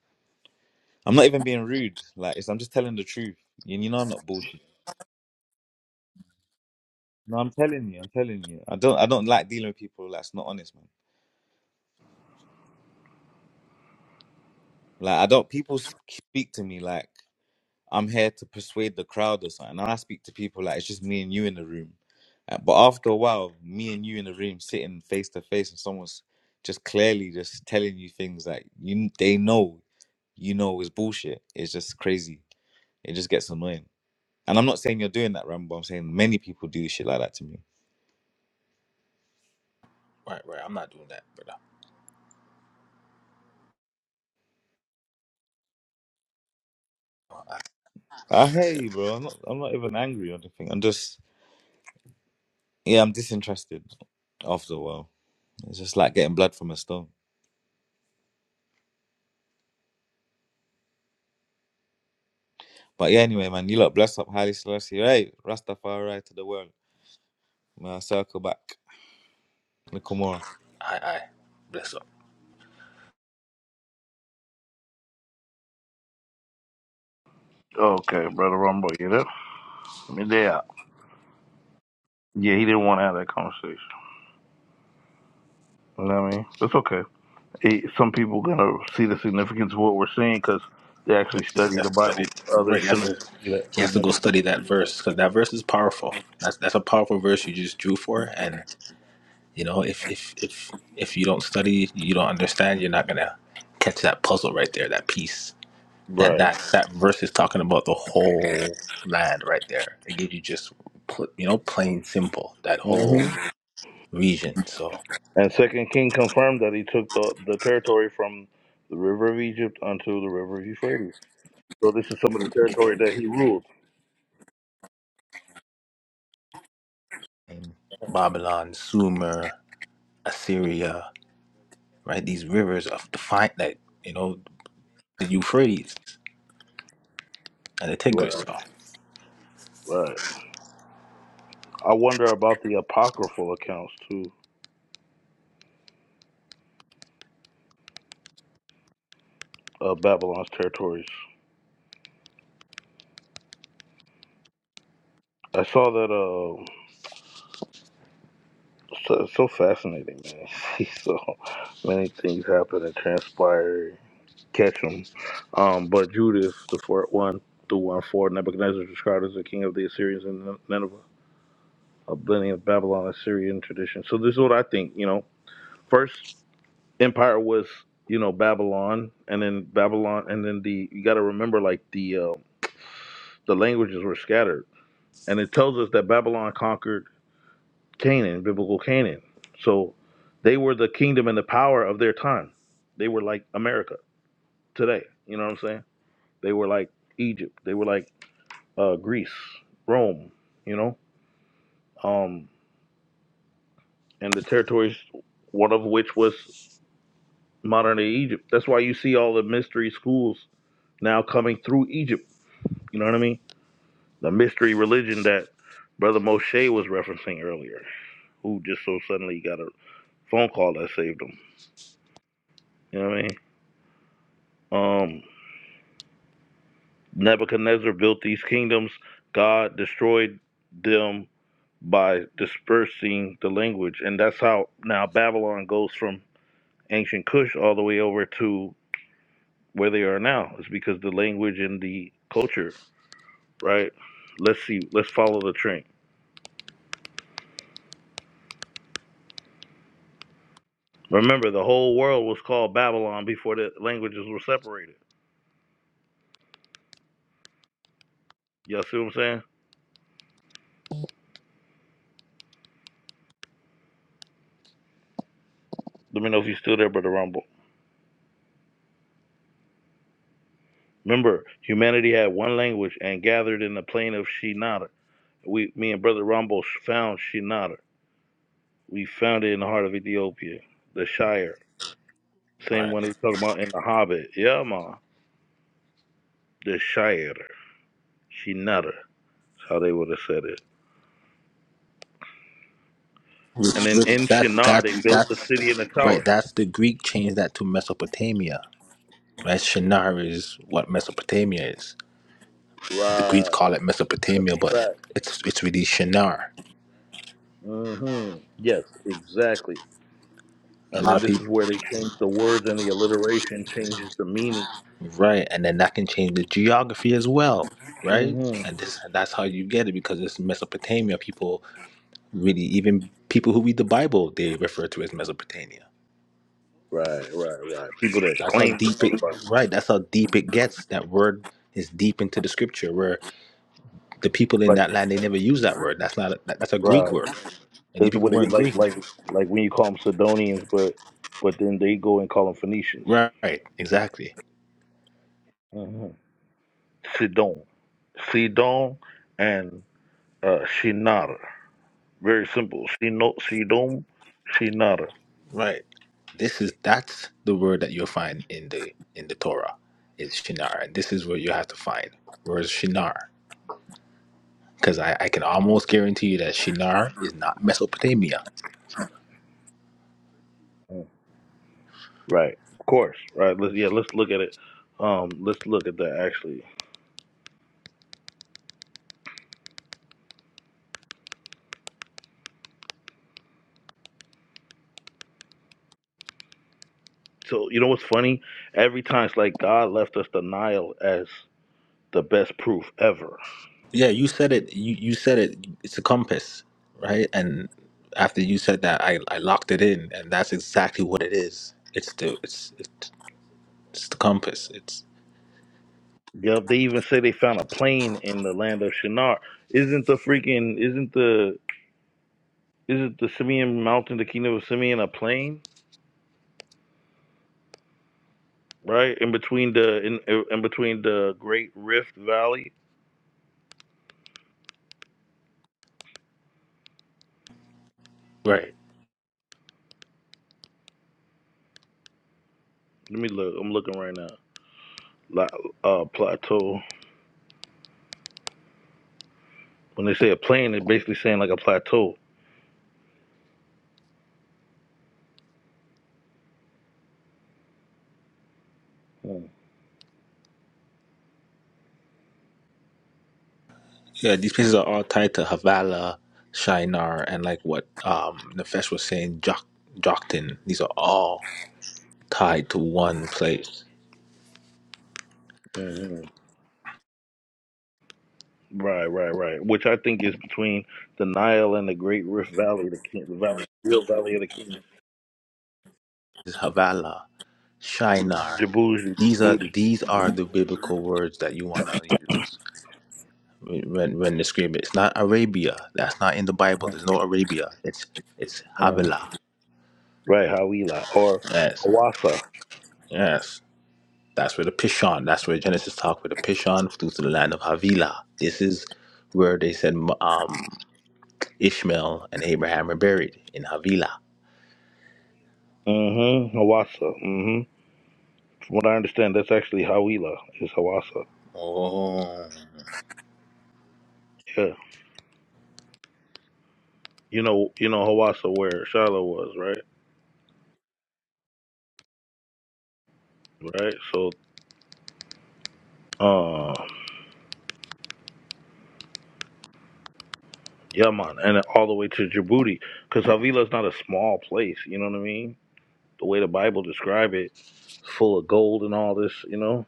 Speaker 8: I'm not even being rude. Like it's, I'm just telling the truth. You, you know I'm not bullshit. No, I'm telling you. I'm telling you. I don't. I don't like dealing with people that's not honest, man. Like I don't. People speak to me like. I'm here to persuade the crowd or something. And I speak to people like it's just me and you in the room. Uh, But after a while, me and you in the room sitting face to face, and someone's just clearly just telling you things that you they know you know is bullshit. It's just crazy. It just gets annoying. And I'm not saying you're doing that, Rambo. I'm saying many people do shit like that to me.
Speaker 6: Right, right. I'm not doing that, brother.
Speaker 8: I hear
Speaker 6: That's it.
Speaker 8: you, bro. I'm not. I'm not even angry or anything. I'm just yeah. I'm disinterested after a while. It's just like getting blood from a stone. But yeah, anyway, man, you lot bless up highly Selassie, right? Rastafari to the world. May I circle back. Nakamura.
Speaker 6: I, I bless up.
Speaker 3: you. Okay, brother Rumble, you there? Me there. Yeah, he didn't want to have that conversation. You know what I mean? It's okay. It, some people gonna see the significance of what we're seeing because they actually
Speaker 6: He
Speaker 3: study the
Speaker 6: has to study.
Speaker 3: Bible.
Speaker 6: Right.
Speaker 3: Others
Speaker 6: He
Speaker 3: do
Speaker 6: has
Speaker 3: not
Speaker 6: to,
Speaker 3: see that
Speaker 6: he has to go
Speaker 3: significance.
Speaker 6: study that verse because that verse is powerful. That's that's a powerful verse you just drew for. And you know, if if if if you don't study, you don't understand. You're not gonna catch that puzzle right there. That piece. That
Speaker 3: Right.
Speaker 6: that that verse is talking about the whole land right there. It gives you just pl- you know plain simple that whole
Speaker 3: hmm
Speaker 6: region. So
Speaker 3: And Second King confirmed that he took the the territory from the river of Egypt unto the river of Euphrates. So this is some of the territory that he ruled.
Speaker 6: in Babylon, Sumer, Assyria, right? These rivers of the fight that you know the Euphrates and the Tigris.
Speaker 3: Right.
Speaker 6: So,
Speaker 3: Right. I wonder about the apocryphal accounts too of Babylon's territories. I saw that. Uh, so, so fascinating, man. [laughs] See so many things happen and transpire. Catch them. Um, but Judas, the fourth one, the one for Nebuchadnezzar described as the king of the Assyrians and Nineveh, a blending of Babylon and Syrian tradition. So this is what I think. You know, first empire was you know Babylon, and then Babylon, and then the you got to remember like the uh, the languages were scattered and it tells us that Babylon conquered Canaan, biblical Canaan. So they were the kingdom and the power of their time. They were like America today. You know what I'm saying? They were like Egypt. They were like uh, Greece, Rome. You know, um, and the territories, one of which was modern day Egypt. That's why you see all the mystery schools now coming through Egypt. You know what I mean? The mystery religion that Brother Moshe was referencing earlier, who just so suddenly got a phone call that saved him. You know what I mean? Um, Nebuchadnezzar built these kingdoms. God destroyed them by dispersing the language, and that's how now Babylon goes from ancient Kush all the way over to where they are now. It's because the language and the culture, right? Let's see. Let's follow the train. Remember, the whole world was called Babylon before the languages were separated. Y'all see what I'm saying? Let me know if you're still there, Brother Rumble. Remember, humanity had one language and gathered in the plain of Shinar We, me and brother Rambo found Shinara. We found it in the heart of Ethiopia, the Shire. Same
Speaker 6: right.
Speaker 3: one they talking about in the Hobbit. Yeah, ma, the Shire, Shinara. That's how they would have said it. And
Speaker 6: Which,
Speaker 3: then
Speaker 6: which
Speaker 3: in
Speaker 6: that
Speaker 3: Shinar, they
Speaker 6: that's
Speaker 3: built the city and the
Speaker 6: that's right.
Speaker 3: tower.
Speaker 6: That's the Greek changed that to Mesopotamia. Right, Shinar is what Mesopotamia is. The Greeks
Speaker 3: Right.
Speaker 6: call it Mesopotamia, but
Speaker 3: Right.
Speaker 6: it's it's really Shinar.
Speaker 3: Mm-hmm. Yes, exactly.
Speaker 6: a
Speaker 3: And
Speaker 6: lot
Speaker 3: then
Speaker 6: of
Speaker 3: this is
Speaker 6: people
Speaker 3: where they change the words and the alliteration changes the meaning.
Speaker 6: right and then that can change the geography as well right
Speaker 3: Mm-hmm.
Speaker 6: and this that's how you get it because it's mesopotamia people really even people who read the bible they refer to it as mesopotamia
Speaker 3: Right, right, right. People that
Speaker 6: that's how
Speaker 3: claim to
Speaker 6: deep
Speaker 3: know the
Speaker 6: it
Speaker 3: Bible,
Speaker 6: right that's how deep it gets that word is deep into the scripture where the people in
Speaker 3: like
Speaker 6: that land they never use that word that's not that, that's a greek
Speaker 3: right.
Speaker 6: word and these
Speaker 3: That's
Speaker 6: people
Speaker 3: what they
Speaker 6: weren't
Speaker 3: like,
Speaker 6: greek
Speaker 3: like, like when you call them Sidonians, but but then they go and call them Phoenicians.
Speaker 6: right exactly
Speaker 3: hmm Sidon, Sidon, and uh, Shinara. Very simple. Sino, Sidon, Shinara.
Speaker 6: Right. This is that's the word that you'll find in the in the Torah is Shinar. And this is where you have to find. Where's Shinar? Because I, I can almost guarantee you that Shinar is not Mesopotamia.
Speaker 3: Mhm. Right. Of course. Right. Let's yeah. Let's look at it. Um. Let's look at that actually. So you know what's funny? Every time it's like God left us the Nile as the best proof ever.
Speaker 6: Yeah, you said it. You, you said it. It's a compass, right? And after you said that, I, I locked it in, and that's exactly what it is. It's the it's it's, it's the compass. It's
Speaker 3: Yep. They even say they found a plane in the land of Shinar. Isn't the freaking? Isn't the isn't the Simeon mountain, the kingdom of Simeon, a plain, right? In between the in in between the Great Rift Valley.
Speaker 6: right.
Speaker 3: Let me look. I'm looking right now. La, uh, plateau. When they say a plain, they're basically saying like a plateau.
Speaker 6: Yeah, these places are all tied to Havala, Shinar, and like what um Nefesh was saying, Jok- Joktan. These are all tied to one place.
Speaker 3: Mm-hmm. Right, right, right. Which I think is between the Nile and the Great Rift Valley, the, king, the valley, real valley of the kingdom,
Speaker 6: This is Havala, Shinar.
Speaker 3: Djibouti,
Speaker 6: These are these are the biblical words that you want to use when when describing. it. It's not Arabia. That's not in the Bible. There's no Arabia. It's it's
Speaker 3: Mhm.
Speaker 6: Havala.
Speaker 3: right, Hawila or
Speaker 6: Yes,
Speaker 3: Hawassa.
Speaker 6: yes. That's where the Pishon. That's where Genesis talk with the Pishon flew to the land of Havilah. This is where they said um Ishmael and Abraham are buried in Havilah.
Speaker 3: Mm-hmm. Hawassa. Mm-hmm. From what I understand, that's actually Hawila is Hawassa.
Speaker 6: Oh,
Speaker 3: Yeah. you know you know Hawassa where Shiloh was, right? Right. So uh yeah man, and all the way to Djibouti. Because Havila's not a small place, you know what I mean? The way the Bible describe it, full of gold and all this, you know?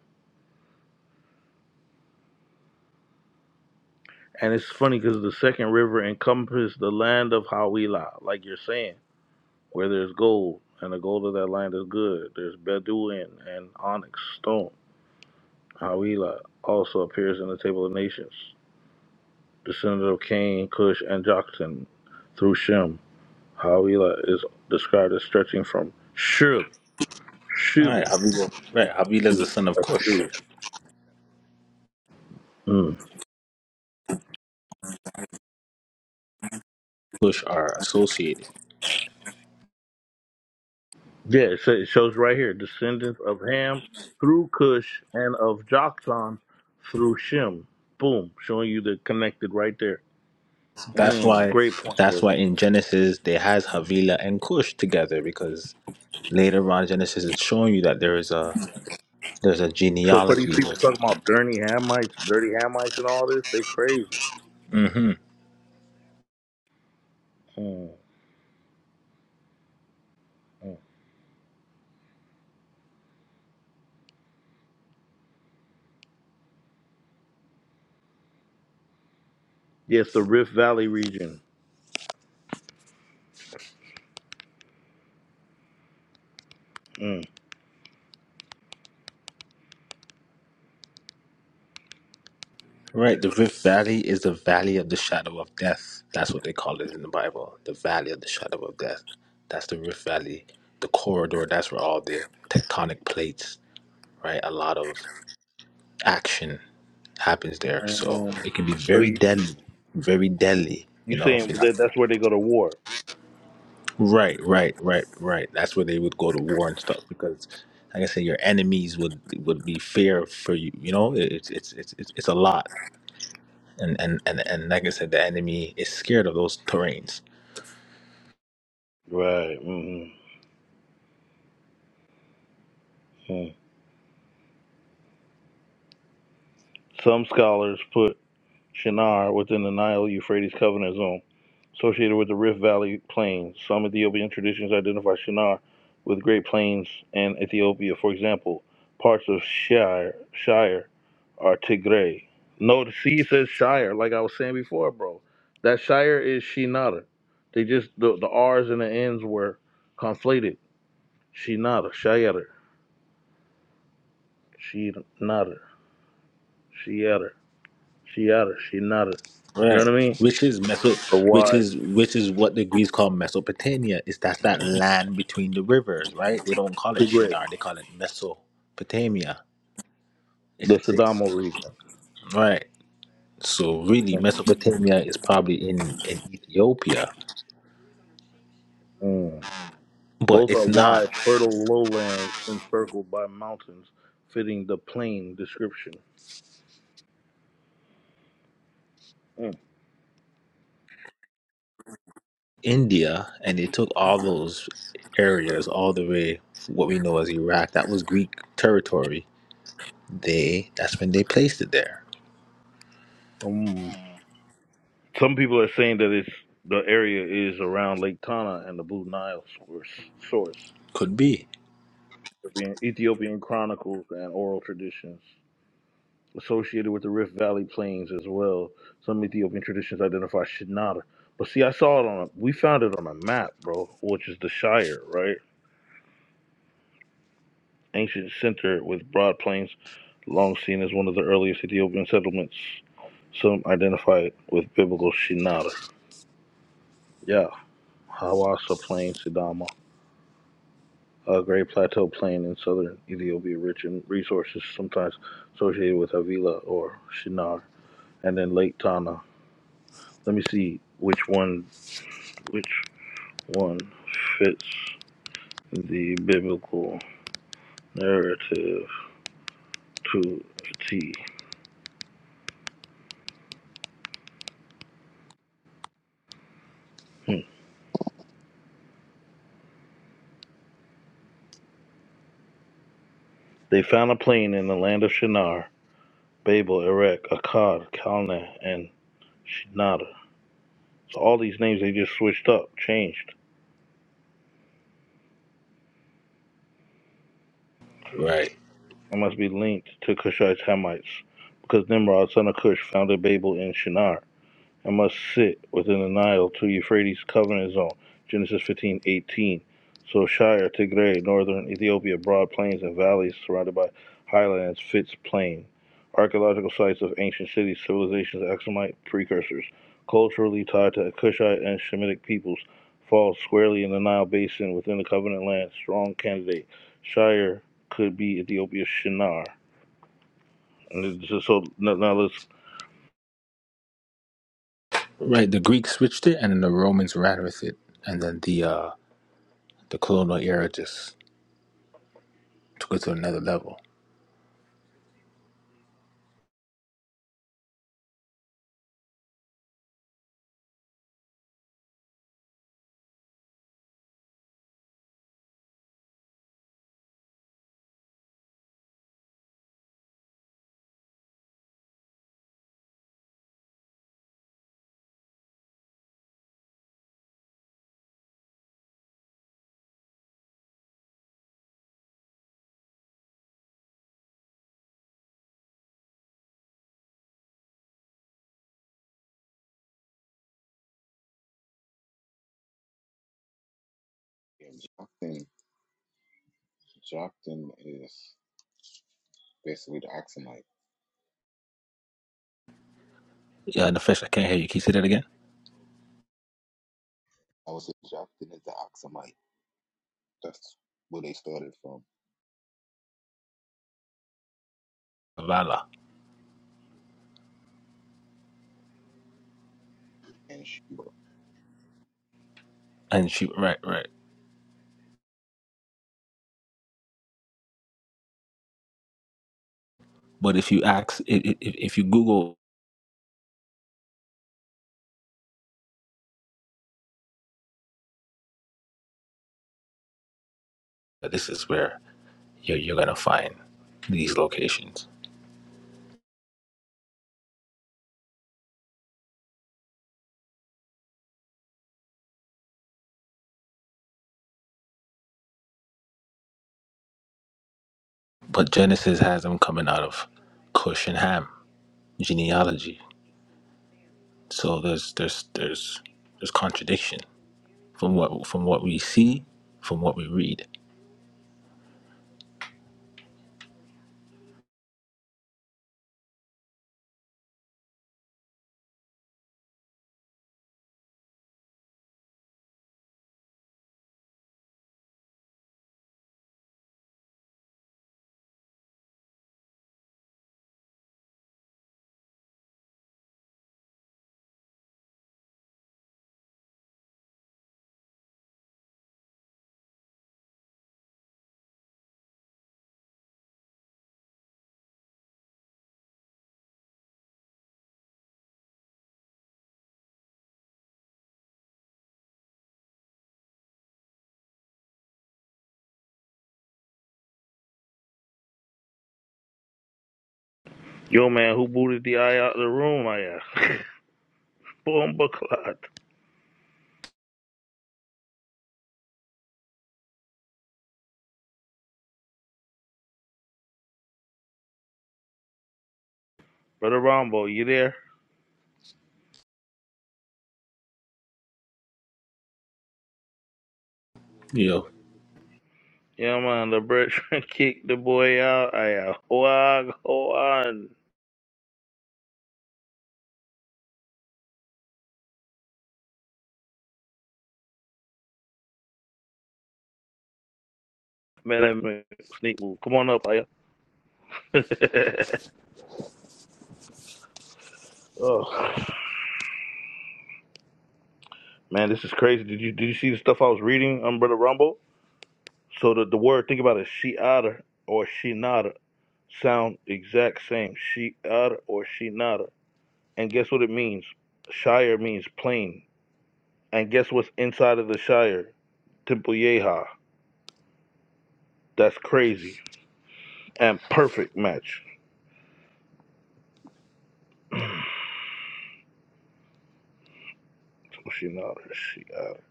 Speaker 3: And it's funny because the second river encompassed the land of Havilah, like you're saying, where there's gold, and the gold of that land is good. There's Bedouin and onyx stone. Havilah also appears in the Table of Nations. descendant of Cain, Cush, and Joktan through Shem. Havilah is described as stretching from Shur,
Speaker 6: all right,
Speaker 3: Shooter.
Speaker 6: Havilah. Right, Havilah is the son of Cush.
Speaker 3: Mm.
Speaker 6: Cush are associated.
Speaker 3: Yeah, it, sa- it shows right here descendants of Ham through Cush and of Joktan through Shem. Boom, showing you the connected right there.
Speaker 6: That's
Speaker 3: Mm,
Speaker 6: why.
Speaker 3: great point,
Speaker 6: That's
Speaker 3: bro.
Speaker 6: why in Genesis they has Havilah and Cush together because later on Genesis is showing you that there is a there's a
Speaker 3: So for these
Speaker 6: genealogy.
Speaker 3: people talking about dirty Hamites, dirty Hamites, and all this, they crazy.
Speaker 6: mm hmm
Speaker 3: Mm, mm. Yes, the Rift Valley region. Mm.
Speaker 6: Right, the Rift Valley is the valley of the shadow of death. That's what they call it in the Bible. The valley of the shadow of death. That's the Rift Valley. The corridor. That's where all the tectonic plates right? A lot of action happens there,
Speaker 3: Mm.
Speaker 6: so
Speaker 3: mm.
Speaker 6: it can be
Speaker 3: So
Speaker 6: very
Speaker 3: you
Speaker 6: deadly, very deadly.
Speaker 3: You
Speaker 6: You know,
Speaker 3: saying
Speaker 6: if you're not
Speaker 3: that that's where they go to war?
Speaker 6: right, right, right, right. That's where they would go to war and stuff because, like I said, your enemies would would be fear for you. You know, It- it's it's it's it's it's a lot, and and and and like I said, the enemy is scared of those terrains,
Speaker 3: Right. hmm Some scholars put Shinar within the Nile Euphrates Covenant Zone, associated with the Rift Valley Plains. Some Ethiopian traditions identify Shinar with Great Plains and Ethiopia. For example, parts of Shire, Shire are Tigray. No, see, it says Shire, like I was saying before, bro. That Shire is Shinar. They just, the, the R's and the N's were conflated. Shinar, Shire, Shinar. She at her, She at her, She not her. You know
Speaker 6: right?
Speaker 3: what I mean?
Speaker 6: Which is Meso,
Speaker 3: Or
Speaker 6: which
Speaker 3: wide,
Speaker 6: is which is what the Greeks call Mesopotamia. Is that's that land between the rivers, right? They don't call it
Speaker 3: Tigray,
Speaker 6: Shinar, they call it Mesopotamia. It's
Speaker 3: the
Speaker 6: a six.
Speaker 3: Sadamo region.
Speaker 6: Right. So really, Mesopotamia is probably in, in Ethiopia,
Speaker 3: Mm.
Speaker 6: but
Speaker 3: Both are
Speaker 6: it's not
Speaker 3: wide, fertile lowlands encircled by mountains, fitting the plain description. Mm.
Speaker 6: India. And they took all those areas all the way what we know as Iraq. That was Greek territory. They that's when they placed it there.
Speaker 3: Mm. Some people are saying that it's the area is around Lake Tana and the Blue Nile source. source.
Speaker 6: Could be
Speaker 3: Ethiopian Ethiopian chronicles and oral traditions associated with the Rift Valley Plains as well. Some Ethiopian traditions identify Shinada. But see, I saw it on a, we found it on a map, bro, which is the Shire, right? Ancient center with broad plains, long seen as one of the earliest Ethiopian settlements. Some identify it with biblical Shinada. Yeah, Hawassa Plain, Sidama, a great plateau plain in southern Ethiopia, rich in resources, sometimes associated with Havila or Shinar, and then Lake Tana. Let me see which one, which. one fits the biblical narrative to a T. They found a plain in the land of Shinar, Babel, Erech, Akkad, Calneh, and Shinada. So all these names they just switched up, changed,
Speaker 6: right.
Speaker 3: and must be linked to Cushite Hamites, because Nimrod, son of Cush, founded Babel in Shinar. and must sit within the Nile to Euphrates covenant zone. Genesis 15 18. So Shire, Tigray, northern Ethiopia, broad plains and valleys surrounded by highlands, fits plain. Archaeological sites of ancient cities, civilizations, Aksumite precursors, culturally tied to Kushite and Shemitic peoples, falls squarely in the Nile basin within the covenant land. Strong candidate. Shire could be Ethiopia's Shinar. And it's just so now let's,
Speaker 6: Right. The Greeks switched it, and then the Romans ran with it, and then the uh, the colonial era just took it to another level.
Speaker 1: And Jockton, Jockton is basically the Oxamite.
Speaker 6: Yeah, the fish. I can't hear you. Can you say that again?
Speaker 1: I would say Jockton is the Oxamite. That's where they started from.
Speaker 6: Vala.
Speaker 1: And she
Speaker 6: And she. Right. Right. But if you ask, i- i- if, if you Google, this is where you're, you're going to find these locations. But Genesis has them coming out of Cush and Ham genealogy. So there's there's there's there's contradiction from what from what we see, from what we read.
Speaker 3: yo man, who booted the eye out of the room? I asked. [laughs] Boomba clot. Brother Rombo, you there?
Speaker 6: You know,
Speaker 3: Yeah, man, the bridge [laughs] kicked the boy out. I wag on. Man, that man, sneak move. Come on up, I [laughs] Oh man, this is crazy. Did you did you see the stuff I was reading um, Brother Rumble? So the, the word think about it, she otter or she nada sound exact same. She otter or she nada. And guess what it means? Shire means plain. And guess what's inside of the Shire? Temple Yeha. That's crazy. and perfect match. So she know that she got it.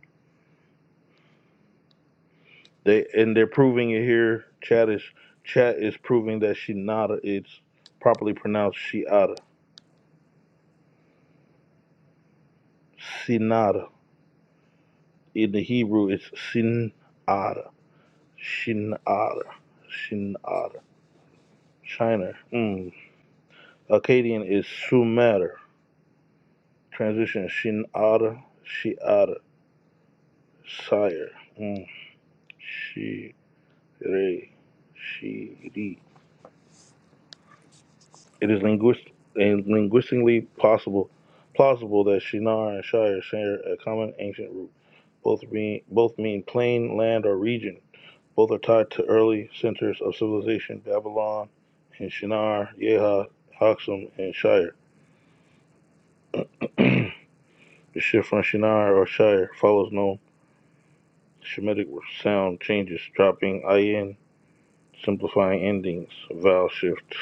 Speaker 3: They and they're proving it here. Chat is chat is proving that Shinada is properly pronounced Shiada. Sinada. In the Hebrew it's Sinada. Shinada. Shinada. China. Mm. Akkadian is Sumer. Transition Shinada. Shiada. Sire. Mm. Shire. Shiri. It is linguist and linguistically possible plausible that Shinar and Shire share a common ancient root. Both mean both mean plain land or region. Both are tied to early centers of civilization, Babylon and Shinar, Yeha, Haksum, and Shire. [clears throat] the shift from Shinar or Shire follows no Shemitic sound changes, dropping IN, simplifying endings, vowel shift.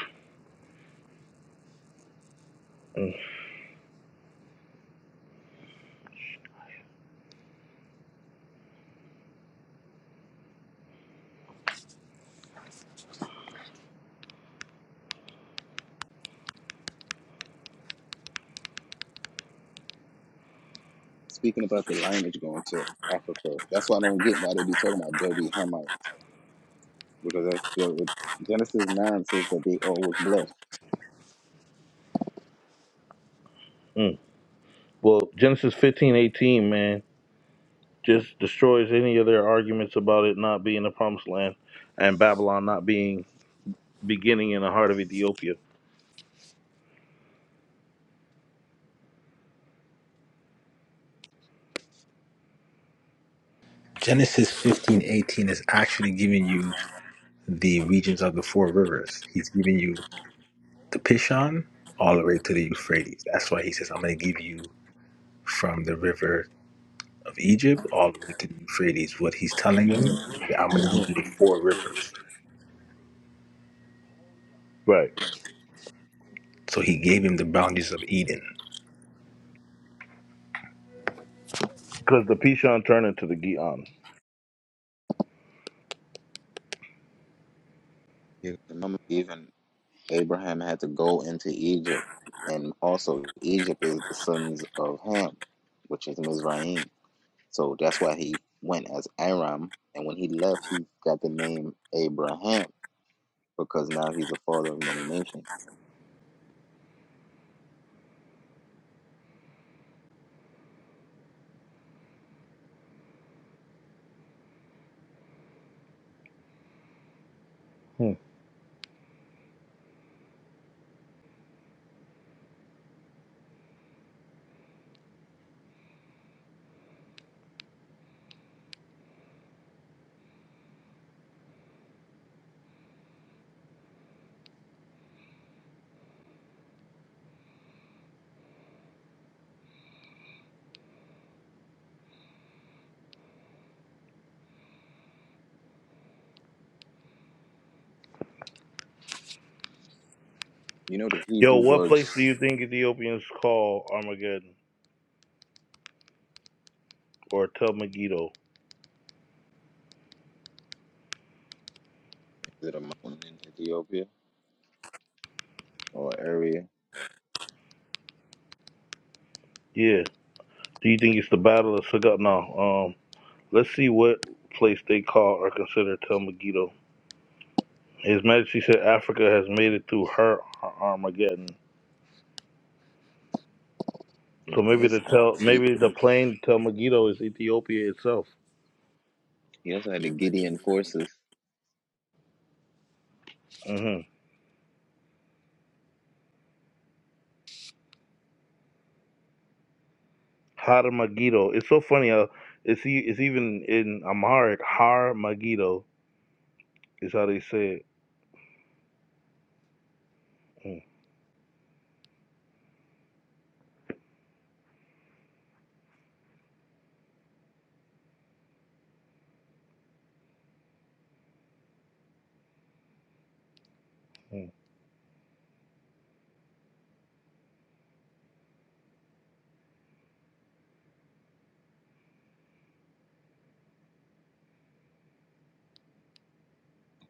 Speaker 3: Mm,
Speaker 1: speaking about the lineage going to Africa. That's why I don't get why they be talking about dirty Hamites because that's the, Genesis nine says that they all was blessed.
Speaker 3: mm. Well, Genesis fifteen eighteen, man. just destroys any of their arguments about it not being the promised land and Babylon not being beginning in the heart of Ethiopia.
Speaker 6: Genesis 15:18 is actually giving you the regions of the four rivers. He's giving you the Pishon all the way to the Euphrates. That's why he says, I'm going to give you from the river of Egypt all the way to the Euphrates. What he's telling him,
Speaker 3: Mhm.
Speaker 6: I'm going to give you the four rivers.
Speaker 3: Right.
Speaker 6: So he gave him the boundaries of Eden.
Speaker 3: Because the Pishon turned into the Gion.
Speaker 1: Yeah. remember, even Abraham had to go into Egypt, and also Egypt is the sons of Ham, which is Mizraim. So that's why he went as Aram, and when he left, he got the name Abraham because now he's the father of many nations.
Speaker 3: Hmm.
Speaker 1: You know the
Speaker 3: Yo,
Speaker 1: Hebrew
Speaker 3: what
Speaker 1: words
Speaker 3: place do you
Speaker 1: is
Speaker 3: think Ethiopians call Armageddon or Tel Megiddo?
Speaker 1: it a mountain in Ethiopia or area?
Speaker 3: Yeah. Do you think it's the Battle of Sagat? No. Um, let's see what place they call or consider Tel Megiddo. His Majesty said Africa has made it through her Armageddon.
Speaker 1: the name
Speaker 3: So
Speaker 1: of
Speaker 3: maybe
Speaker 1: his
Speaker 3: the
Speaker 1: um
Speaker 3: tell
Speaker 1: fleet.
Speaker 3: maybe the plain tell Megiddo is Ethiopia itself.
Speaker 1: He also had the Gideon forces.
Speaker 3: hmm Har Megiddo. It's so funny. Uh, it's e- it's even in Amharic. Har Megiddo is how they say it. Mhm.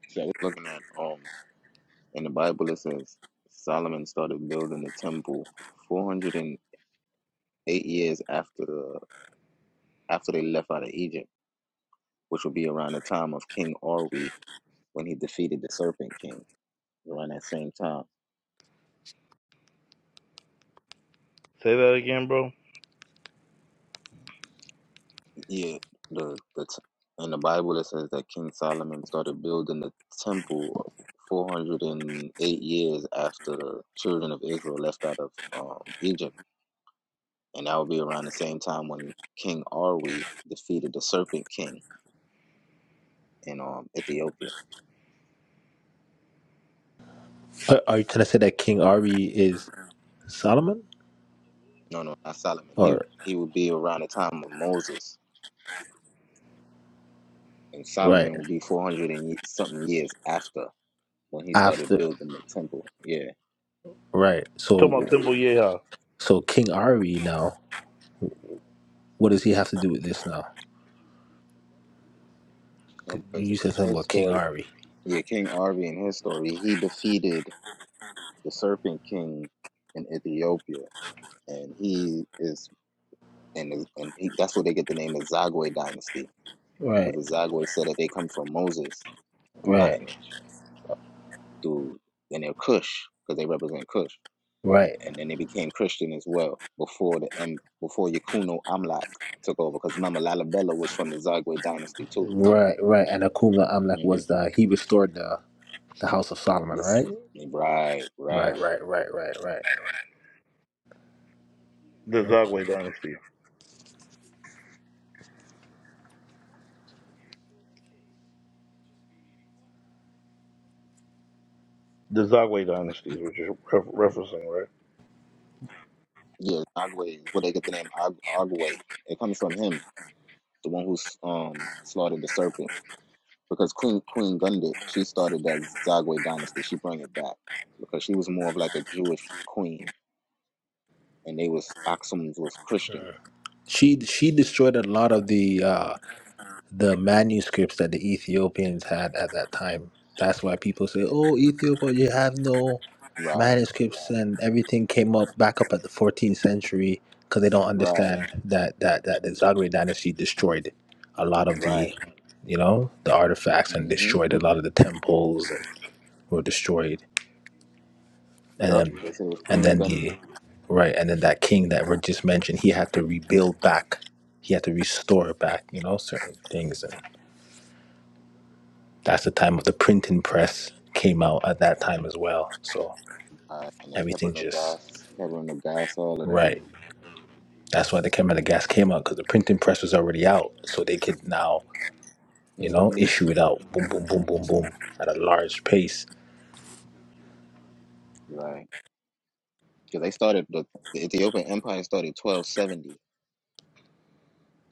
Speaker 1: So I was looking at um in the Bible it says Solomon started building the temple 408 years after the after they left out of Egypt, which would be around the time of King Orwe when he defeated the Serpent King. Around that same time,
Speaker 3: Say that again, bro.
Speaker 1: yeah. The the t- in the Bible it says that King Solomon started building the temple 408 years after the children of Israel left out of um, Egypt and that would be around the same time when King Arwe defeated the Serpent King in um Ethiopia.
Speaker 6: Are, are you trying to say that King Ari is Solomon?
Speaker 1: No, no, not Solomon. He
Speaker 6: Or
Speaker 1: he would be around the time of Moses, and
Speaker 6: right
Speaker 1: Solomon would be four hundred and something years after when he started
Speaker 6: after
Speaker 1: building the temple. Yeah,
Speaker 6: right?
Speaker 3: Talking
Speaker 6: So
Speaker 3: about Thimble Yeha,
Speaker 6: so King Ari now, what does he have to do with this now? 'Cause
Speaker 1: no, because
Speaker 6: You said
Speaker 1: in
Speaker 6: something
Speaker 1: his
Speaker 6: about King
Speaker 1: story,
Speaker 6: Ari.
Speaker 1: yeah, King Arwe in his story, he defeated the Serpent King in Ethiopia, and he is and is- and he that's where they get the name the Zagwe dynasty
Speaker 6: Right,
Speaker 1: because the Zagwe said that they come from Moses
Speaker 6: right,
Speaker 1: lineage. through and they're Kush because they represent Kush,
Speaker 6: right,
Speaker 1: and then they became Christian as well before the um, before Yakuno Amlak took over because remember Lalibela was from the Zagwe dynasty too.
Speaker 6: right, right. And Akumla Amlek
Speaker 1: hmm
Speaker 6: was the he restored the the house of Solomon,
Speaker 1: This
Speaker 6: right?
Speaker 1: right,
Speaker 6: Right,
Speaker 1: right,
Speaker 6: right, right, right,
Speaker 3: the
Speaker 6: right.
Speaker 3: Zagwe dynasty. The Zagwe dynasty is what you're ref- referencing, right?
Speaker 1: yeah, Zagwe is where they get the name Ag- Agwe. It comes from him, the one who um slaughtered the serpent because Queen Queen Gundit she started that Zagwe dynasty. She brought it back because she was more of like a Jewish queen, and they was Aksums was Christians,
Speaker 6: She she destroyed a lot of the uh, the manuscripts that the Ethiopians had at that time. That's why people say, "Oh, Ethiopia, you have no
Speaker 1: right?
Speaker 6: manuscripts," and everything came up back up at the 14th century because they don't
Speaker 1: Right.
Speaker 6: understand that that that the Zagreb dynasty destroyed a lot of
Speaker 1: Right.
Speaker 6: the, you know, the artifacts and
Speaker 1: hmm
Speaker 6: destroyed a lot of the temples and were destroyed and
Speaker 1: Yep.
Speaker 6: then
Speaker 1: They said it was
Speaker 6: and
Speaker 1: Queen
Speaker 6: then the
Speaker 1: Gundit.
Speaker 6: right and then that king that were just mentioned he had to rebuild back he had to restore back you know certain things and that's the time of the printing press came out at that time as well so
Speaker 1: Uh, and the
Speaker 6: everything
Speaker 1: Kebra
Speaker 6: just
Speaker 1: Gas, Kebra Gas, all of that.
Speaker 6: right that's why the camera the gas came out because the printing press was already out so they could now you know
Speaker 1: hmm
Speaker 6: issue it out boom boom boom boom boom at a large pace
Speaker 1: Right. Because they started, the, the Ethiopian Empire started 1270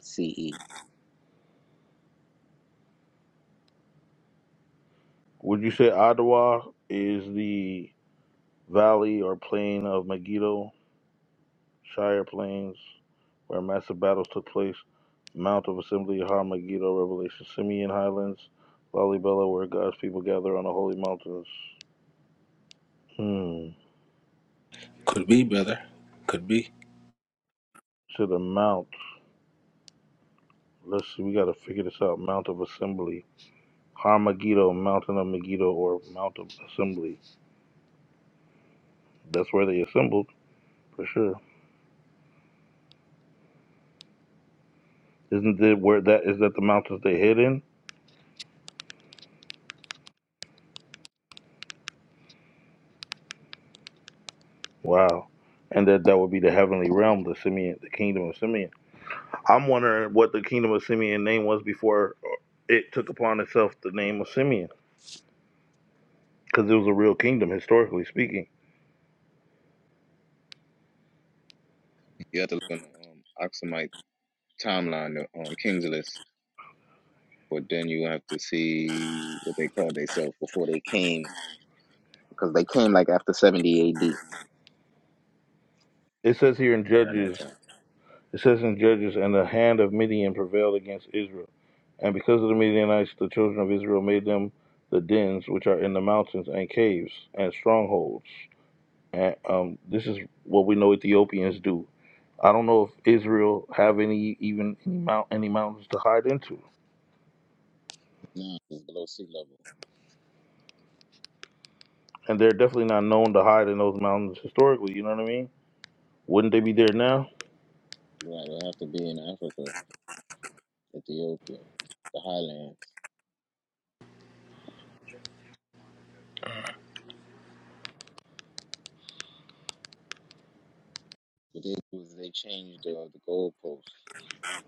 Speaker 1: CE.
Speaker 3: Would you say Adwa is the valley or plain of Megiddo? Shire Plains, where massive battles took place, Mount of Assembly, Har Megiddo, Revelation, Simeon Highlands, Lalibela, where God's people gather on the holy mountains. Hmm.
Speaker 6: could be brother could be
Speaker 3: To the Mount. Let's see, we gotta figure this out. Mount of Assembly. Har Megiddo, Mountain of Megiddo, or Mount of Assembly. That's where they assembled, for sure. Isn't it where that is that the mountains they hid in? Wow. And that that would be the heavenly realm, the Simeon, the kingdom of Simeon. I'm wondering what the kingdom of Simeon name was before it took upon itself the name of Simeon, because it was a real kingdom historically speaking.
Speaker 1: You have to look on the um, Aksumite timeline, the um, Kings list. But then you have to see what they called themselves before they came. Because they came like after 70 AD
Speaker 3: It says here in
Speaker 1: around that
Speaker 3: Judges,
Speaker 1: time.
Speaker 3: it says in Judges, and the hand of Midian prevailed against Israel, and because of the Midianites, the children of Israel made them the dens which are in the mountains and caves and strongholds. And um, this is what we know Ethiopians do. I don't know if Israel have any even any mount any mountains to hide into.
Speaker 1: No, it's below sea level.
Speaker 3: And they're definitely not known to hide in those mountains historically, you know what I mean? Wouldn't they be there now?
Speaker 1: Right. It'll have to be in Africa, Ethiopia, the highlands. What they do is they changed the, the goalposts.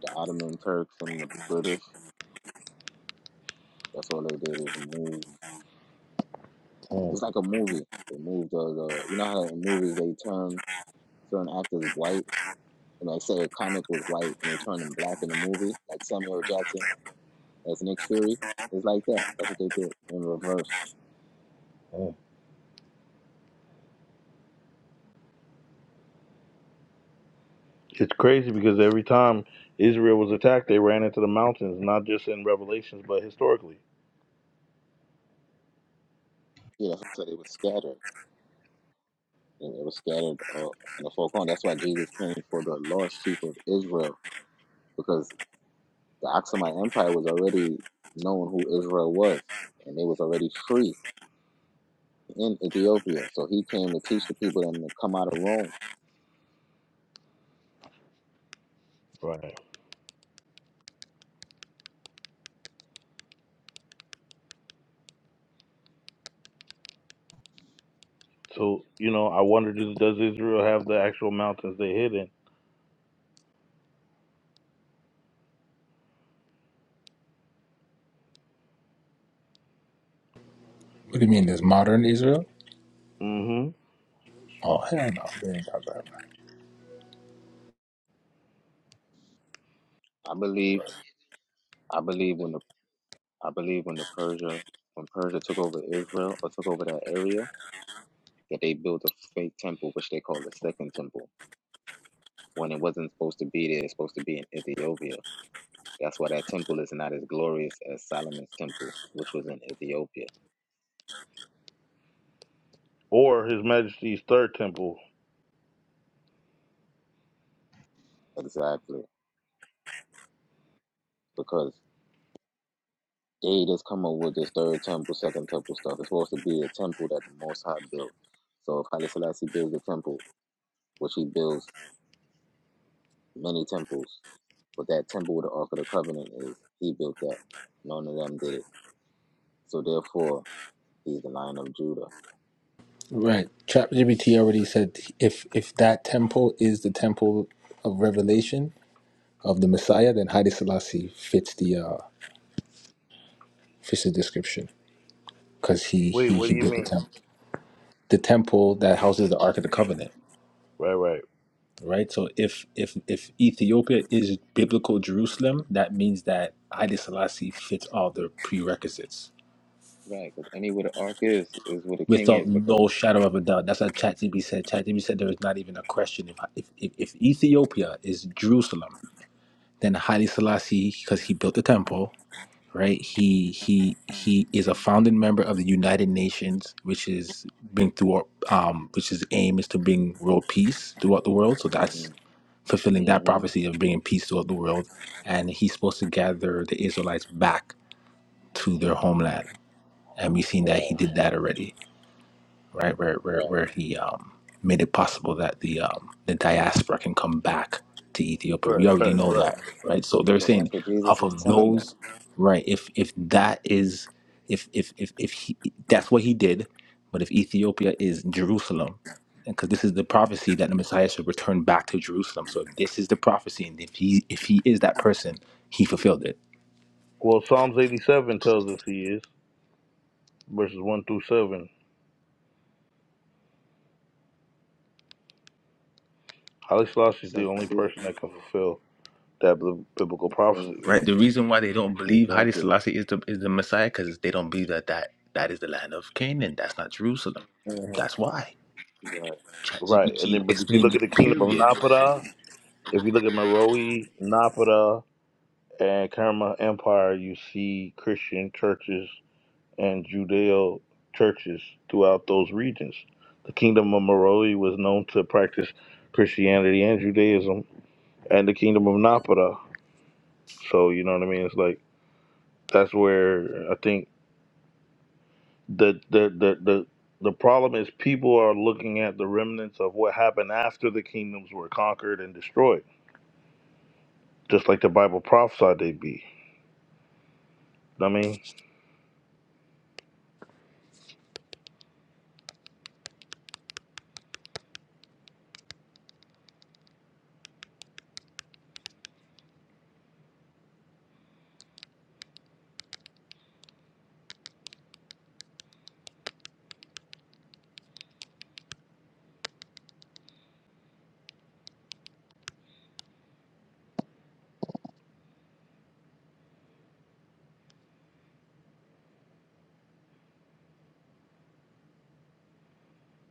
Speaker 1: The Ottoman Turks and the British, that's all they did is move.
Speaker 3: Mm,
Speaker 1: It's like a movie. They moved the, the you know how in movies they turn certain actors white, and like say a comic was white and they turned him black in the movie, like Samuel Jackson as Nick Fury. It's like that. That's what they did in reverse.
Speaker 3: mm. It's crazy because every time Israel was attacked, they ran into the mountains, not just in Revelations, but historically.
Speaker 1: Yeah, that's what they were scattered. And they were scattered uh, in the four corners. That's why Jesus came for the lost sheep of Israel because The Aksumite Empire was already known who Israel was, and they was already free in Ethiopia. So he came to teach the people and to come out of Rome.
Speaker 3: Right. So, you know, I wonder does, does Israel have the actual mountains they hid in?
Speaker 6: what do you mean there's modern israel
Speaker 3: hmm.
Speaker 6: oh hell no they ain't got that
Speaker 1: I believe I believe when the I believe when the Persia when Persia took over Israel or took over that area that they built a fake temple which they call the second temple when it wasn't supposed to be there it's supposed to be in Ethiopia that's why that temple is not as glorious as Solomon's temple which was in Ethiopia
Speaker 3: Or His Majesty's Third Temple.
Speaker 1: exactly because They just come up with this third temple, second temple stuff. It's supposed to be a temple that the Most High built. So if Haile Selassie builds a temple, which he builds many temples, but that temple with the Ark of the Covenant is he built that. None of them did it. So therefore, he's the Lion of Judah.
Speaker 6: Right. ChatGPT already said if if that temple is the temple of revelation of the Messiah, then Haile Selassie fits the uh, fits the description because he,
Speaker 3: Wait,
Speaker 6: he
Speaker 3: what
Speaker 6: he
Speaker 3: do you
Speaker 6: built the
Speaker 3: mean?
Speaker 6: temple, the temple that houses the Ark of the Covenant.
Speaker 3: Right, right,
Speaker 6: Right. So if if if Ethiopia is biblical Jerusalem, that means that Haile Selassie fits all the prerequisites.
Speaker 1: Right, because anywhere the Ark is, is where the King
Speaker 6: Without
Speaker 1: is. Because
Speaker 6: no shadow of a doubt, that's what ChatGPT said. ChatGPT said there is not even a question. If, if if if Ethiopia is Jerusalem, Then Haile Selassie, because he built the temple, right? He he he is a founding member of the United Nations, which is bring through um, which is aim is to bring world peace throughout the world. So that's
Speaker 1: hmm
Speaker 6: fulfilling that
Speaker 1: hmm
Speaker 6: prophecy of bringing peace throughout the world. And he's supposed to gather the Israelites back to their homeland, and we've seen that
Speaker 1: right,
Speaker 6: he did that already right? Where where
Speaker 1: right.
Speaker 6: where he um, made it possible that the um, the diaspora can come back to Ethiopia. We
Speaker 3: right,
Speaker 6: already know
Speaker 3: right.
Speaker 6: that, right? So they're
Speaker 1: But
Speaker 6: saying
Speaker 1: that's what Jesus
Speaker 6: off
Speaker 1: was
Speaker 6: of
Speaker 1: telling them.
Speaker 6: those, right? If if that is if if if if he, that's what he did, but if Ethiopia is Jerusalem, because this is the prophecy that the Messiah should return back to Jerusalem. So if this is the prophecy, and if he if he is that person, he fulfilled it
Speaker 3: Well, Psalms 87 tells us He is, verses 1 through 7. Haile Selassie is the
Speaker 1: Seven
Speaker 3: only
Speaker 1: seals.
Speaker 3: person that can fulfill that bib- biblical
Speaker 1: The seven
Speaker 3: prophecy.
Speaker 6: Right.
Speaker 1: seals.
Speaker 6: The reason why they don't believe Haile
Speaker 1: Exactly.
Speaker 6: Selassie is the is the Messiah because they don't believe that that that is the land of Canaan. That's not Jerusalem. That's why.
Speaker 1: Right.
Speaker 3: Right. And
Speaker 6: ChatGPT
Speaker 3: then, but if you
Speaker 6: explained
Speaker 3: look at
Speaker 6: it.
Speaker 3: the kingdom of
Speaker 6: Period.
Speaker 3: Napata, if you look at Meroe, Napata, and Kerma Empire, you see Christian churches and Judeo churches throughout those regions. The kingdom of Meroe was known to practice Christianity and Judaism, and the kingdom of Napata. So, you know what I mean? It's like, that's where I think the, the, the, the, the problem is people are looking at the remnants of what happened after the kingdoms were conquered and destroyed just like the Bible prophesied they be. I mean,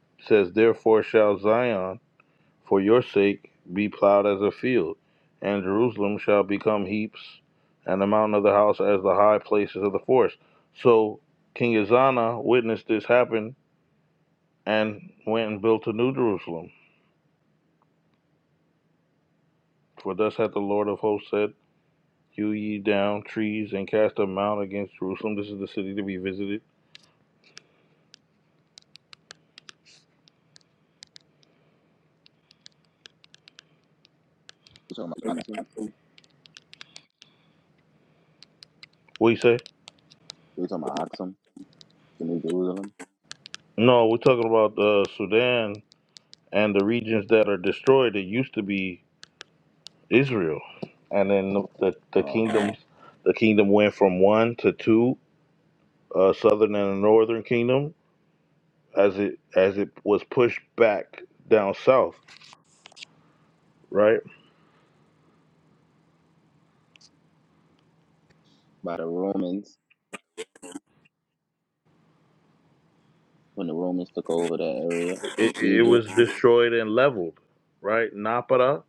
Speaker 3: it says, Therefore shall Zion for your sake be plowed as a field, and Jerusalem shall become heaps, and the mountain of the house as the high places of the forest. So King Azana witnessed this happen and went and built a new Jerusalem. For thus hath the Lord of hosts said, Hew ye down trees and cast a mound against Jerusalem. This is the city to be visited.
Speaker 1: You talking about oxen?
Speaker 3: What do you say?
Speaker 1: You talking about oxen? the New Jerusalem,
Speaker 3: No, we're talking about uh, Sudan and the regions that are destroyed it used to be israel and then the, the, the
Speaker 1: uh,
Speaker 3: kingdoms the kingdom went from one to two uh, southern and northern kingdom as it as it was pushed back down south right
Speaker 1: by the Romans when the Romans took over that area in
Speaker 3: it, it was
Speaker 1: Egypt.
Speaker 3: destroyed and leveled right napata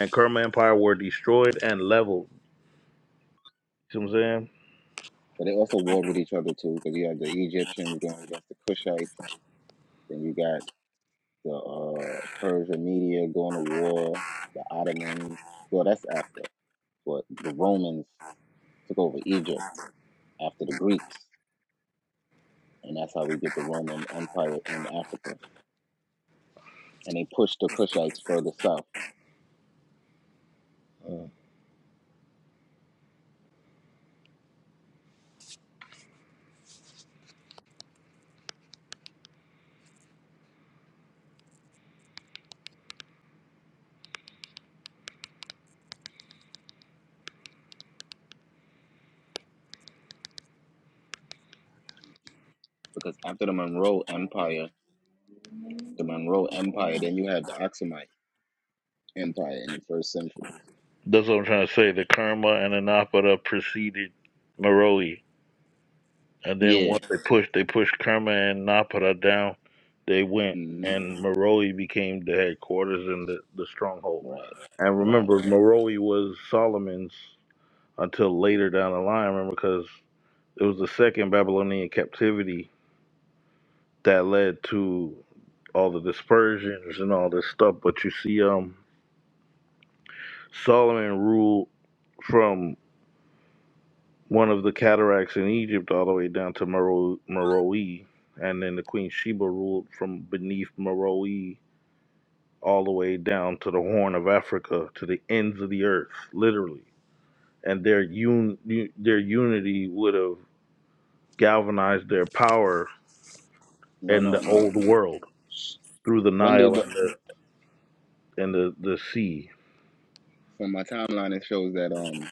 Speaker 3: and kerma empire were destroyed and leveled you what i'm saying
Speaker 1: But they also warred with each other too, because you had the Egyptians going against the Cushites, then you got the uh, Persia media going to war, the Ottomans. Well, that's after, but the Romans took over Egypt after the Greeks, and that's how we get the Roman Empire in Africa. And they pushed the Cushites further south
Speaker 3: Mm.
Speaker 1: because after the Monroe Empire, the Monroe Empire, then you had the Axumites empire in the first century.
Speaker 3: that's what i'm trying to say the kerma and the napata preceded maroi And then
Speaker 1: Yeah.
Speaker 3: once they pushed, they pushed Kerma and Napara down. They went,
Speaker 1: hmm
Speaker 3: and Moroi became the headquarters and the, the stronghold.
Speaker 1: Right.
Speaker 3: And
Speaker 1: Right.
Speaker 3: remember,
Speaker 1: Right.
Speaker 3: Moroi was Solomon's until later down the line. Remember, because it was the second Babylonian captivity that led to all the dispersions and all this stuff. But you see, um, Solomon ruled from one of the cataracts in Egypt all the way down to Mero- Meroe, and then the Queen Sheba ruled from beneath Meroe all the way down to the Horn of Africa to the ends of the earth, literally. And their un- u- their unity would have galvanized their power
Speaker 1: No.
Speaker 3: in
Speaker 1: No.
Speaker 3: the
Speaker 1: No.
Speaker 3: old world through the
Speaker 1: When
Speaker 3: Nile
Speaker 1: did the
Speaker 3: and the and the, the sea.
Speaker 1: From my timeline, it shows that um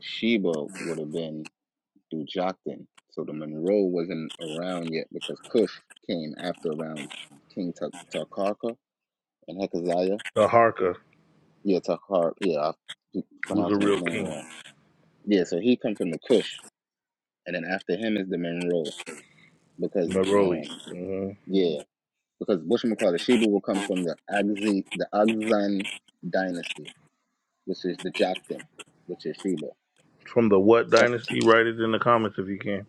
Speaker 1: Sheba would have been through Joktan. So the Monroe wasn't around yet because Cush came after around King Ta- Tarkaka and Hezekiah.
Speaker 3: The Harka
Speaker 1: Yeah, Tarkar. Yeah, I keep
Speaker 3: was a
Speaker 1: pronouncing his
Speaker 3: real
Speaker 1: name
Speaker 3: king,
Speaker 1: wrong. Yeah, so he comes from the Cush, and then after him is the Monroe because
Speaker 3: Meroe.
Speaker 1: um
Speaker 3: hmm
Speaker 1: yeah because whatchamacallit, Sheba will come from the Agzi, the Agzan dynasty, which is the Joktan, which is Sheba.
Speaker 3: From the what
Speaker 1: That's
Speaker 3: dynasty? Write it in the comments if you can.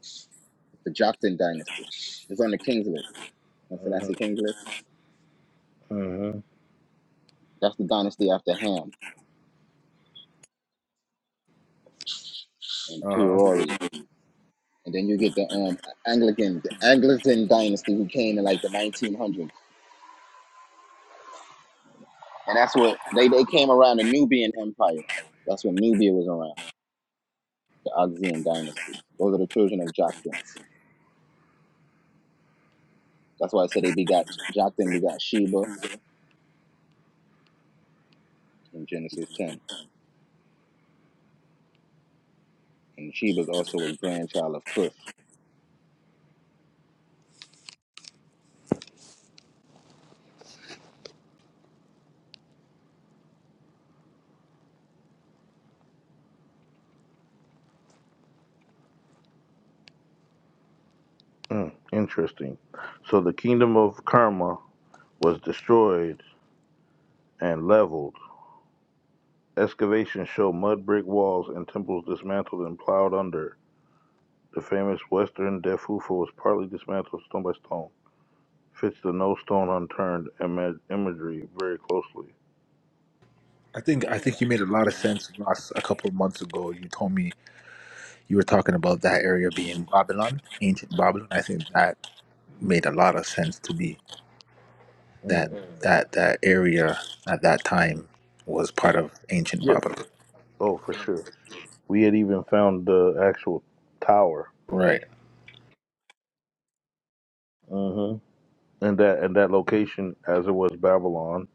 Speaker 1: the Joktan dynasty. It's on the King's list. And so I
Speaker 3: hmm
Speaker 1: see King's list.
Speaker 3: hmm
Speaker 1: That's the dynasty after Ham and
Speaker 3: Uh huh.
Speaker 1: Peori. And then you get the um Anglican, the Anglican dynasty who came in like the 1900s. And that's what they, they came around the Nubian Empire. That's when Nubia was around, the Oxian dynasty. Those are the children of Joktan. That's why I said they begot Joktan begot Sheba in Genesis 10. And she was also a grandchild of Cush.
Speaker 3: Mm, interesting. So the kingdom of Karma was destroyed and leveled. Excavations show mud brick walls and temples dismantled and plowed under. The famous Western Defufo was partly dismantled stone by stone. Fits the no stone unturned ima- imagery very closely.
Speaker 6: I think I think you made a lot of sense, Ross. A couple of months ago, you told me you were talking about that area being Babylon, ancient Babylon. I think that made a lot of sense to me. That
Speaker 3: Mm.
Speaker 6: that that area at that time was part of ancient
Speaker 3: Yeah.
Speaker 6: Babylon.
Speaker 3: Oh, for sure. We had even found the actual tower.
Speaker 6: Right.
Speaker 3: hmm And that and that location, as it was Babylon,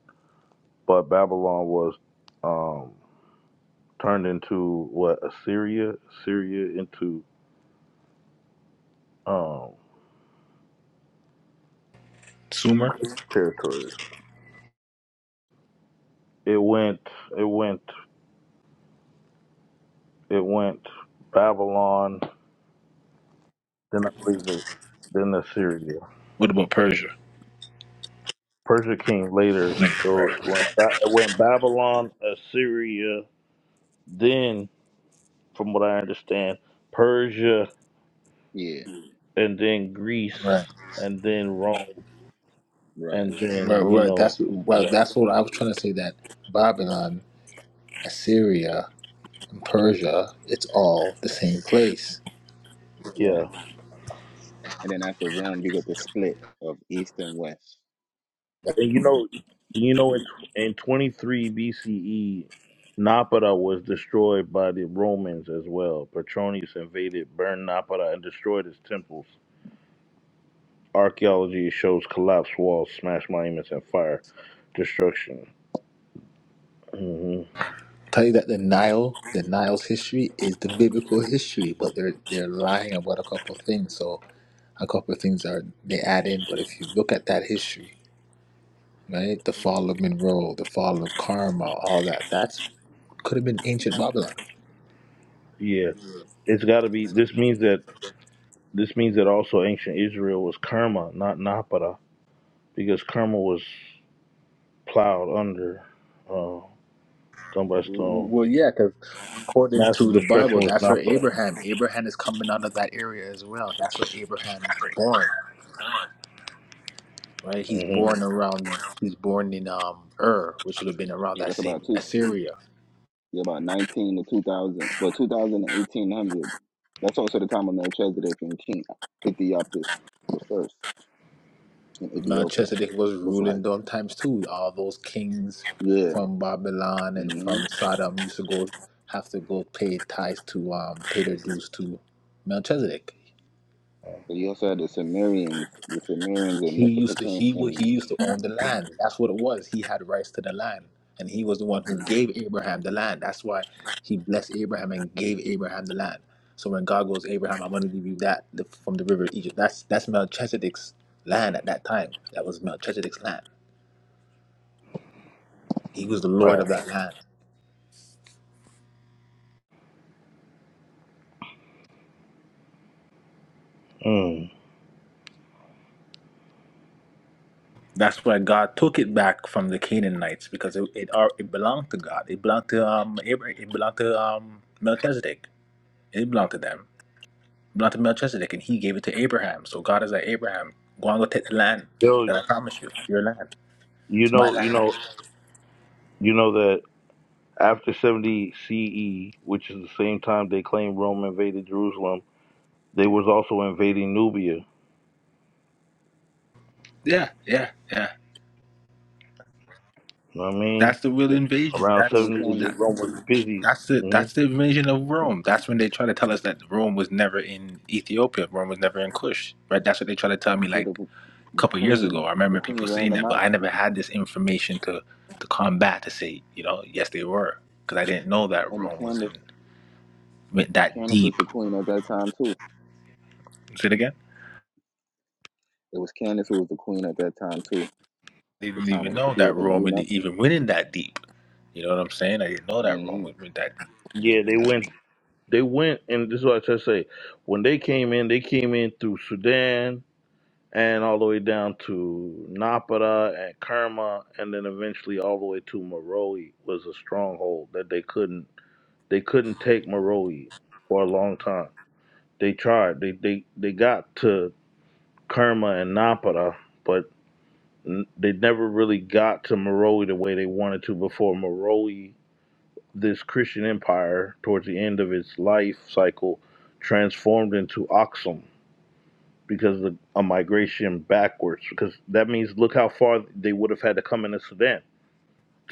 Speaker 3: but Babylon was. um. turned into what Assyria, Syria into um
Speaker 6: Sumer.
Speaker 3: territory. It went, it went, it went Babylon. Then I believe it. Then Assyria.
Speaker 6: What about Persia?
Speaker 3: Persia came later,
Speaker 6: Like,
Speaker 3: so
Speaker 6: Right,
Speaker 3: it went,
Speaker 6: right,
Speaker 3: Ba- it went Babylon, Assyria. Then, from what I understand, Persia,
Speaker 1: Yeah,
Speaker 3: and then Greece,
Speaker 6: right.
Speaker 3: and then Rome,
Speaker 1: right,
Speaker 3: and
Speaker 6: Right,
Speaker 3: then you
Speaker 6: right.
Speaker 3: know,
Speaker 6: That's well.
Speaker 3: yeah,
Speaker 6: That's what I was trying to say. That Babylon, Assyria, and Persia, it's all the same place.
Speaker 3: yeah.
Speaker 1: right. And then after Rome, you get the split of East and West.
Speaker 3: And you know, you know, in, in 23 BCE, Napata was destroyed by the Romans as well. Petronius invaded, burned Napata, and destroyed its temples. Archaeology shows collapsed walls, smashed monuments, and fire destruction. hmm
Speaker 6: Tell you that the Nile, the Nile's history is the biblical history, but they're they're lying about a couple of things. So a couple of things are they add in. But if you look at that history, right, the fall of Monroe, the fall of Carmel, all that, that's could have been ancient Babylon.
Speaker 3: Yeah, it's got to be. This means that this means that also ancient Israel was Kerma, not Napata, because Kerma was plowed under uh, stone by stone.
Speaker 6: Well, yeah, because according
Speaker 3: Massive
Speaker 6: to the
Speaker 3: destruction
Speaker 6: Bible,
Speaker 3: was
Speaker 6: that's where Abraham. Abraham is coming out of that area as well. That's where Abraham Abraham's born, right? He's
Speaker 3: Napata.
Speaker 6: born around. He's born in um Ur, which would have been around
Speaker 1: Yeah,
Speaker 6: that
Speaker 1: that's about
Speaker 6: same
Speaker 1: two.
Speaker 6: Assyria.
Speaker 1: Yeah, about 19 to 2000, well, 2000 and 1800. That's also the time of Melchizedek and King Ethiopis the first in Ethiopia.
Speaker 6: Melchizedek was
Speaker 1: That's like,
Speaker 6: ruling them times too. All those kings
Speaker 1: yeah.
Speaker 6: from Babylon and
Speaker 1: hmm
Speaker 6: from Sodom used to go have to go pay tithes to um pay their dues to Melchizedek.
Speaker 1: But you also had the Sumerians, the Sumerians in
Speaker 6: He used to
Speaker 1: Mesopotamia,
Speaker 6: he wa-
Speaker 1: and
Speaker 6: he used to own the land. That's what it was. He had rights to the land, and he was the one who
Speaker 1: mm-hmm.
Speaker 6: gave Abraham the land. That's why he blessed Abraham and gave Abraham the land. So when God goes, Abraham, I'm going to give you that the, from the river of Egypt. That's that's Melchizedek's land at that time. That was Melchizedek's land. He was the Lord
Speaker 3: Right.
Speaker 6: of that land.
Speaker 3: Mm.
Speaker 6: That's why God took it back from the Canaanites because it it, are, it belonged to God. It belonged to um Abraham. It belonged to um Melchizedek. It belonged to them. not to Melchizedek, and he gave it to Abraham. So God is like Abraham, go and go take the land
Speaker 3: Yo,
Speaker 6: that I promise you. It's your land.
Speaker 3: you
Speaker 6: It's my
Speaker 3: know, you
Speaker 6: land.
Speaker 3: know, you know that after 70 CE, which is the same time they claim Rome invaded Jerusalem, they was also invading Nubia. You
Speaker 6: Yeah, yeah, yeah.
Speaker 3: know what I mean?
Speaker 6: That's the real
Speaker 1: yeah,
Speaker 6: invasion.
Speaker 3: Around
Speaker 6: That's
Speaker 1: Queen
Speaker 3: 70
Speaker 6: that.
Speaker 3: AD,
Speaker 1: Candace,
Speaker 3: Rome was busy.
Speaker 6: That's the
Speaker 3: hmm
Speaker 6: that's the invasion of Rome. That's when they try to tell us that Rome was never in Ethiopia. Rome was never in Kush. Right. That's what they try to tell me
Speaker 1: yeah,
Speaker 6: like
Speaker 1: the,
Speaker 6: a
Speaker 1: the
Speaker 6: couple of years
Speaker 1: queen,
Speaker 6: ago. I
Speaker 1: the
Speaker 6: remember
Speaker 1: queen
Speaker 6: people
Speaker 1: ran
Speaker 6: saying
Speaker 1: them
Speaker 6: that,
Speaker 1: out.
Speaker 6: but I never had this information to to combat to say you know yes they were because I didn't know that
Speaker 1: And if
Speaker 6: Rome was in
Speaker 1: Candace
Speaker 6: went
Speaker 1: and
Speaker 6: that
Speaker 1: Candace
Speaker 6: deep.
Speaker 1: was the queen at that time too.
Speaker 6: Say it again.
Speaker 1: It was Candace who was the queen at that time too.
Speaker 6: They
Speaker 1: The
Speaker 6: didn't
Speaker 1: time
Speaker 6: even
Speaker 1: when the
Speaker 6: know that
Speaker 1: Ethiopian
Speaker 6: Roman didn't
Speaker 1: eunuch.
Speaker 6: even went in that deep. You know what I'm saying? I didn't know that
Speaker 1: hmm
Speaker 6: Roman went that deep.
Speaker 3: Yeah, they went. They went, and this is what I try to say. When they came in, they came in through Sudan and all the way down to Napata and Kerma, and then eventually all the way to Maroi was a stronghold that they couldn't They couldn't take Maroi for a long time. They tried. They they they got to Kerma and Napata, but they never really got to Maroi the way they wanted to before Maroi. This Christian empire, towards the end of its life cycle, transformed into Aksum because of the, a migration backwards. Because that means look how far they would have had to come in the Sudan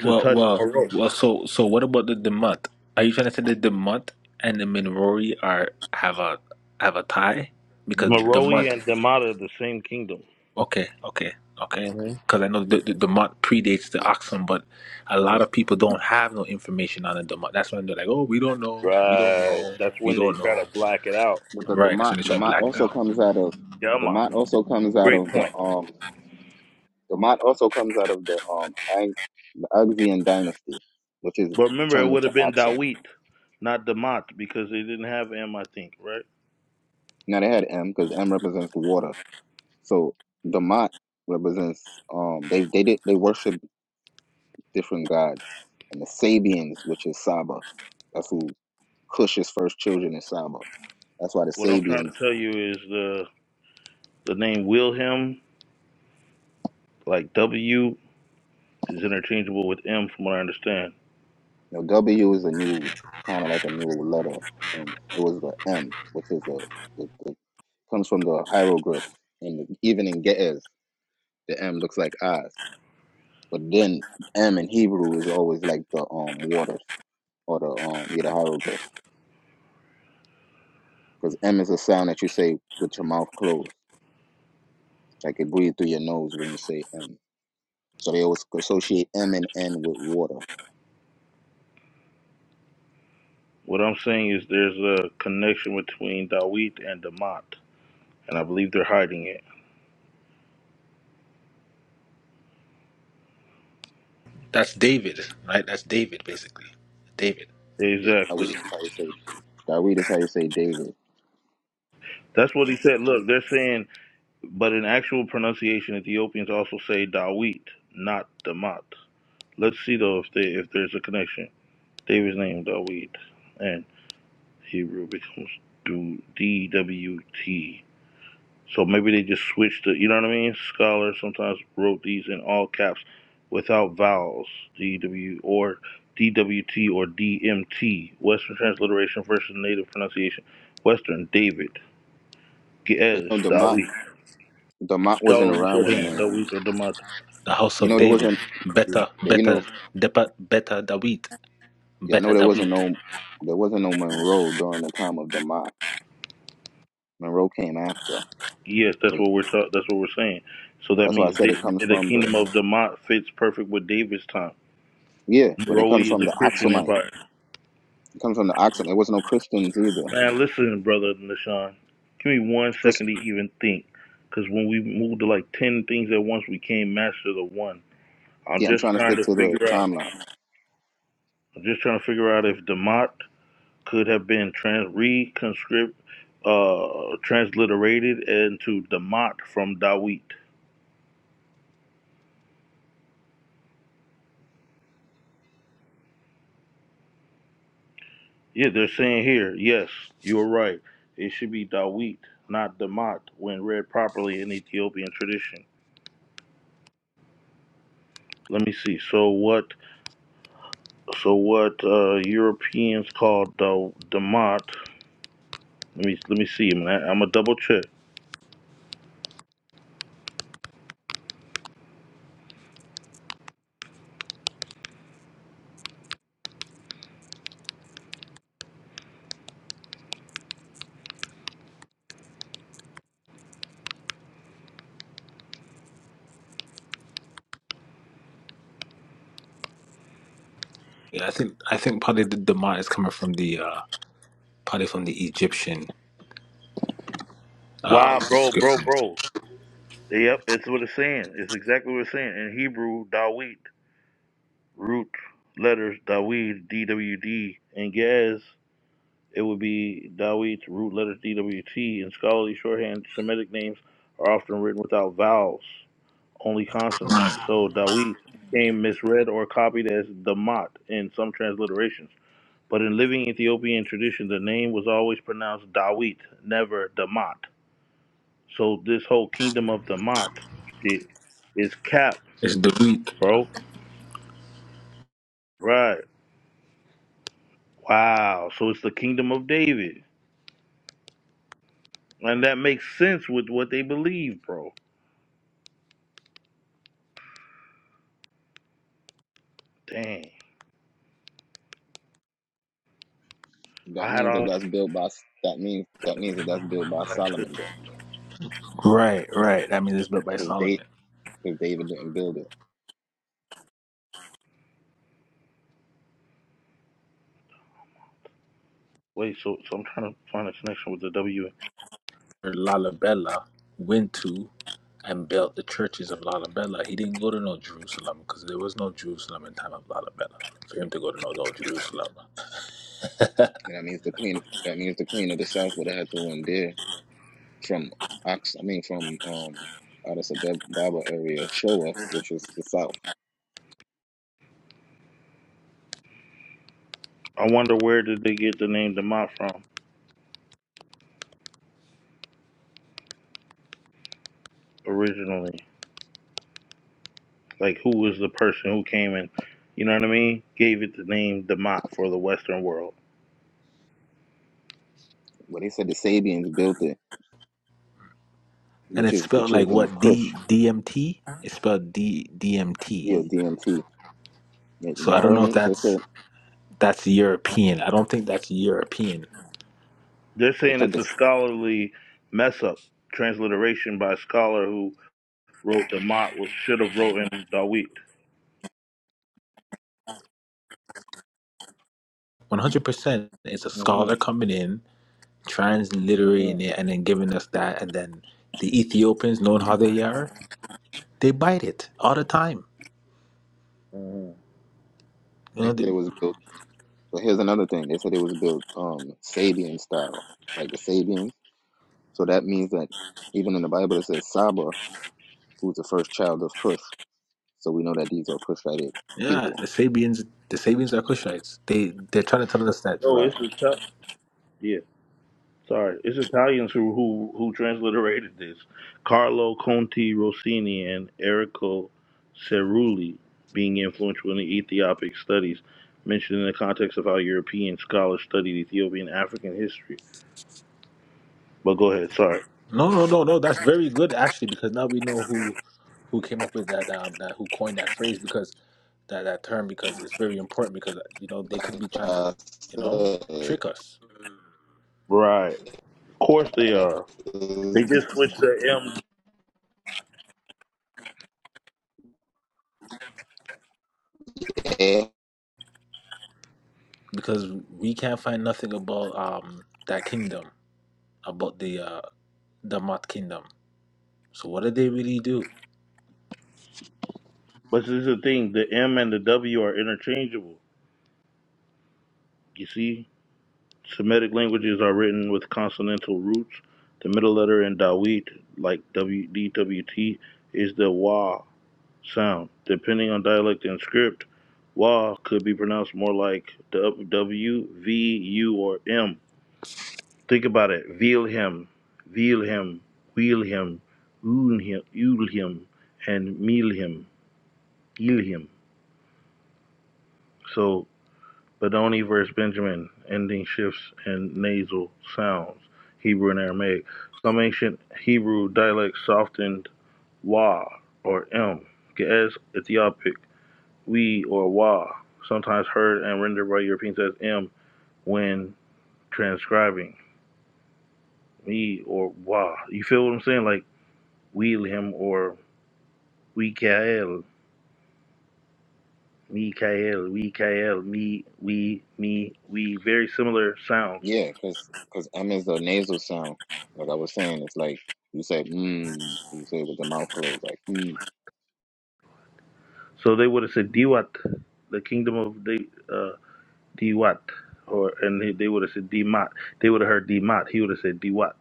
Speaker 3: to touch
Speaker 6: well,
Speaker 3: Maroi.
Speaker 6: well. So, so what about the Demont? Are you trying to say that Demont and the Minori are have a have a tie? Because
Speaker 3: Maroi
Speaker 6: Demont,
Speaker 3: and Damata, the same kingdom.
Speaker 6: okay, okay, okay.
Speaker 3: Mhm.
Speaker 6: Because I know the, the Demont predates the Oxum, but a lot of people don't have no information on the Demont. That's when they're like, oh, we don't know, we don't
Speaker 3: Right.
Speaker 6: know,
Speaker 3: That's
Speaker 6: we
Speaker 3: when they
Speaker 6: don't
Speaker 3: try to
Speaker 6: know.
Speaker 3: black it out.
Speaker 1: But the
Speaker 6: Right. That's when
Speaker 1: Damat
Speaker 6: they try to
Speaker 1: Damat
Speaker 6: black it
Speaker 1: also
Speaker 6: out.
Speaker 1: comes out of
Speaker 3: Yeah, i
Speaker 1: Damat also comes out
Speaker 3: Great
Speaker 1: of the
Speaker 3: point.
Speaker 1: um Damat also comes out of the um Ag, the Axian dynasty, which is
Speaker 3: But remember, it
Speaker 1: turned
Speaker 3: would
Speaker 1: into
Speaker 3: have been
Speaker 1: Aksum.
Speaker 3: Dawit, not Damat, because they didn't have M, I think, right?
Speaker 1: Now they had M because M represents the water. So Damat represents um they they did they worship different gods and the Sabians, which is Saba. That's who Cush's first children is Saba. That's why the
Speaker 3: What I'm trying to
Speaker 1: Sabians,
Speaker 3: tell you is the the name Wilhelm, like W, is interchangeable with M, from what I understand.
Speaker 1: you know, W is a new kind of like a new letter, and it was the M, which is a the, the, comes from the hieroglyphs, and even in Ge'ez, the M looks like eyes. But then M in Hebrew is always like the um waters or the um yeah the hieroglyphs because M is a sound that you say with your mouth closed, like it breathes through your nose when you say M. So they always associate M and N with water.
Speaker 3: What I'm saying is there's a connection between Dawit and Damat, and I believe they're hiding it.
Speaker 6: That's David, right? That's David, basically. David.
Speaker 1: Yeah, Dawid
Speaker 3: Exactly.
Speaker 1: is how you say Dawid is how you say David.
Speaker 3: That's what he said. Look, they're saying, but in actual pronunciation, Ethiopians also say Dawit, not Damat. Let's see though if they if there's a connection. David's name Dawid and Hebrew becomes D W T. So maybe they just switched it. You know what I mean? Scholars sometimes wrote these in all caps without vowels. D W or D W T or D M T. Western transliteration versus native pronunciation. Western David.
Speaker 1: But
Speaker 3: Ge'ez,
Speaker 1: you know, Demont
Speaker 3: Dawid.
Speaker 1: Demont wasn't
Speaker 3: Scholars
Speaker 1: around when
Speaker 3: shorthand,
Speaker 1: Monroe.
Speaker 3: Dawid or Damat.
Speaker 6: the house
Speaker 1: You
Speaker 6: of
Speaker 1: know, there
Speaker 6: David,
Speaker 1: wasn't.
Speaker 6: better,
Speaker 1: You
Speaker 6: better,
Speaker 1: know,
Speaker 6: depa- better David,
Speaker 1: yeah, I know
Speaker 6: better
Speaker 1: there
Speaker 6: David.
Speaker 1: wasn't no there wasn't no Monroe during the time of Demont. Monroe came after
Speaker 3: Yes, that's
Speaker 1: because
Speaker 3: what we're ta- that's what we're saying. So that
Speaker 1: that's why I
Speaker 3: means
Speaker 1: said
Speaker 3: Da-
Speaker 1: it comes
Speaker 3: the
Speaker 1: from the
Speaker 3: kingdom of Demont fits perfect with David's time.
Speaker 1: yeah, but it
Speaker 3: Roe
Speaker 1: comes
Speaker 3: is
Speaker 1: from
Speaker 3: a
Speaker 1: the
Speaker 3: Christian
Speaker 1: Oxumite.
Speaker 3: empire.
Speaker 1: It comes from the Oxum. There was no Christians either.
Speaker 3: Man, listen, brother Nashawn, give me one
Speaker 1: Chris,
Speaker 3: second to even think, because when we moved to like ten things at once, we can't master the one. I'm
Speaker 1: yeah, I'm
Speaker 3: just
Speaker 1: trying to
Speaker 3: trying
Speaker 1: stick
Speaker 3: to
Speaker 1: to the
Speaker 3: figure out.
Speaker 1: timeline.
Speaker 3: I'm just trying to figure out if Demont could have been trans reconscript, uh, transliterated into Demont from Dawit. Yeah, they're saying here, yes, you're right. It should be Dawit, not Damat, when read properly in Ethiopian tradition. Let me see. So what? So what? Uh, Europeans call da- Damat. Let me let me see, man. I'm a double check.
Speaker 6: Yeah, I think I think probably the Dema is coming from the uh, probably from the Egyptian um,
Speaker 3: Wow, bro, bro,
Speaker 6: description.
Speaker 3: bro. Yep, it's what it's saying. It's exactly what it's saying in Hebrew. Dawit, root letters. Dawid, D W D, and Gaz. It would be Dawit, root letter DWT. In scholarly shorthand, Semitic names are often written without vowels, only consonants. So Dawit became misread or copied as Damat in some transliterations. But in living Ethiopian tradition, the name was always pronounced Dawit, never Damat. So this whole kingdom of Damat shit is cap,
Speaker 6: It's David,
Speaker 3: bro. Right. Wow. So it's the kingdom of David. And that makes sense with what they believe, bro. Dang.
Speaker 1: That
Speaker 3: I had
Speaker 1: means that
Speaker 3: all.
Speaker 1: that's built by that means that means that that's built by
Speaker 3: Cause
Speaker 1: Solomon then
Speaker 6: right? Right. That means it's built by
Speaker 1: because they
Speaker 6: Solomon.
Speaker 1: because David didn't build it.
Speaker 3: wait, so so I'm trying to find a connection with the W.
Speaker 6: Lalabella went to and built the churches of Lalabella. He didn't go to no Jerusalem because there was no Jerusalem in time of Lalabella for him to go to no, no Jerusalem. [laughs]
Speaker 1: And that means the queen. That means the queen of the south would have had to win there. from Ox, I mean from um Addis Ababa area, Shoa, which is the south.
Speaker 3: I wonder where did they get the name the from originally? Like, who was the person who came and, you know what I mean, gave it the name Demont for the Western world?
Speaker 1: Where they said the Sabians built it,
Speaker 6: and
Speaker 1: which
Speaker 6: it's
Speaker 1: is the
Speaker 6: spelled like
Speaker 1: children of
Speaker 6: what
Speaker 1: Cush,
Speaker 6: D DMT. It's spelled D DMT.
Speaker 1: you know, DMT.
Speaker 6: So I
Speaker 1: Y'all
Speaker 6: don't
Speaker 1: heard
Speaker 6: know if
Speaker 1: me? They
Speaker 6: that's
Speaker 1: said
Speaker 6: that's European. I don't think that's European.
Speaker 3: They're
Speaker 1: they
Speaker 3: saying
Speaker 1: said
Speaker 3: it's a
Speaker 1: this.
Speaker 3: scholarly mess up transliteration by a scholar who wrote Demont was should have wrote in Dawit.
Speaker 6: One hundred percent, it's a
Speaker 3: Mm-hmm.
Speaker 6: scholar coming in, transliterating
Speaker 3: Mm-hmm.
Speaker 6: it, and then giving us that, and then the Ethiopians, knowing how they are, they bite it all the time.
Speaker 3: Mm-hmm.
Speaker 6: You
Speaker 1: They
Speaker 6: know, they,
Speaker 1: said it was built. But here's another thing. They said it was built um Sabian style, like the Sabians. So that means that even in the Bible it says Saba, who's the first child of Cush. So we know that these are Cushite
Speaker 6: yeah,
Speaker 1: people.
Speaker 6: the Sabians, the Sabians are Kushites. They they're trying to tell us that.
Speaker 3: No,
Speaker 1: Right.
Speaker 3: it's a tough. Sorry, it's Italians who who who transliterated this. Carlo Conti Rossini and Errico Cerulli, being influential in the Ethiopic studies, mentioned in the context of how European scholars studied Ethiopian African history. But go ahead, sorry.
Speaker 6: No, no, no, no. That's very good actually, because now we know who who came up with that um that who coined that phrase because that that term because it's very important because you know they could
Speaker 1: Like
Speaker 6: be trying to
Speaker 1: I
Speaker 6: you know trick us
Speaker 3: Right. Of course they are. They just switched the M.
Speaker 1: said,
Speaker 6: because we can't find nothing about um that kingdom about the uh the Mott kingdom. So what did they really do?
Speaker 3: But this is the thing: the M and the W are interchangeable. You see, Semitic languages are written with consonantal roots. The middle letter in Dawit, like W D W T, is the wa sound. Depending on dialect and script, wa could be pronounced more like W V U or M. Think about it. Vilhem, Vilhem, Wilhelm, Unhem, Ulhem, and Milhem, Ilhem. So Benoni versus Benjamin, ending shifts and nasal sounds, Hebrew and Aramaic. Some ancient Hebrew dialects softened wa or m, Ge'ez Ethiopic, we or wa, sometimes heard and rendered by Europeans as m when transcribing, me or wa. You feel what I'm saying? Like Wilhelm or Mikael, Mikael, Mikael, me, we, me, we. Very similar sounds
Speaker 1: Yeah, because because M is the nasal sound. Like I was saying, it's like you say mm, you say with the mouth closed, like mm.
Speaker 3: So they would have said Diwat, the kingdom of the uh, Diwat, or and they they would have said Dimat. They would have heard Dimat. He would have said Diwat.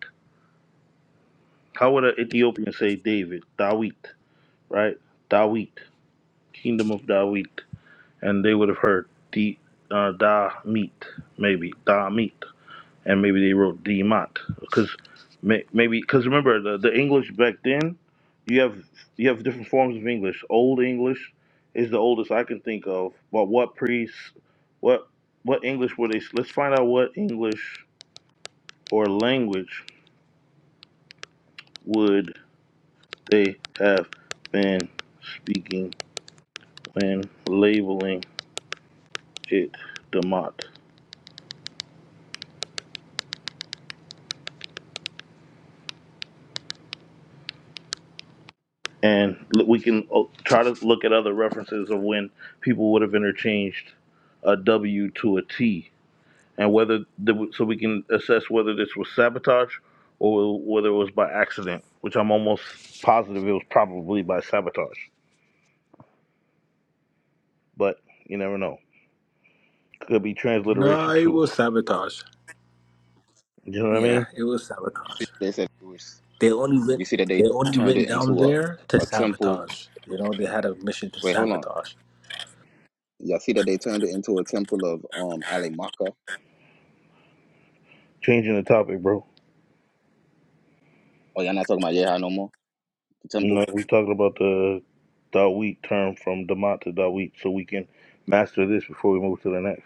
Speaker 3: How would an Ethiopian say David? Dawit, right? Dawit, kingdom of Dawit, and they would have heard D, uh, Da Meat, maybe Da Meat. and maybe they wrote Demont because may, maybe because remember the, the English back then, you have you have different forms of English. Old English is the oldest I can think of, but what priests, what what English were they? Let's find out what English or language would they have been speaking when labeling it Demont. and l- we can uh, try to look at other references of when people would have interchanged a W to a T, and whether the, so we can assess whether this was sabotage or whether it was by accident. Which I'm almost positive it was probably by sabotage, but you never know. Could be
Speaker 6: No,
Speaker 3: transliteration
Speaker 6: it
Speaker 3: too.
Speaker 6: was sabotage.
Speaker 3: You know what I
Speaker 6: Yeah,
Speaker 3: mean?
Speaker 6: it was
Speaker 1: You see,
Speaker 6: sabotage.
Speaker 1: they said it was.
Speaker 6: They only went
Speaker 1: You see that they
Speaker 6: they only
Speaker 1: turned
Speaker 6: went
Speaker 1: it
Speaker 6: down
Speaker 1: into
Speaker 6: there to
Speaker 1: a a temple.
Speaker 6: sabotage. You know, they had a mission to
Speaker 1: Wait, hold on.
Speaker 6: sabotage.
Speaker 1: Y'all see that they turned it into a temple of um Ali Maka.
Speaker 3: Changing the topic, bro.
Speaker 1: Oh, y'all not talking about Yeha no more. The
Speaker 3: You
Speaker 1: temple.
Speaker 3: know, we talking about the Dawit term from Damat to Dawit, so we can master this before we move to the next.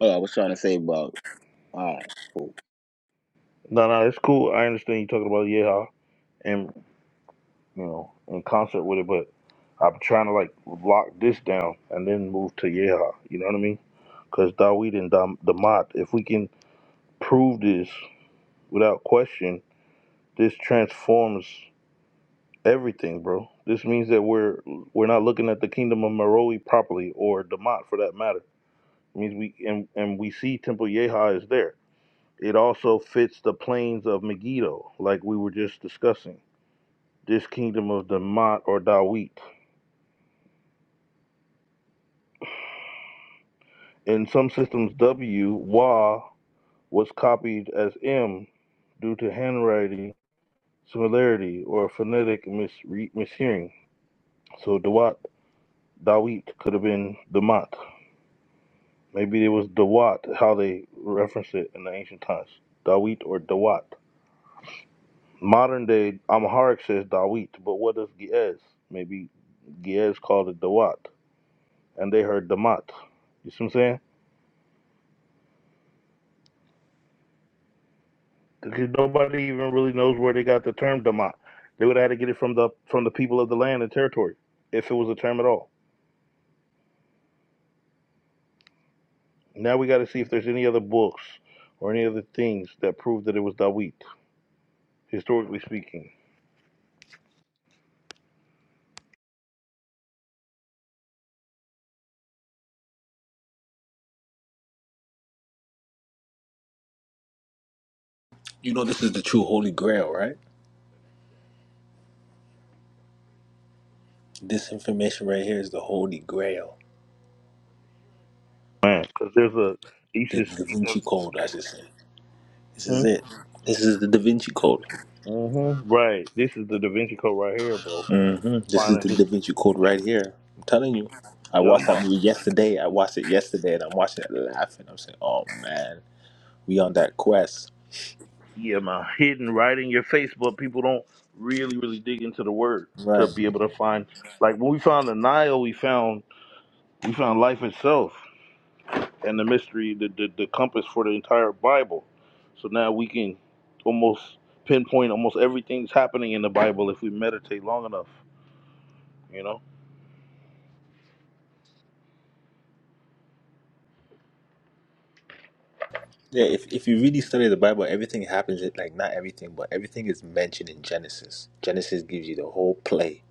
Speaker 1: Oh, I was trying to say about. All right, cool.
Speaker 3: No, no, it's cool. I understand you talking about yeah, and you know, in concert with it, but I'm trying to like lock this down and then move to yeah. You know what I mean? Because Dawid and Dam- Damat, if we can prove this without question, this transforms everything, bro. This means that we're we're not looking at the kingdom of Meroe properly, or Damat for that matter. It means we and and we see Temple Yeha is there. It also fits the plains of Megiddo, like we were just discussing this kingdom of Damat or Dawit. In some systems, W, Wa, was copied as M due to handwriting similarity or phonetic misre- mishearing. So Dawat, Dawit could have been Damat. Maybe it was Dawat, how they reference it in the ancient times. Dawit or Dawat. Modern day Amharic says Dawit, but what does Ge'ez? Maybe Ge'ez called it Dawat, and they heard Damat. You see what I'm saying? because nobody even really knows where they got the term Dama. They would have had to get it from the from the people of the land and territory, if it was a term at all. Now we got to see if there's any other books or any other things that prove that it was Dawit, historically speaking.
Speaker 6: You know this is the true holy grail, right? This information right here is the holy grail.
Speaker 3: Man, because there's a each
Speaker 6: The
Speaker 3: is
Speaker 6: Da
Speaker 3: each
Speaker 6: Vinci
Speaker 3: of
Speaker 6: Code, I should say. This is it. This is the Da Vinci Code.
Speaker 3: mm-hmm. right. This is the Da Vinci Code right here, bro.
Speaker 6: hmm This is the
Speaker 3: Finding this,
Speaker 6: Da Vinci Code right here. I'm telling you. I
Speaker 3: yeah,
Speaker 6: watched
Speaker 3: I'm
Speaker 6: that
Speaker 3: on,
Speaker 6: movie yesterday. I watched it yesterday and I'm watching it laughing. I'm saying, oh man, we on that quest.
Speaker 3: yeah, man, hidden right in your face, but people don't really, really dig into the word to
Speaker 6: Right.
Speaker 3: be able to find. Like when we found the Nile, we found We found life itself and the mystery, the, the, the compass for the entire Bible. So now we can almost pinpoint almost everything that's happening in the Bible if we meditate long enough, you know?
Speaker 6: Yeah, if, if you really study the Bible, everything happens, it- like not everything, but everything is mentioned in Genesis. Genesis gives you the whole play.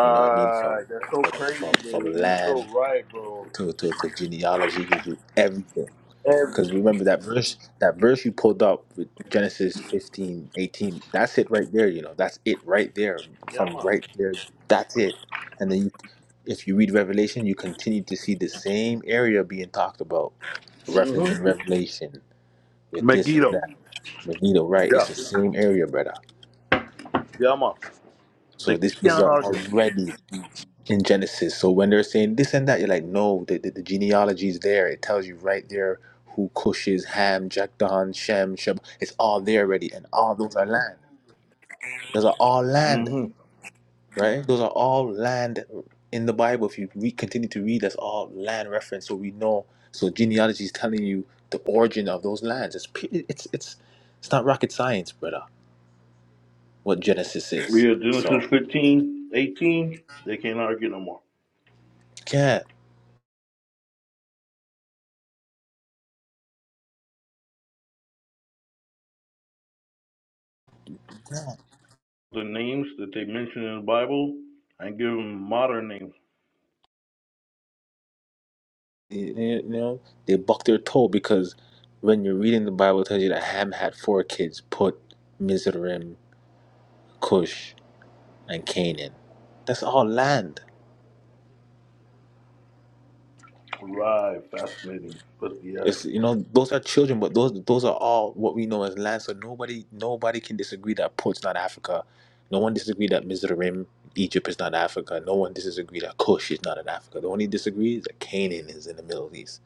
Speaker 6: You know what I mean? From
Speaker 3: That's so
Speaker 6: from
Speaker 3: crazy,
Speaker 6: from, from
Speaker 3: man. You're
Speaker 6: land
Speaker 3: so right, bro.
Speaker 6: to, to, to genealogy, he gives you everything.
Speaker 3: Every,
Speaker 6: Because remember that verse, that verse you pulled up with Genesis 15 18. that's it right there, you know, that's it right there.
Speaker 3: yeah,
Speaker 6: From
Speaker 3: man.
Speaker 6: right there, that's it. And then you, if you read Revelation, you continue to see the same area being talked about, reference in
Speaker 3: Mm-hmm.
Speaker 6: Revelation with this and
Speaker 3: Megiddo.
Speaker 6: that. Magneto, right?
Speaker 3: Yeah.
Speaker 6: It's the same area, brother.
Speaker 3: Yeah, man. They
Speaker 6: So these places
Speaker 3: can't
Speaker 6: are
Speaker 3: argue.
Speaker 6: already in Genesis. So when they're saying this and that, you're like, no, the, the, the genealogy is there. It tells you right there who Cush is, Ham, Jakdan, Shem, Sheb. It's all there already, and all those are land. Those are all land,
Speaker 3: Mm-hmm.
Speaker 6: right? Those are all land in the Bible. If you re- continue to read, that's all land reference. So we know. So genealogy is telling you the origin of those lands. It's pe- it's it's it's not rocket science, brother. What Genesis is.
Speaker 3: We are
Speaker 6: So
Speaker 3: Genesis 15, 18. They can't argue no more.
Speaker 6: yeah.
Speaker 3: The names that they mention in the Bible, I give them modern names.
Speaker 6: You know, they buck their toe because when you're reading the Bible, it tells you that Ham had four kids: Put, Mizraim, Cush, and Canaan. That's all land.
Speaker 3: Right, fascinating. But yeah,
Speaker 6: It's you know those are children, but those those are all what we know as land. So nobody nobody can disagree that Put's not Africa. No one disagree that Mizraim, Egypt is not Africa. No one disagree that Cush is not in Africa. The only disagree is that Canaan is in the Middle East,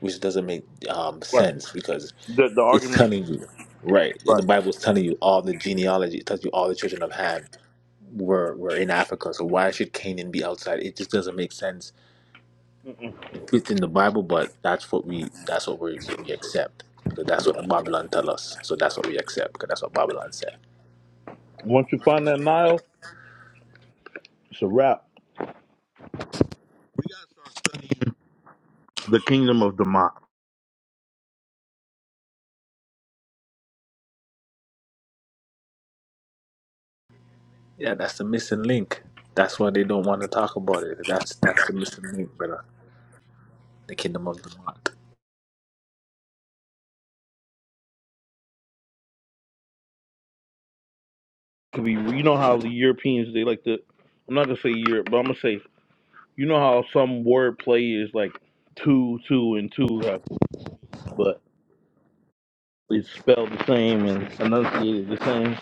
Speaker 6: which doesn't make um,
Speaker 3: Right.
Speaker 6: sense because
Speaker 3: The the
Speaker 6: It's
Speaker 3: argument.
Speaker 6: telling you, right? In the
Speaker 3: Right.
Speaker 6: Bible, it's telling you all the genealogy. It tells you all the children of Ham were were in Africa. So why should Canaan be outside? It just doesn't make sense
Speaker 3: Mm-mm.
Speaker 6: within the Bible. But that's what we that's what we, we accept because that's what the Babylon tell us. So that's what we accept because that's what Babylon said.
Speaker 3: Once you find that Nile, it's a wrap. The kingdom of Damat.
Speaker 6: Yeah, that's the missing link. That's why they don't want to talk about it. That's that's the missing link, brother. The kingdom of the Maat.
Speaker 3: Could be. You know how the Europeans they like to. I'm not gonna say Europe, but I'm gonna say you know how some word play is like two, two, and two, have- but it's spelled the same and enunciated the same.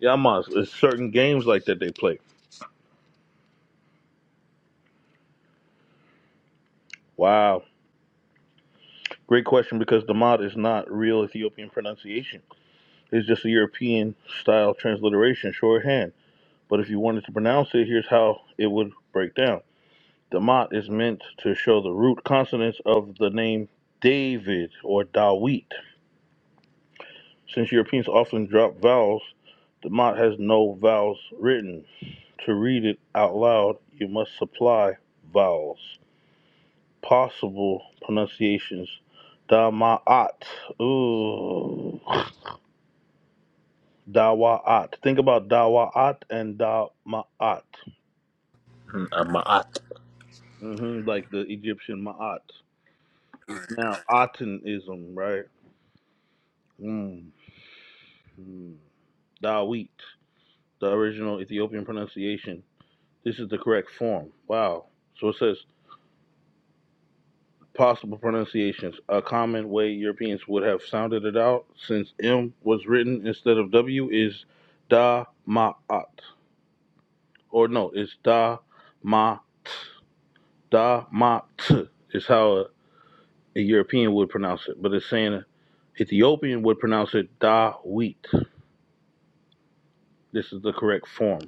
Speaker 3: Yeah, I'm honest. It's certain games like that they play. Wow. Great question because Damat is not real Ethiopian pronunciation. It's just a European style transliteration, shorthand. But if you wanted to pronounce it, here's how it would break down. Damat is meant to show the root consonants of the name David or Dawit. Since Europeans often drop vowels, Damat has no vowels written. To read it out loud, you must supply vowels. Possible pronunciations. Damat. Ooh. [laughs] Dawa'at. Think about Dawa'at and Dama'at.
Speaker 6: Mm, a Maat.
Speaker 3: hmm Like the Egyptian Ma'at. Now, Atenism, right? Mm. Mm. Dawit, the original Ethiopian pronunciation. This is the correct form. Wow. So it says possible pronunciations. A common way Europeans would have sounded it out since M was written instead of W is Dama'at. Or no, it's Dama'at. Dama'at is how A European would pronounce it, but it's saying Ethiopian would pronounce it da wheat. This is the correct form.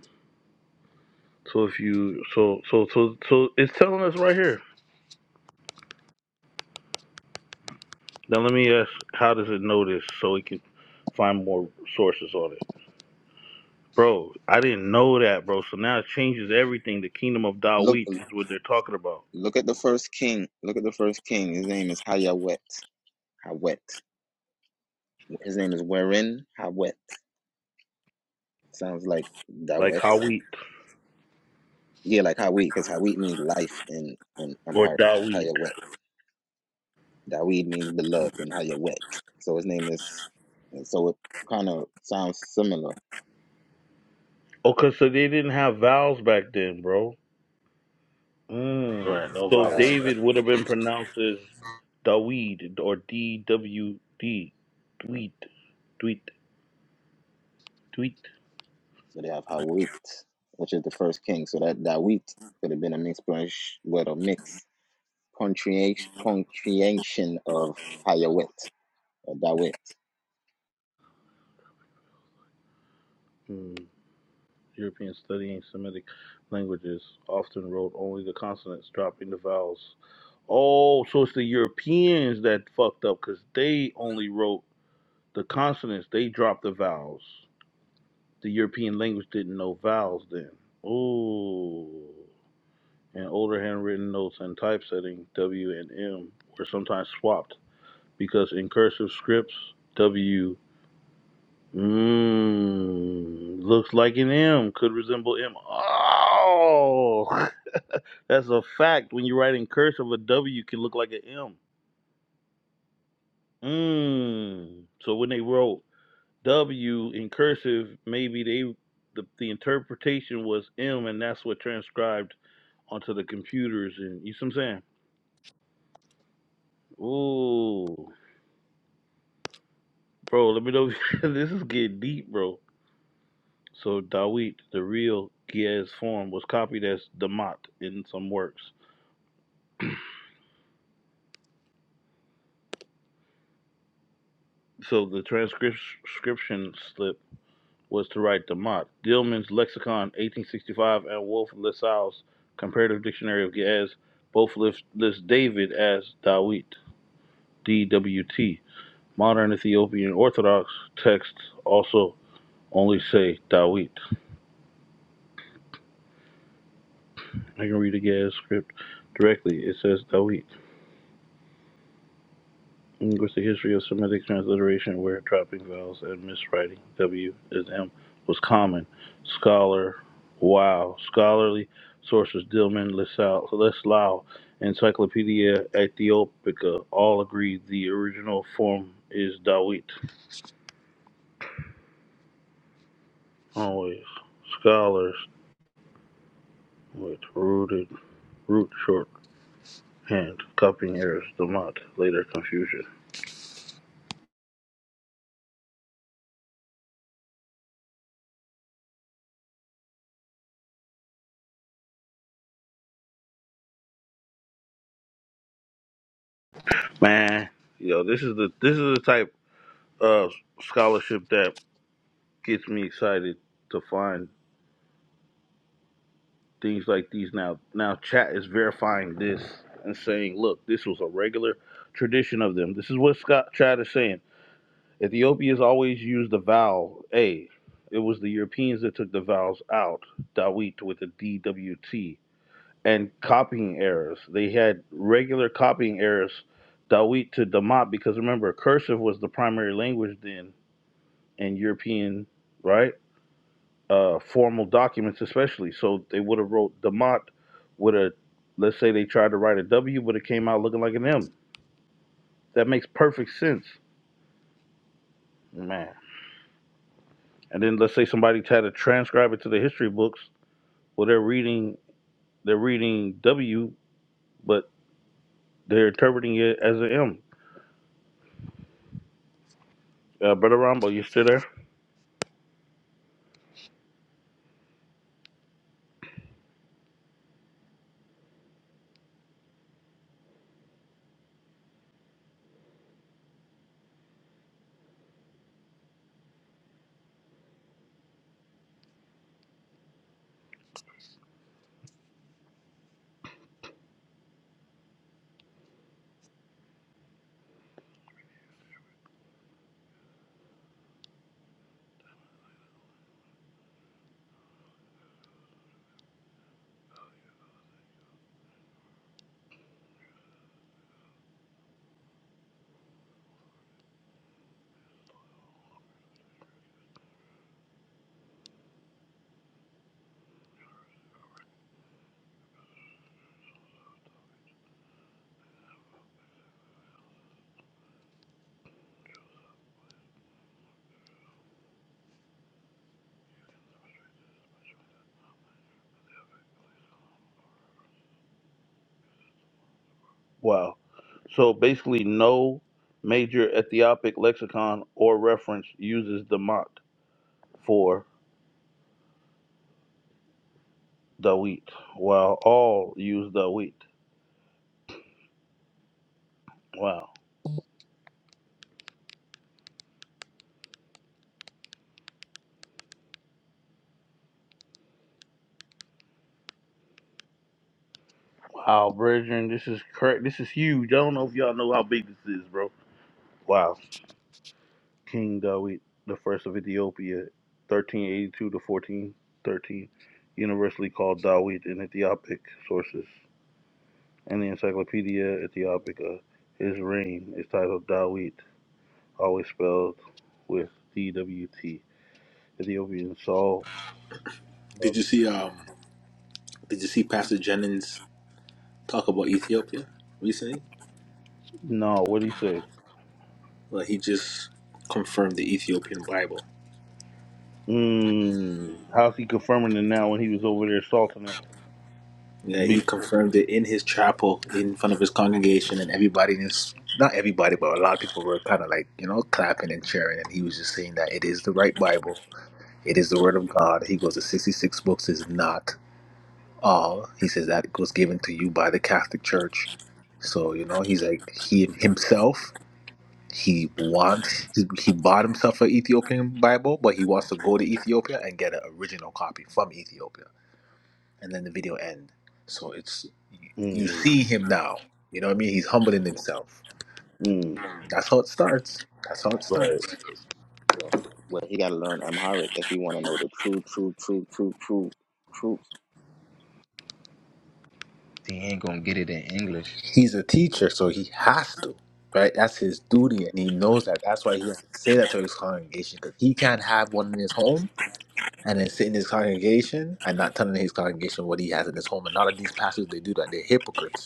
Speaker 3: So if you so so so so it's telling us right here. Now let me ask, how does it know this so it can find more sources on it, bro? I didn't know that, bro. So now it changes everything. The kingdom of Dawit
Speaker 1: Look,
Speaker 3: is what they're talking about,
Speaker 1: look at the first king. Look at the first king. His name is Hayawet. Hawet. His name is Werin Hawet. Sounds like
Speaker 3: like
Speaker 1: Dawet.
Speaker 3: Hawit
Speaker 1: Yeah, like Hawit, because Hawit means life in in
Speaker 3: or
Speaker 1: Amharic.
Speaker 3: da
Speaker 1: Hayawet. Dawid means beloved in Hayawet. So his name is, and so it kind of sounds similar.
Speaker 3: Okay, so they didn't have vowels back then, bro. Mm.
Speaker 6: Right, no
Speaker 3: So
Speaker 6: vowels.
Speaker 1: Like
Speaker 6: Right.
Speaker 3: David would have been pronounced as. Daweed or D W D Dweet Dweet Dweet.
Speaker 1: but they have Hawit, which is the first king. So that Dawid could have been a mixed with a mix punctuation punctuation of Hayawet or Dawit.
Speaker 3: Hmm. European studying Semitic languages often wrote only the consonants, dropping the vowels. Oh, so it's the Europeans that fucked up because they only wrote the consonants. They dropped the vowels. The European language didn't know vowels then. Ooh. And older handwritten notes and typesetting W and M were sometimes swapped because in cursive scripts, W. Mmm, looks like an M, could resemble M. Oh, [laughs] that's a fact. When you write in cursive, a W can look like an M. Mmm. So when they wrote W in cursive, maybe they the, the interpretation was M, and that's what transcribed onto the computers. And you see what I'm saying? Ooh, bro, let me know. [laughs] this is getting deep, bro. So Dawit, the real Giaz form, was copied as Damat in some works. So the transcription slip was to write the Mott, Dillman's Lexicon, 1865, and Wolf LaSalle's Comparative Dictionary of Ge'ez, both list, list David as Dawit, D-W-T. Modern Ethiopian Orthodox texts also only say Dawit. I can read the Ge'ez script directly. It says Dawit. Linguistic history of Semitic transliteration, where dropping vowels and miswriting W as M was common. Scholar, wow. Scholarly sources Dillman, Lesau, Leslau, Encyclopedia Ethiopica all agree the original form is Dawit. Always. Scholars with rooted, root short hand, copying errors, Damat, later confusion. Man, yo, this is the this is the type of scholarship that gets me excited to find things like these now. Now chat is verifying this and saying, look, this was a regular tradition of them. This is what Scott Chad is saying. Ethiopians always used the vowel A. It was the Europeans that took the vowels out, Dawit with a DWT, and copying errors. They had regular copying errors, Dawit to Damat, because remember, cursive was the primary language then in European, right? uh, formal documents, especially. So they would have wrote Demont with a, let's say they tried to write a W, but it came out looking like an M. That makes perfect sense, man. And then let's say somebody tried to transcribe it to the history books. Well, they're reading they're reading W, but they're interpreting it as an M. Uh, Brother Rambo, you still there? Wow. So basically, no major Ethiopic lexicon or reference uses Demont for Dawit, while all use Dawit. Wow. Wow, brethren, this is correct. This is huge. I don't know if y'all know how big this is, bro. Wow, King Dawit, the first of Ethiopia, thirteen eighty-two to fourteen thirteen, universally called Dawit in Ethiopic sources and the Encyclopedia Ethiopica. His reign is titled Dawit, always spelled with D W T. Ethiopian Saul.
Speaker 6: Did you see um? Did you see Pastor Jennings talk about Ethiopia recently.
Speaker 3: No, what did he say?
Speaker 6: Like he just confirmed the Ethiopian Bible.
Speaker 3: Mm, how's he confirming it now when he was over there assaulting it?
Speaker 6: Yeah, he
Speaker 3: Be-
Speaker 6: confirmed it in his chapel in front of his congregation, and everybody in his not everybody, but a lot of people were kind of like you know clapping and cheering, and he was just saying that it is the right Bible, it is the Word of God. He goes, the sixty six books is not all. He says that it was given to you by the Catholic Church. So you know, he's like he himself. He wants he, he bought himself an Ethiopian Bible, but he wants to go to Ethiopia and get an original copy from Ethiopia. And then the video end. So it's you you
Speaker 3: mm,
Speaker 6: see him now. You know what I mean? He's humbling himself.
Speaker 3: mm.
Speaker 6: That's how it starts. That's how it starts.
Speaker 1: But well, he got to learn Amharic if he want to know the true, true, true, true, true, truth. He ain't gonna get it in English.
Speaker 6: He's a teacher, so he has to, right? That's his duty, and he knows that. That's why he has to say that to his congregation because he can't have one in his home and then sit in his congregation and not telling his congregation what he has in his home. And a lot of these pastors, they do that. They're hypocrites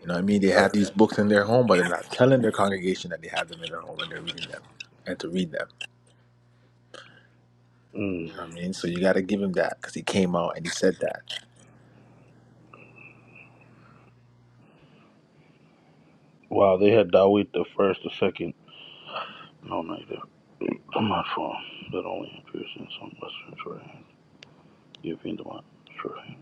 Speaker 6: You know what I mean? They have these books in their home, but they're not telling their congregation that they have them in their home and they're reading them and to read them. You
Speaker 3: Mm.
Speaker 6: know what I mean? So you got to give him that because he came out and he said that.
Speaker 3: Wow, they had Dawit the first, the second. No, neither. I'm not for him. that only appears in some Western Shorthand. European Demon Shorthand.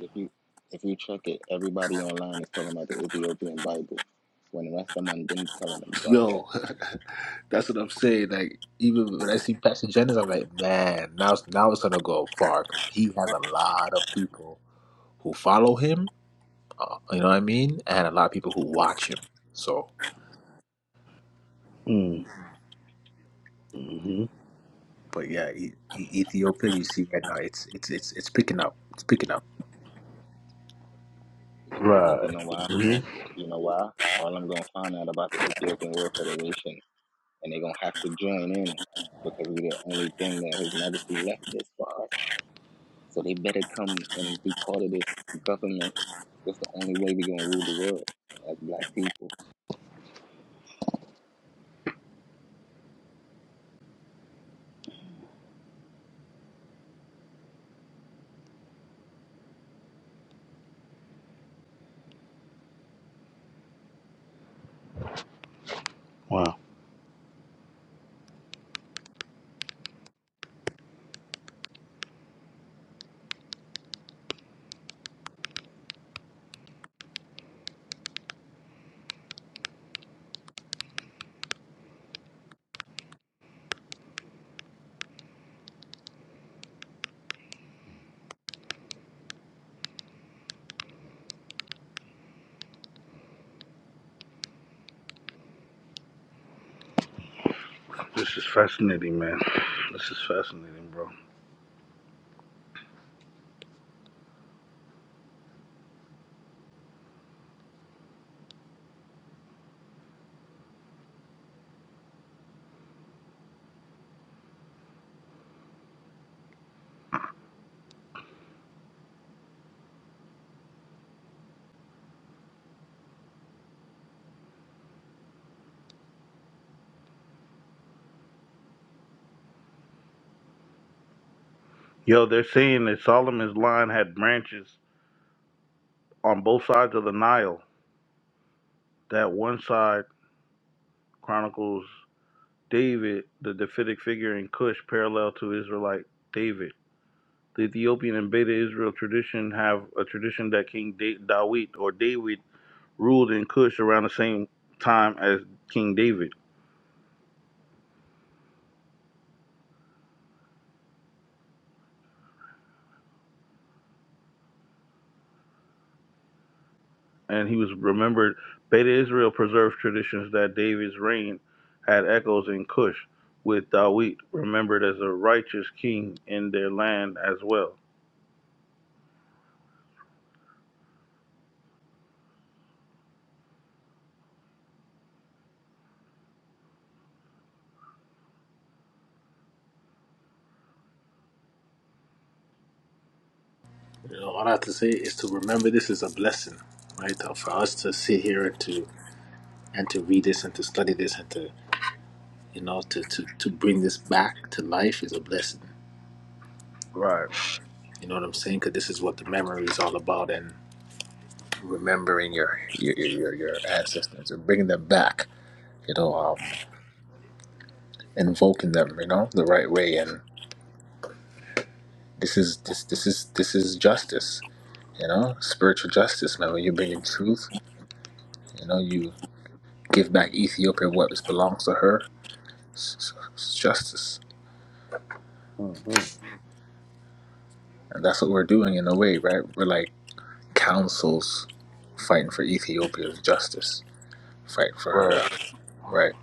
Speaker 1: If you if you check it, everybody online is talking about the Ethiopian Bible, when the rest of them didn't telling them about
Speaker 6: Yo,
Speaker 1: that.
Speaker 6: [laughs] that's what I'm saying. Like, even when I see Pastor Jennings, I'm like, man, now, it's- now it's going to go far because he has a lot of people who follow him, uh, you know what I mean? And a lot of people who watch him. So,
Speaker 3: Mm. Mm-hmm.
Speaker 6: but yeah, e- E- Ethiopia, you see right now, it's, it's, it's, it's picking up. It's picking up.
Speaker 1: Yeah, Because you
Speaker 3: Right.
Speaker 1: know why?
Speaker 3: hmm
Speaker 1: You know why? All I'm gonna find out about the Ethiopian World Federation, and they're gonna have to join in because we're the only thing that His Majesty left this for us. So they better come and be part of this government. That's the only way we're gonna rule the world as black people.
Speaker 3: Wow. This is fascinating, man. This is fascinating, bro. Yo, they're saying that Solomon's line had branches on both sides of the Nile. That one side chronicles David, the Davidic figure in Cush, parallel to Israelite David. The Ethiopian and Beta Israel tradition have a tradition that King da- Dawit or David ruled in Cush around the same time as King David, and he was remembered. Beta Israel preserves traditions that David's reign had echoes in Cush, with Dawit remembered as a righteous king in their land as well.
Speaker 6: You know, all I have to say is to remember this is a blessing, right? Uh, For us to sit here and to and to read this and to study this and to you know to to to bring this back to life is a blessing.
Speaker 3: Right.
Speaker 6: You know what I'm saying? Because this is what the memory is all about, and remembering your your your your ancestors and bringing them back. You know, um, invoking them. You know, the right way. And this is this this is this is justice. You know, spiritual justice, man. When you bring in truth, you know you give back Ethiopia what belongs to her justice.
Speaker 3: hmm
Speaker 6: And that's what we're doing in a way, right? We're like councils fighting for Ethiopia's justice, fighting for her, uh,
Speaker 3: Right.
Speaker 6: right?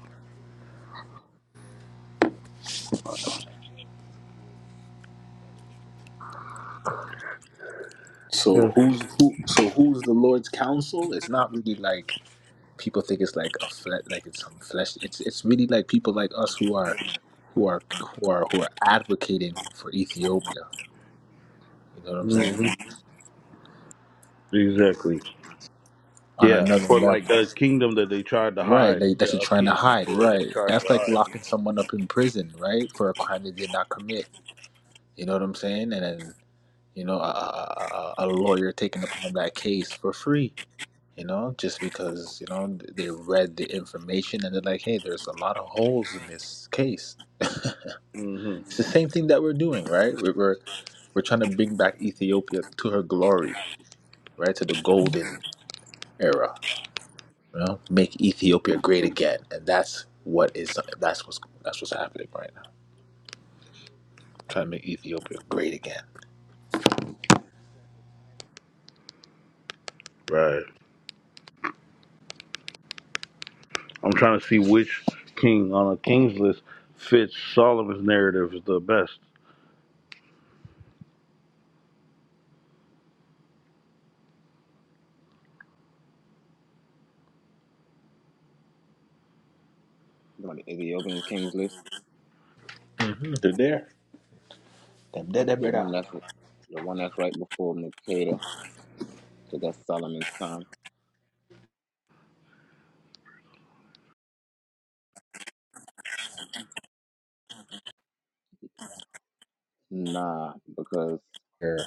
Speaker 6: So who's who? So who's the Lord's council? It's not really like people think it's like a fle- like it's some flesh. It's it's really like people like us who are who are who are who are advocating for Ethiopia. You know what I'm saying?
Speaker 3: hmm Exactly.
Speaker 6: On
Speaker 3: Yeah,
Speaker 6: another
Speaker 3: for like
Speaker 6: level,
Speaker 3: a kingdom that they tried to
Speaker 6: right?
Speaker 3: hide,
Speaker 6: Like that
Speaker 3: the
Speaker 6: you're
Speaker 3: a
Speaker 6: trying
Speaker 3: ki-
Speaker 6: to
Speaker 3: an
Speaker 6: hide,
Speaker 3: emperor they
Speaker 6: right?
Speaker 3: tried to
Speaker 6: That's like
Speaker 3: hide.
Speaker 6: locking someone up in prison, right, for a crime they did not commit You know what I'm saying? And then, you know, a, a, a a lawyer taking upon that case for free, you know, just because, you know, they read the information and they're like, hey, there's a lot of holes in this case.
Speaker 3: hmm
Speaker 6: It's the same thing that we're doing, right? We're, we're, we're trying to bring back Ethiopia to her glory, right? To the golden era, you know, make Ethiopia great again. And that's what is, that's what's, that's what's happening right now. Trying to make Ethiopia great again.
Speaker 3: Right. I'm trying to see which king on a king's list fits Solomon's narrative the best.
Speaker 1: You know, the Ethiopian Kings list,
Speaker 6: hmm They're there. They're there, they
Speaker 1: the
Speaker 6: brother.
Speaker 1: one that's the one that's right before Makeda, so that's Solomon's time Nah, because
Speaker 6: They're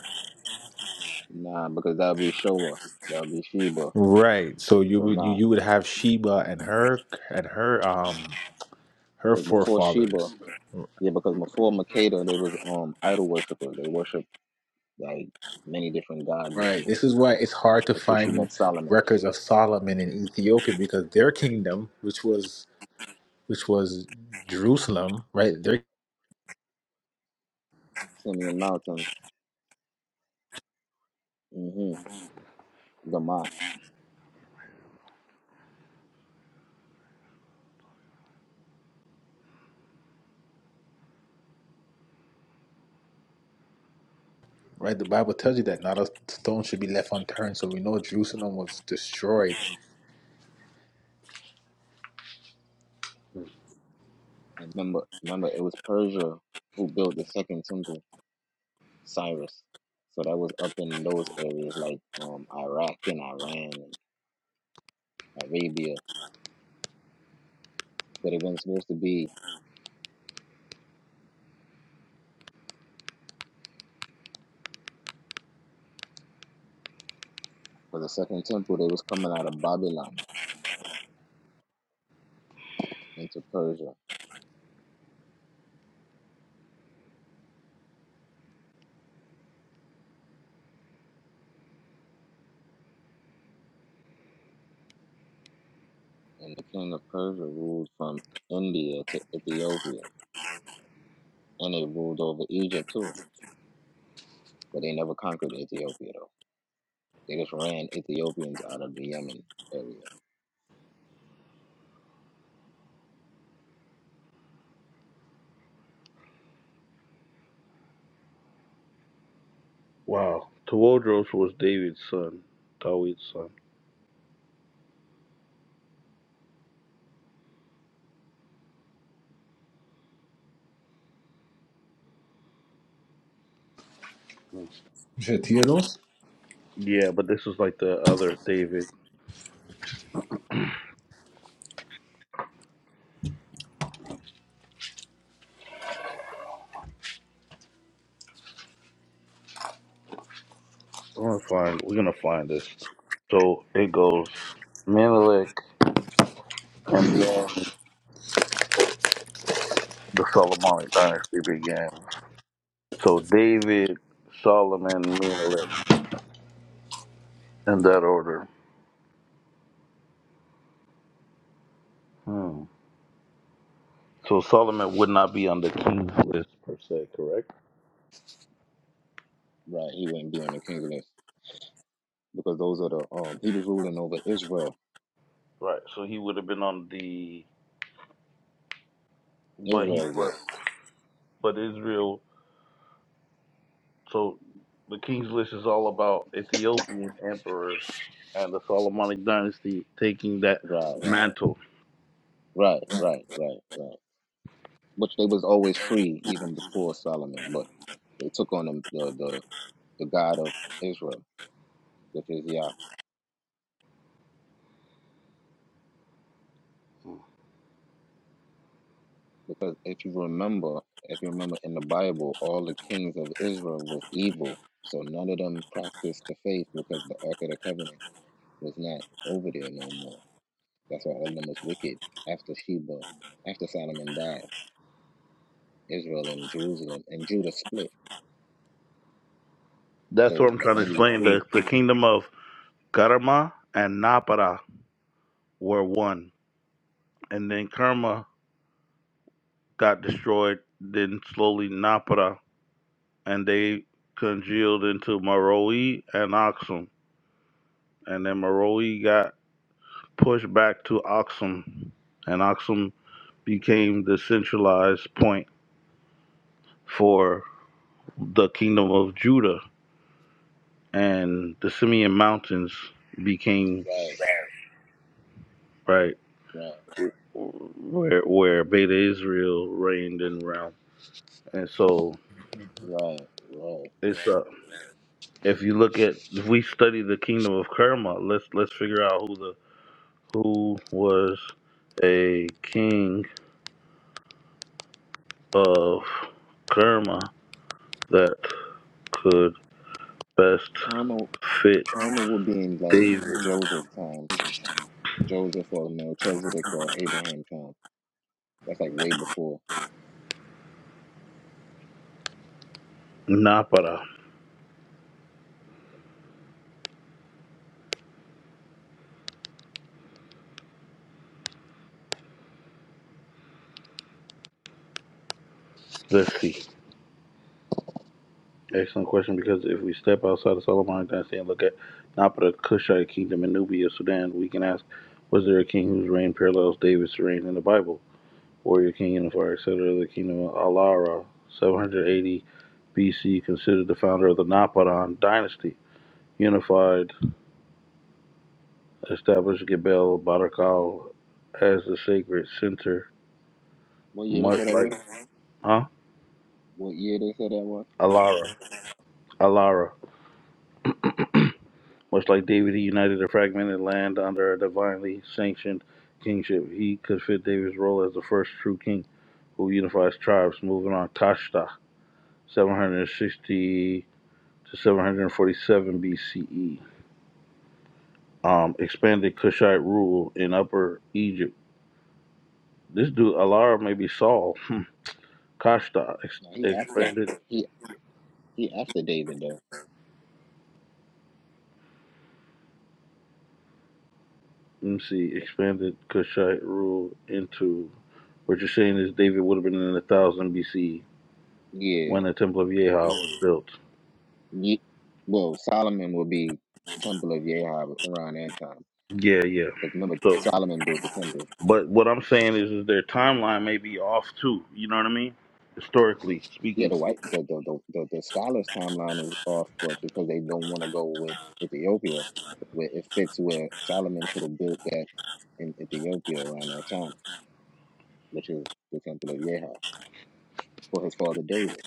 Speaker 1: nah, because that'll be Showa. That'll be Sheba.
Speaker 6: Right. So you
Speaker 1: So
Speaker 6: would you,
Speaker 1: nah.
Speaker 6: you would have Sheba and her and her um her
Speaker 1: Because before Sheba,
Speaker 6: forefathers.
Speaker 1: yeah, because before Makeda they was um idol worshippers. They worshiped like many different gods and
Speaker 6: Right.
Speaker 1: shit.
Speaker 6: This is why it's hard to
Speaker 1: Until she
Speaker 6: find
Speaker 1: met Solomon.
Speaker 6: records of Solomon in Ethiopia because their kingdom, which was which was Jerusalem, right? Their
Speaker 1: Simeon Mountains. Mm-hmm. Gamat.
Speaker 6: right the Bible tells you that not a stone should be left unturned. So we know Jerusalem was destroyed.
Speaker 1: And remember remember it was Persia who built the second temple, Cyrus. So that was up in those areas like um Iraq and Iran Arabia, but it wasn't supposed to be for the second temple. They was coming out of Babylon into Persia, and the king of Persia ruled from India to Ethiopia, and they ruled over Egypt too. But they never conquered Ethiopia though. They just ran Ethiopians out of the Yemen area.
Speaker 3: Wow. Tewodros was David's son, Dawid's son.
Speaker 6: Shetiros?
Speaker 3: Yeah, but this is like the other David. I'm gonna find. We're gonna find this. So it goes Menelik, and then the Solomonic dynasty began. So David, Solomon, Menelik, in that order. Hmm. So Solomon would not be on the king's list per se, correct?
Speaker 1: Right, he wouldn't be on the king's list because those are the um he was ruling over Israel,
Speaker 3: Right. So he would have been on the but he
Speaker 1: Israel's
Speaker 3: but,
Speaker 1: list.
Speaker 3: but Israel so the King's List is all about Ethiopian emperors and the Solomonic dynasty taking that
Speaker 1: Right,
Speaker 3: mantle.
Speaker 1: right, right, right, right. Which they was always free even before Solomon, but they took on the the, the the God of Israel, which is Yah. Because if you remember, if you remember in the Bible, all the kings of Israel was evil. So none of them practiced the faith because the Ark of the Covenant was not over there no more. That's why all of them was wicked. After Sheba, after Solomon died, Israel and Jerusalem and Judah split.
Speaker 3: That's what
Speaker 1: So
Speaker 3: I'm
Speaker 1: the
Speaker 3: trying to
Speaker 1: only
Speaker 3: explain.
Speaker 1: three
Speaker 3: The the kingdom of Karma and Napara were one. And then Karma got destroyed, then slowly Napara and they congealed into Maroi and Aksum. And then Maroi got pushed back to Axum, and Axum became the centralized point for the kingdom of Judah, and the Simeon Mountains became
Speaker 1: right,
Speaker 3: right
Speaker 1: right,
Speaker 3: where where Beta Israel reigned and realm. And so
Speaker 1: right, right.
Speaker 3: it's uh, if you look at if we study the kingdom of Kerma, let's let's figure out who the who was a king of Kerma that could best
Speaker 1: Karma
Speaker 3: fit
Speaker 1: karma would be in like
Speaker 3: David?
Speaker 1: Joseph time. Joseph or Melchizedek or Abraham time That's like way before.
Speaker 3: Napara. Let's see. Excellent question because if we step outside of Solomon dynasty and look at Napara, Kushite kingdom, and Nubia, Sudan, we can ask, was there a king whose reign parallels David's reign in the Bible? Warrior king in the fire, et cetera. The kingdom of Alara, 780 BC, considered the founder of the Naparan dynasty. Unified, established Gebel Barakal as the sacred center,
Speaker 1: What year they
Speaker 3: much
Speaker 1: said that
Speaker 3: like,
Speaker 1: was?
Speaker 3: huh?
Speaker 1: What year they said that was?
Speaker 3: Alara. Alara. Much like David, he united a fragmented land under a divinely sanctioned kingship. He could fit David's role as the first true king who unifies tribes. Moving on, Tashta, 760 to 747 BCE. Um, expanded Kushite rule in Upper Egypt. This dude, Alara, may be Saul. Hmm. Kashta ex-
Speaker 1: No, he after
Speaker 3: expanded.
Speaker 1: he he after David though.
Speaker 3: Let me see. Expanded Kushite rule into. What you're saying is David would have been in 1000 BC. when
Speaker 1: Yeah.
Speaker 3: the Temple of Yeha was built.
Speaker 1: Ye- well, Solomon will be temple of Yahweh around that time.
Speaker 3: Yeah, yeah.
Speaker 1: Because remember,
Speaker 3: So,
Speaker 1: Solomon built the temple.
Speaker 3: but what I'm saying is, is their timeline may be off too. You know what I mean? Historically
Speaker 1: Yeah,
Speaker 3: speaking,
Speaker 1: the white the the, the, the, the scholars timeline is off, but because they don't want to go with Ethiopia, where it fits where Solomon could have built that in Ethiopia around that time, which is the temple of Yahweh for his father David,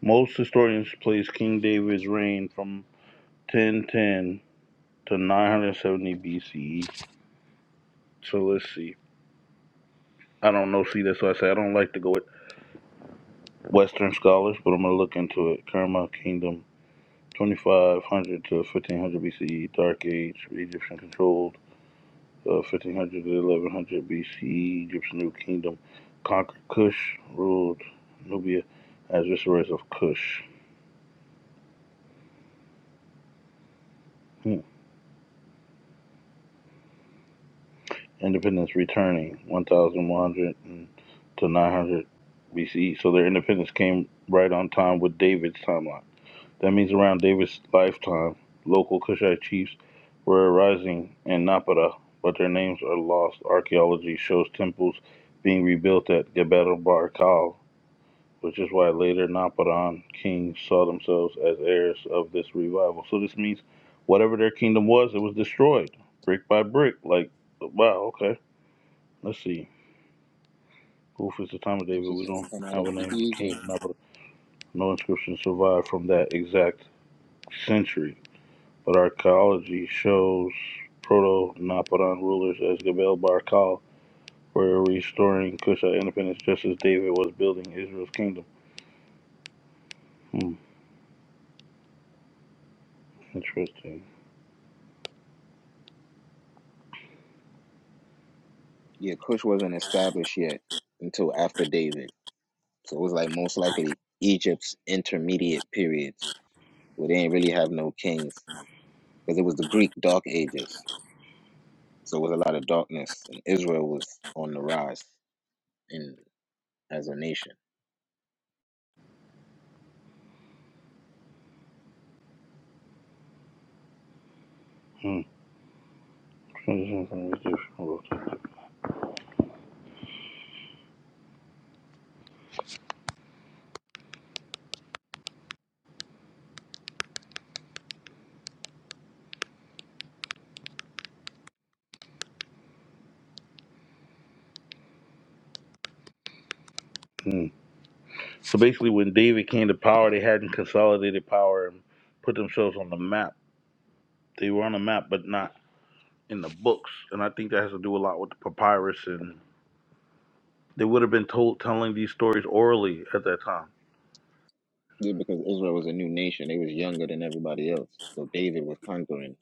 Speaker 3: most historians place King David's reign from 1010 to 970 BCE. So let's see. I don't know. See, that's why I say I don't like to go with Western scholars, but I'm gonna look into it. Kerma Kingdom, 2500 to 1500 BCE, Dark Age, Egyptian control. uh, 1500 to 1100 BCE, Egypt's new kingdom conquered Kush, ruled Nubia as viceroys of Kush. Hmm. Independence returning 1100 to 900 BCE. So their independence came right on time with David's timeline. That means around David's lifetime, local Kushite chiefs were arising in Napata, but their names are lost. Archaeology shows temples being rebuilt at Gebel Barkal which is why later Naparan kings saw themselves as heirs of this revival. So this means whatever their kingdom was, it was destroyed brick by brick. Like, wow, okay. Let's see. Who is the time of David?
Speaker 1: which is
Speaker 3: We
Speaker 1: shall
Speaker 3: don't
Speaker 1: come out
Speaker 3: have
Speaker 1: of
Speaker 3: a
Speaker 1: E-
Speaker 3: name of king.
Speaker 1: Egypt
Speaker 3: No inscription survived from that exact century. But archaeology shows proto Naparan rulers as Gebel Barkal were restoring Kushite independence just as David was building Israel's kingdom. Hmm, interesting.
Speaker 1: Yeah, Cush wasn't established yet until after David. So it was like most likely Egypt's intermediate periods where they didn't really have no kings because it was the Greek Dark Ages. So it was a lot of darkness and Israel was on the rise in as a nation.
Speaker 3: Hmm. Mm. So basically, when David came to power, they hadn't consolidated power and put themselves on the map. They were on the map, but not in the books. And I think that has to do a lot with the papyrus. And they would have been told telling these stories orally at that time.
Speaker 1: Yeah, because Israel was a new nation. They was younger than everybody else. So David was conquering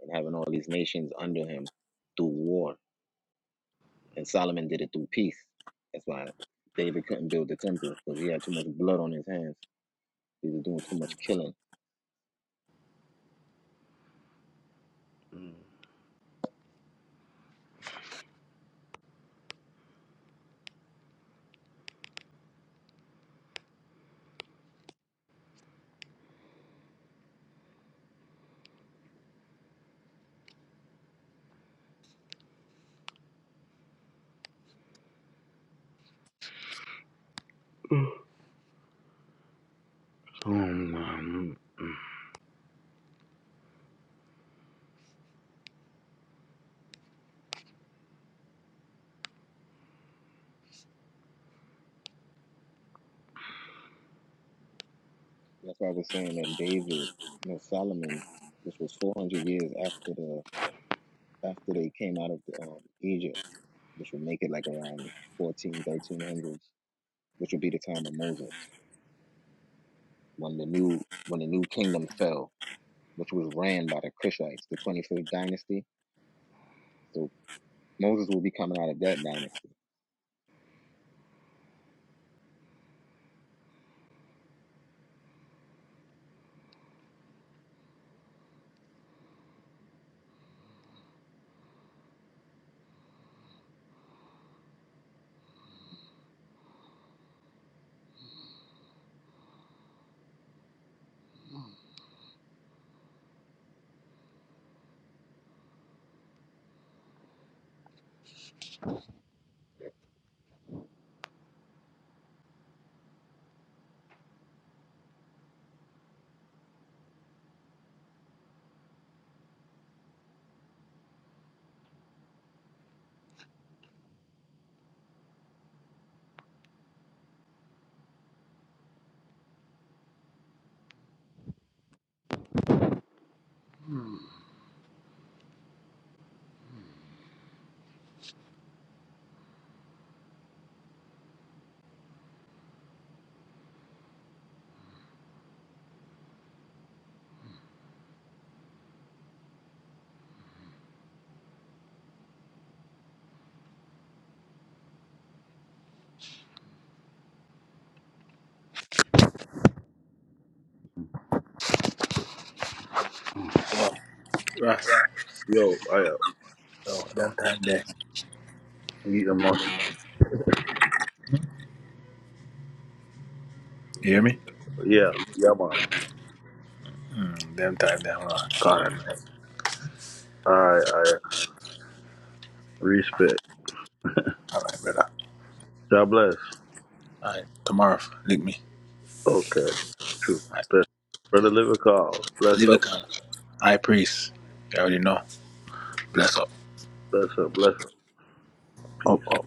Speaker 1: and having all these nations under him through war. And Solomon did it through peace. That's why David couldn't build the temple because he had too much blood on his hands They were doing too much killing.
Speaker 3: Mm. So, um,
Speaker 1: That's why I was saying that David, you know, Solomon, which was 400 years after the after they came out of um, Egypt, which would make it like around 14, thirteen hundreds, which would be the time of Moses when the new when the new kingdom fell, which was ran by the Cushites, the twenty fifth dynasty. So Moses will be coming out of that dynasty.
Speaker 3: mm.
Speaker 6: Yeah. Right.
Speaker 3: yo, I uh,
Speaker 6: So them time there.
Speaker 3: you must,
Speaker 6: You hear me?
Speaker 3: yeah, yeah, man.
Speaker 6: Them time there. All right. God.
Speaker 3: I, I respect.
Speaker 6: All right, brother.
Speaker 3: God bless.
Speaker 6: All right. Tomorrow, link me.
Speaker 3: Okay, true. Bless. Brother Livercall, bless
Speaker 6: Leave a
Speaker 3: up, man.
Speaker 6: comment. High priest. You already know. Bless up.
Speaker 3: bless up, bless up.
Speaker 6: Up,
Speaker 3: Peace.
Speaker 6: up.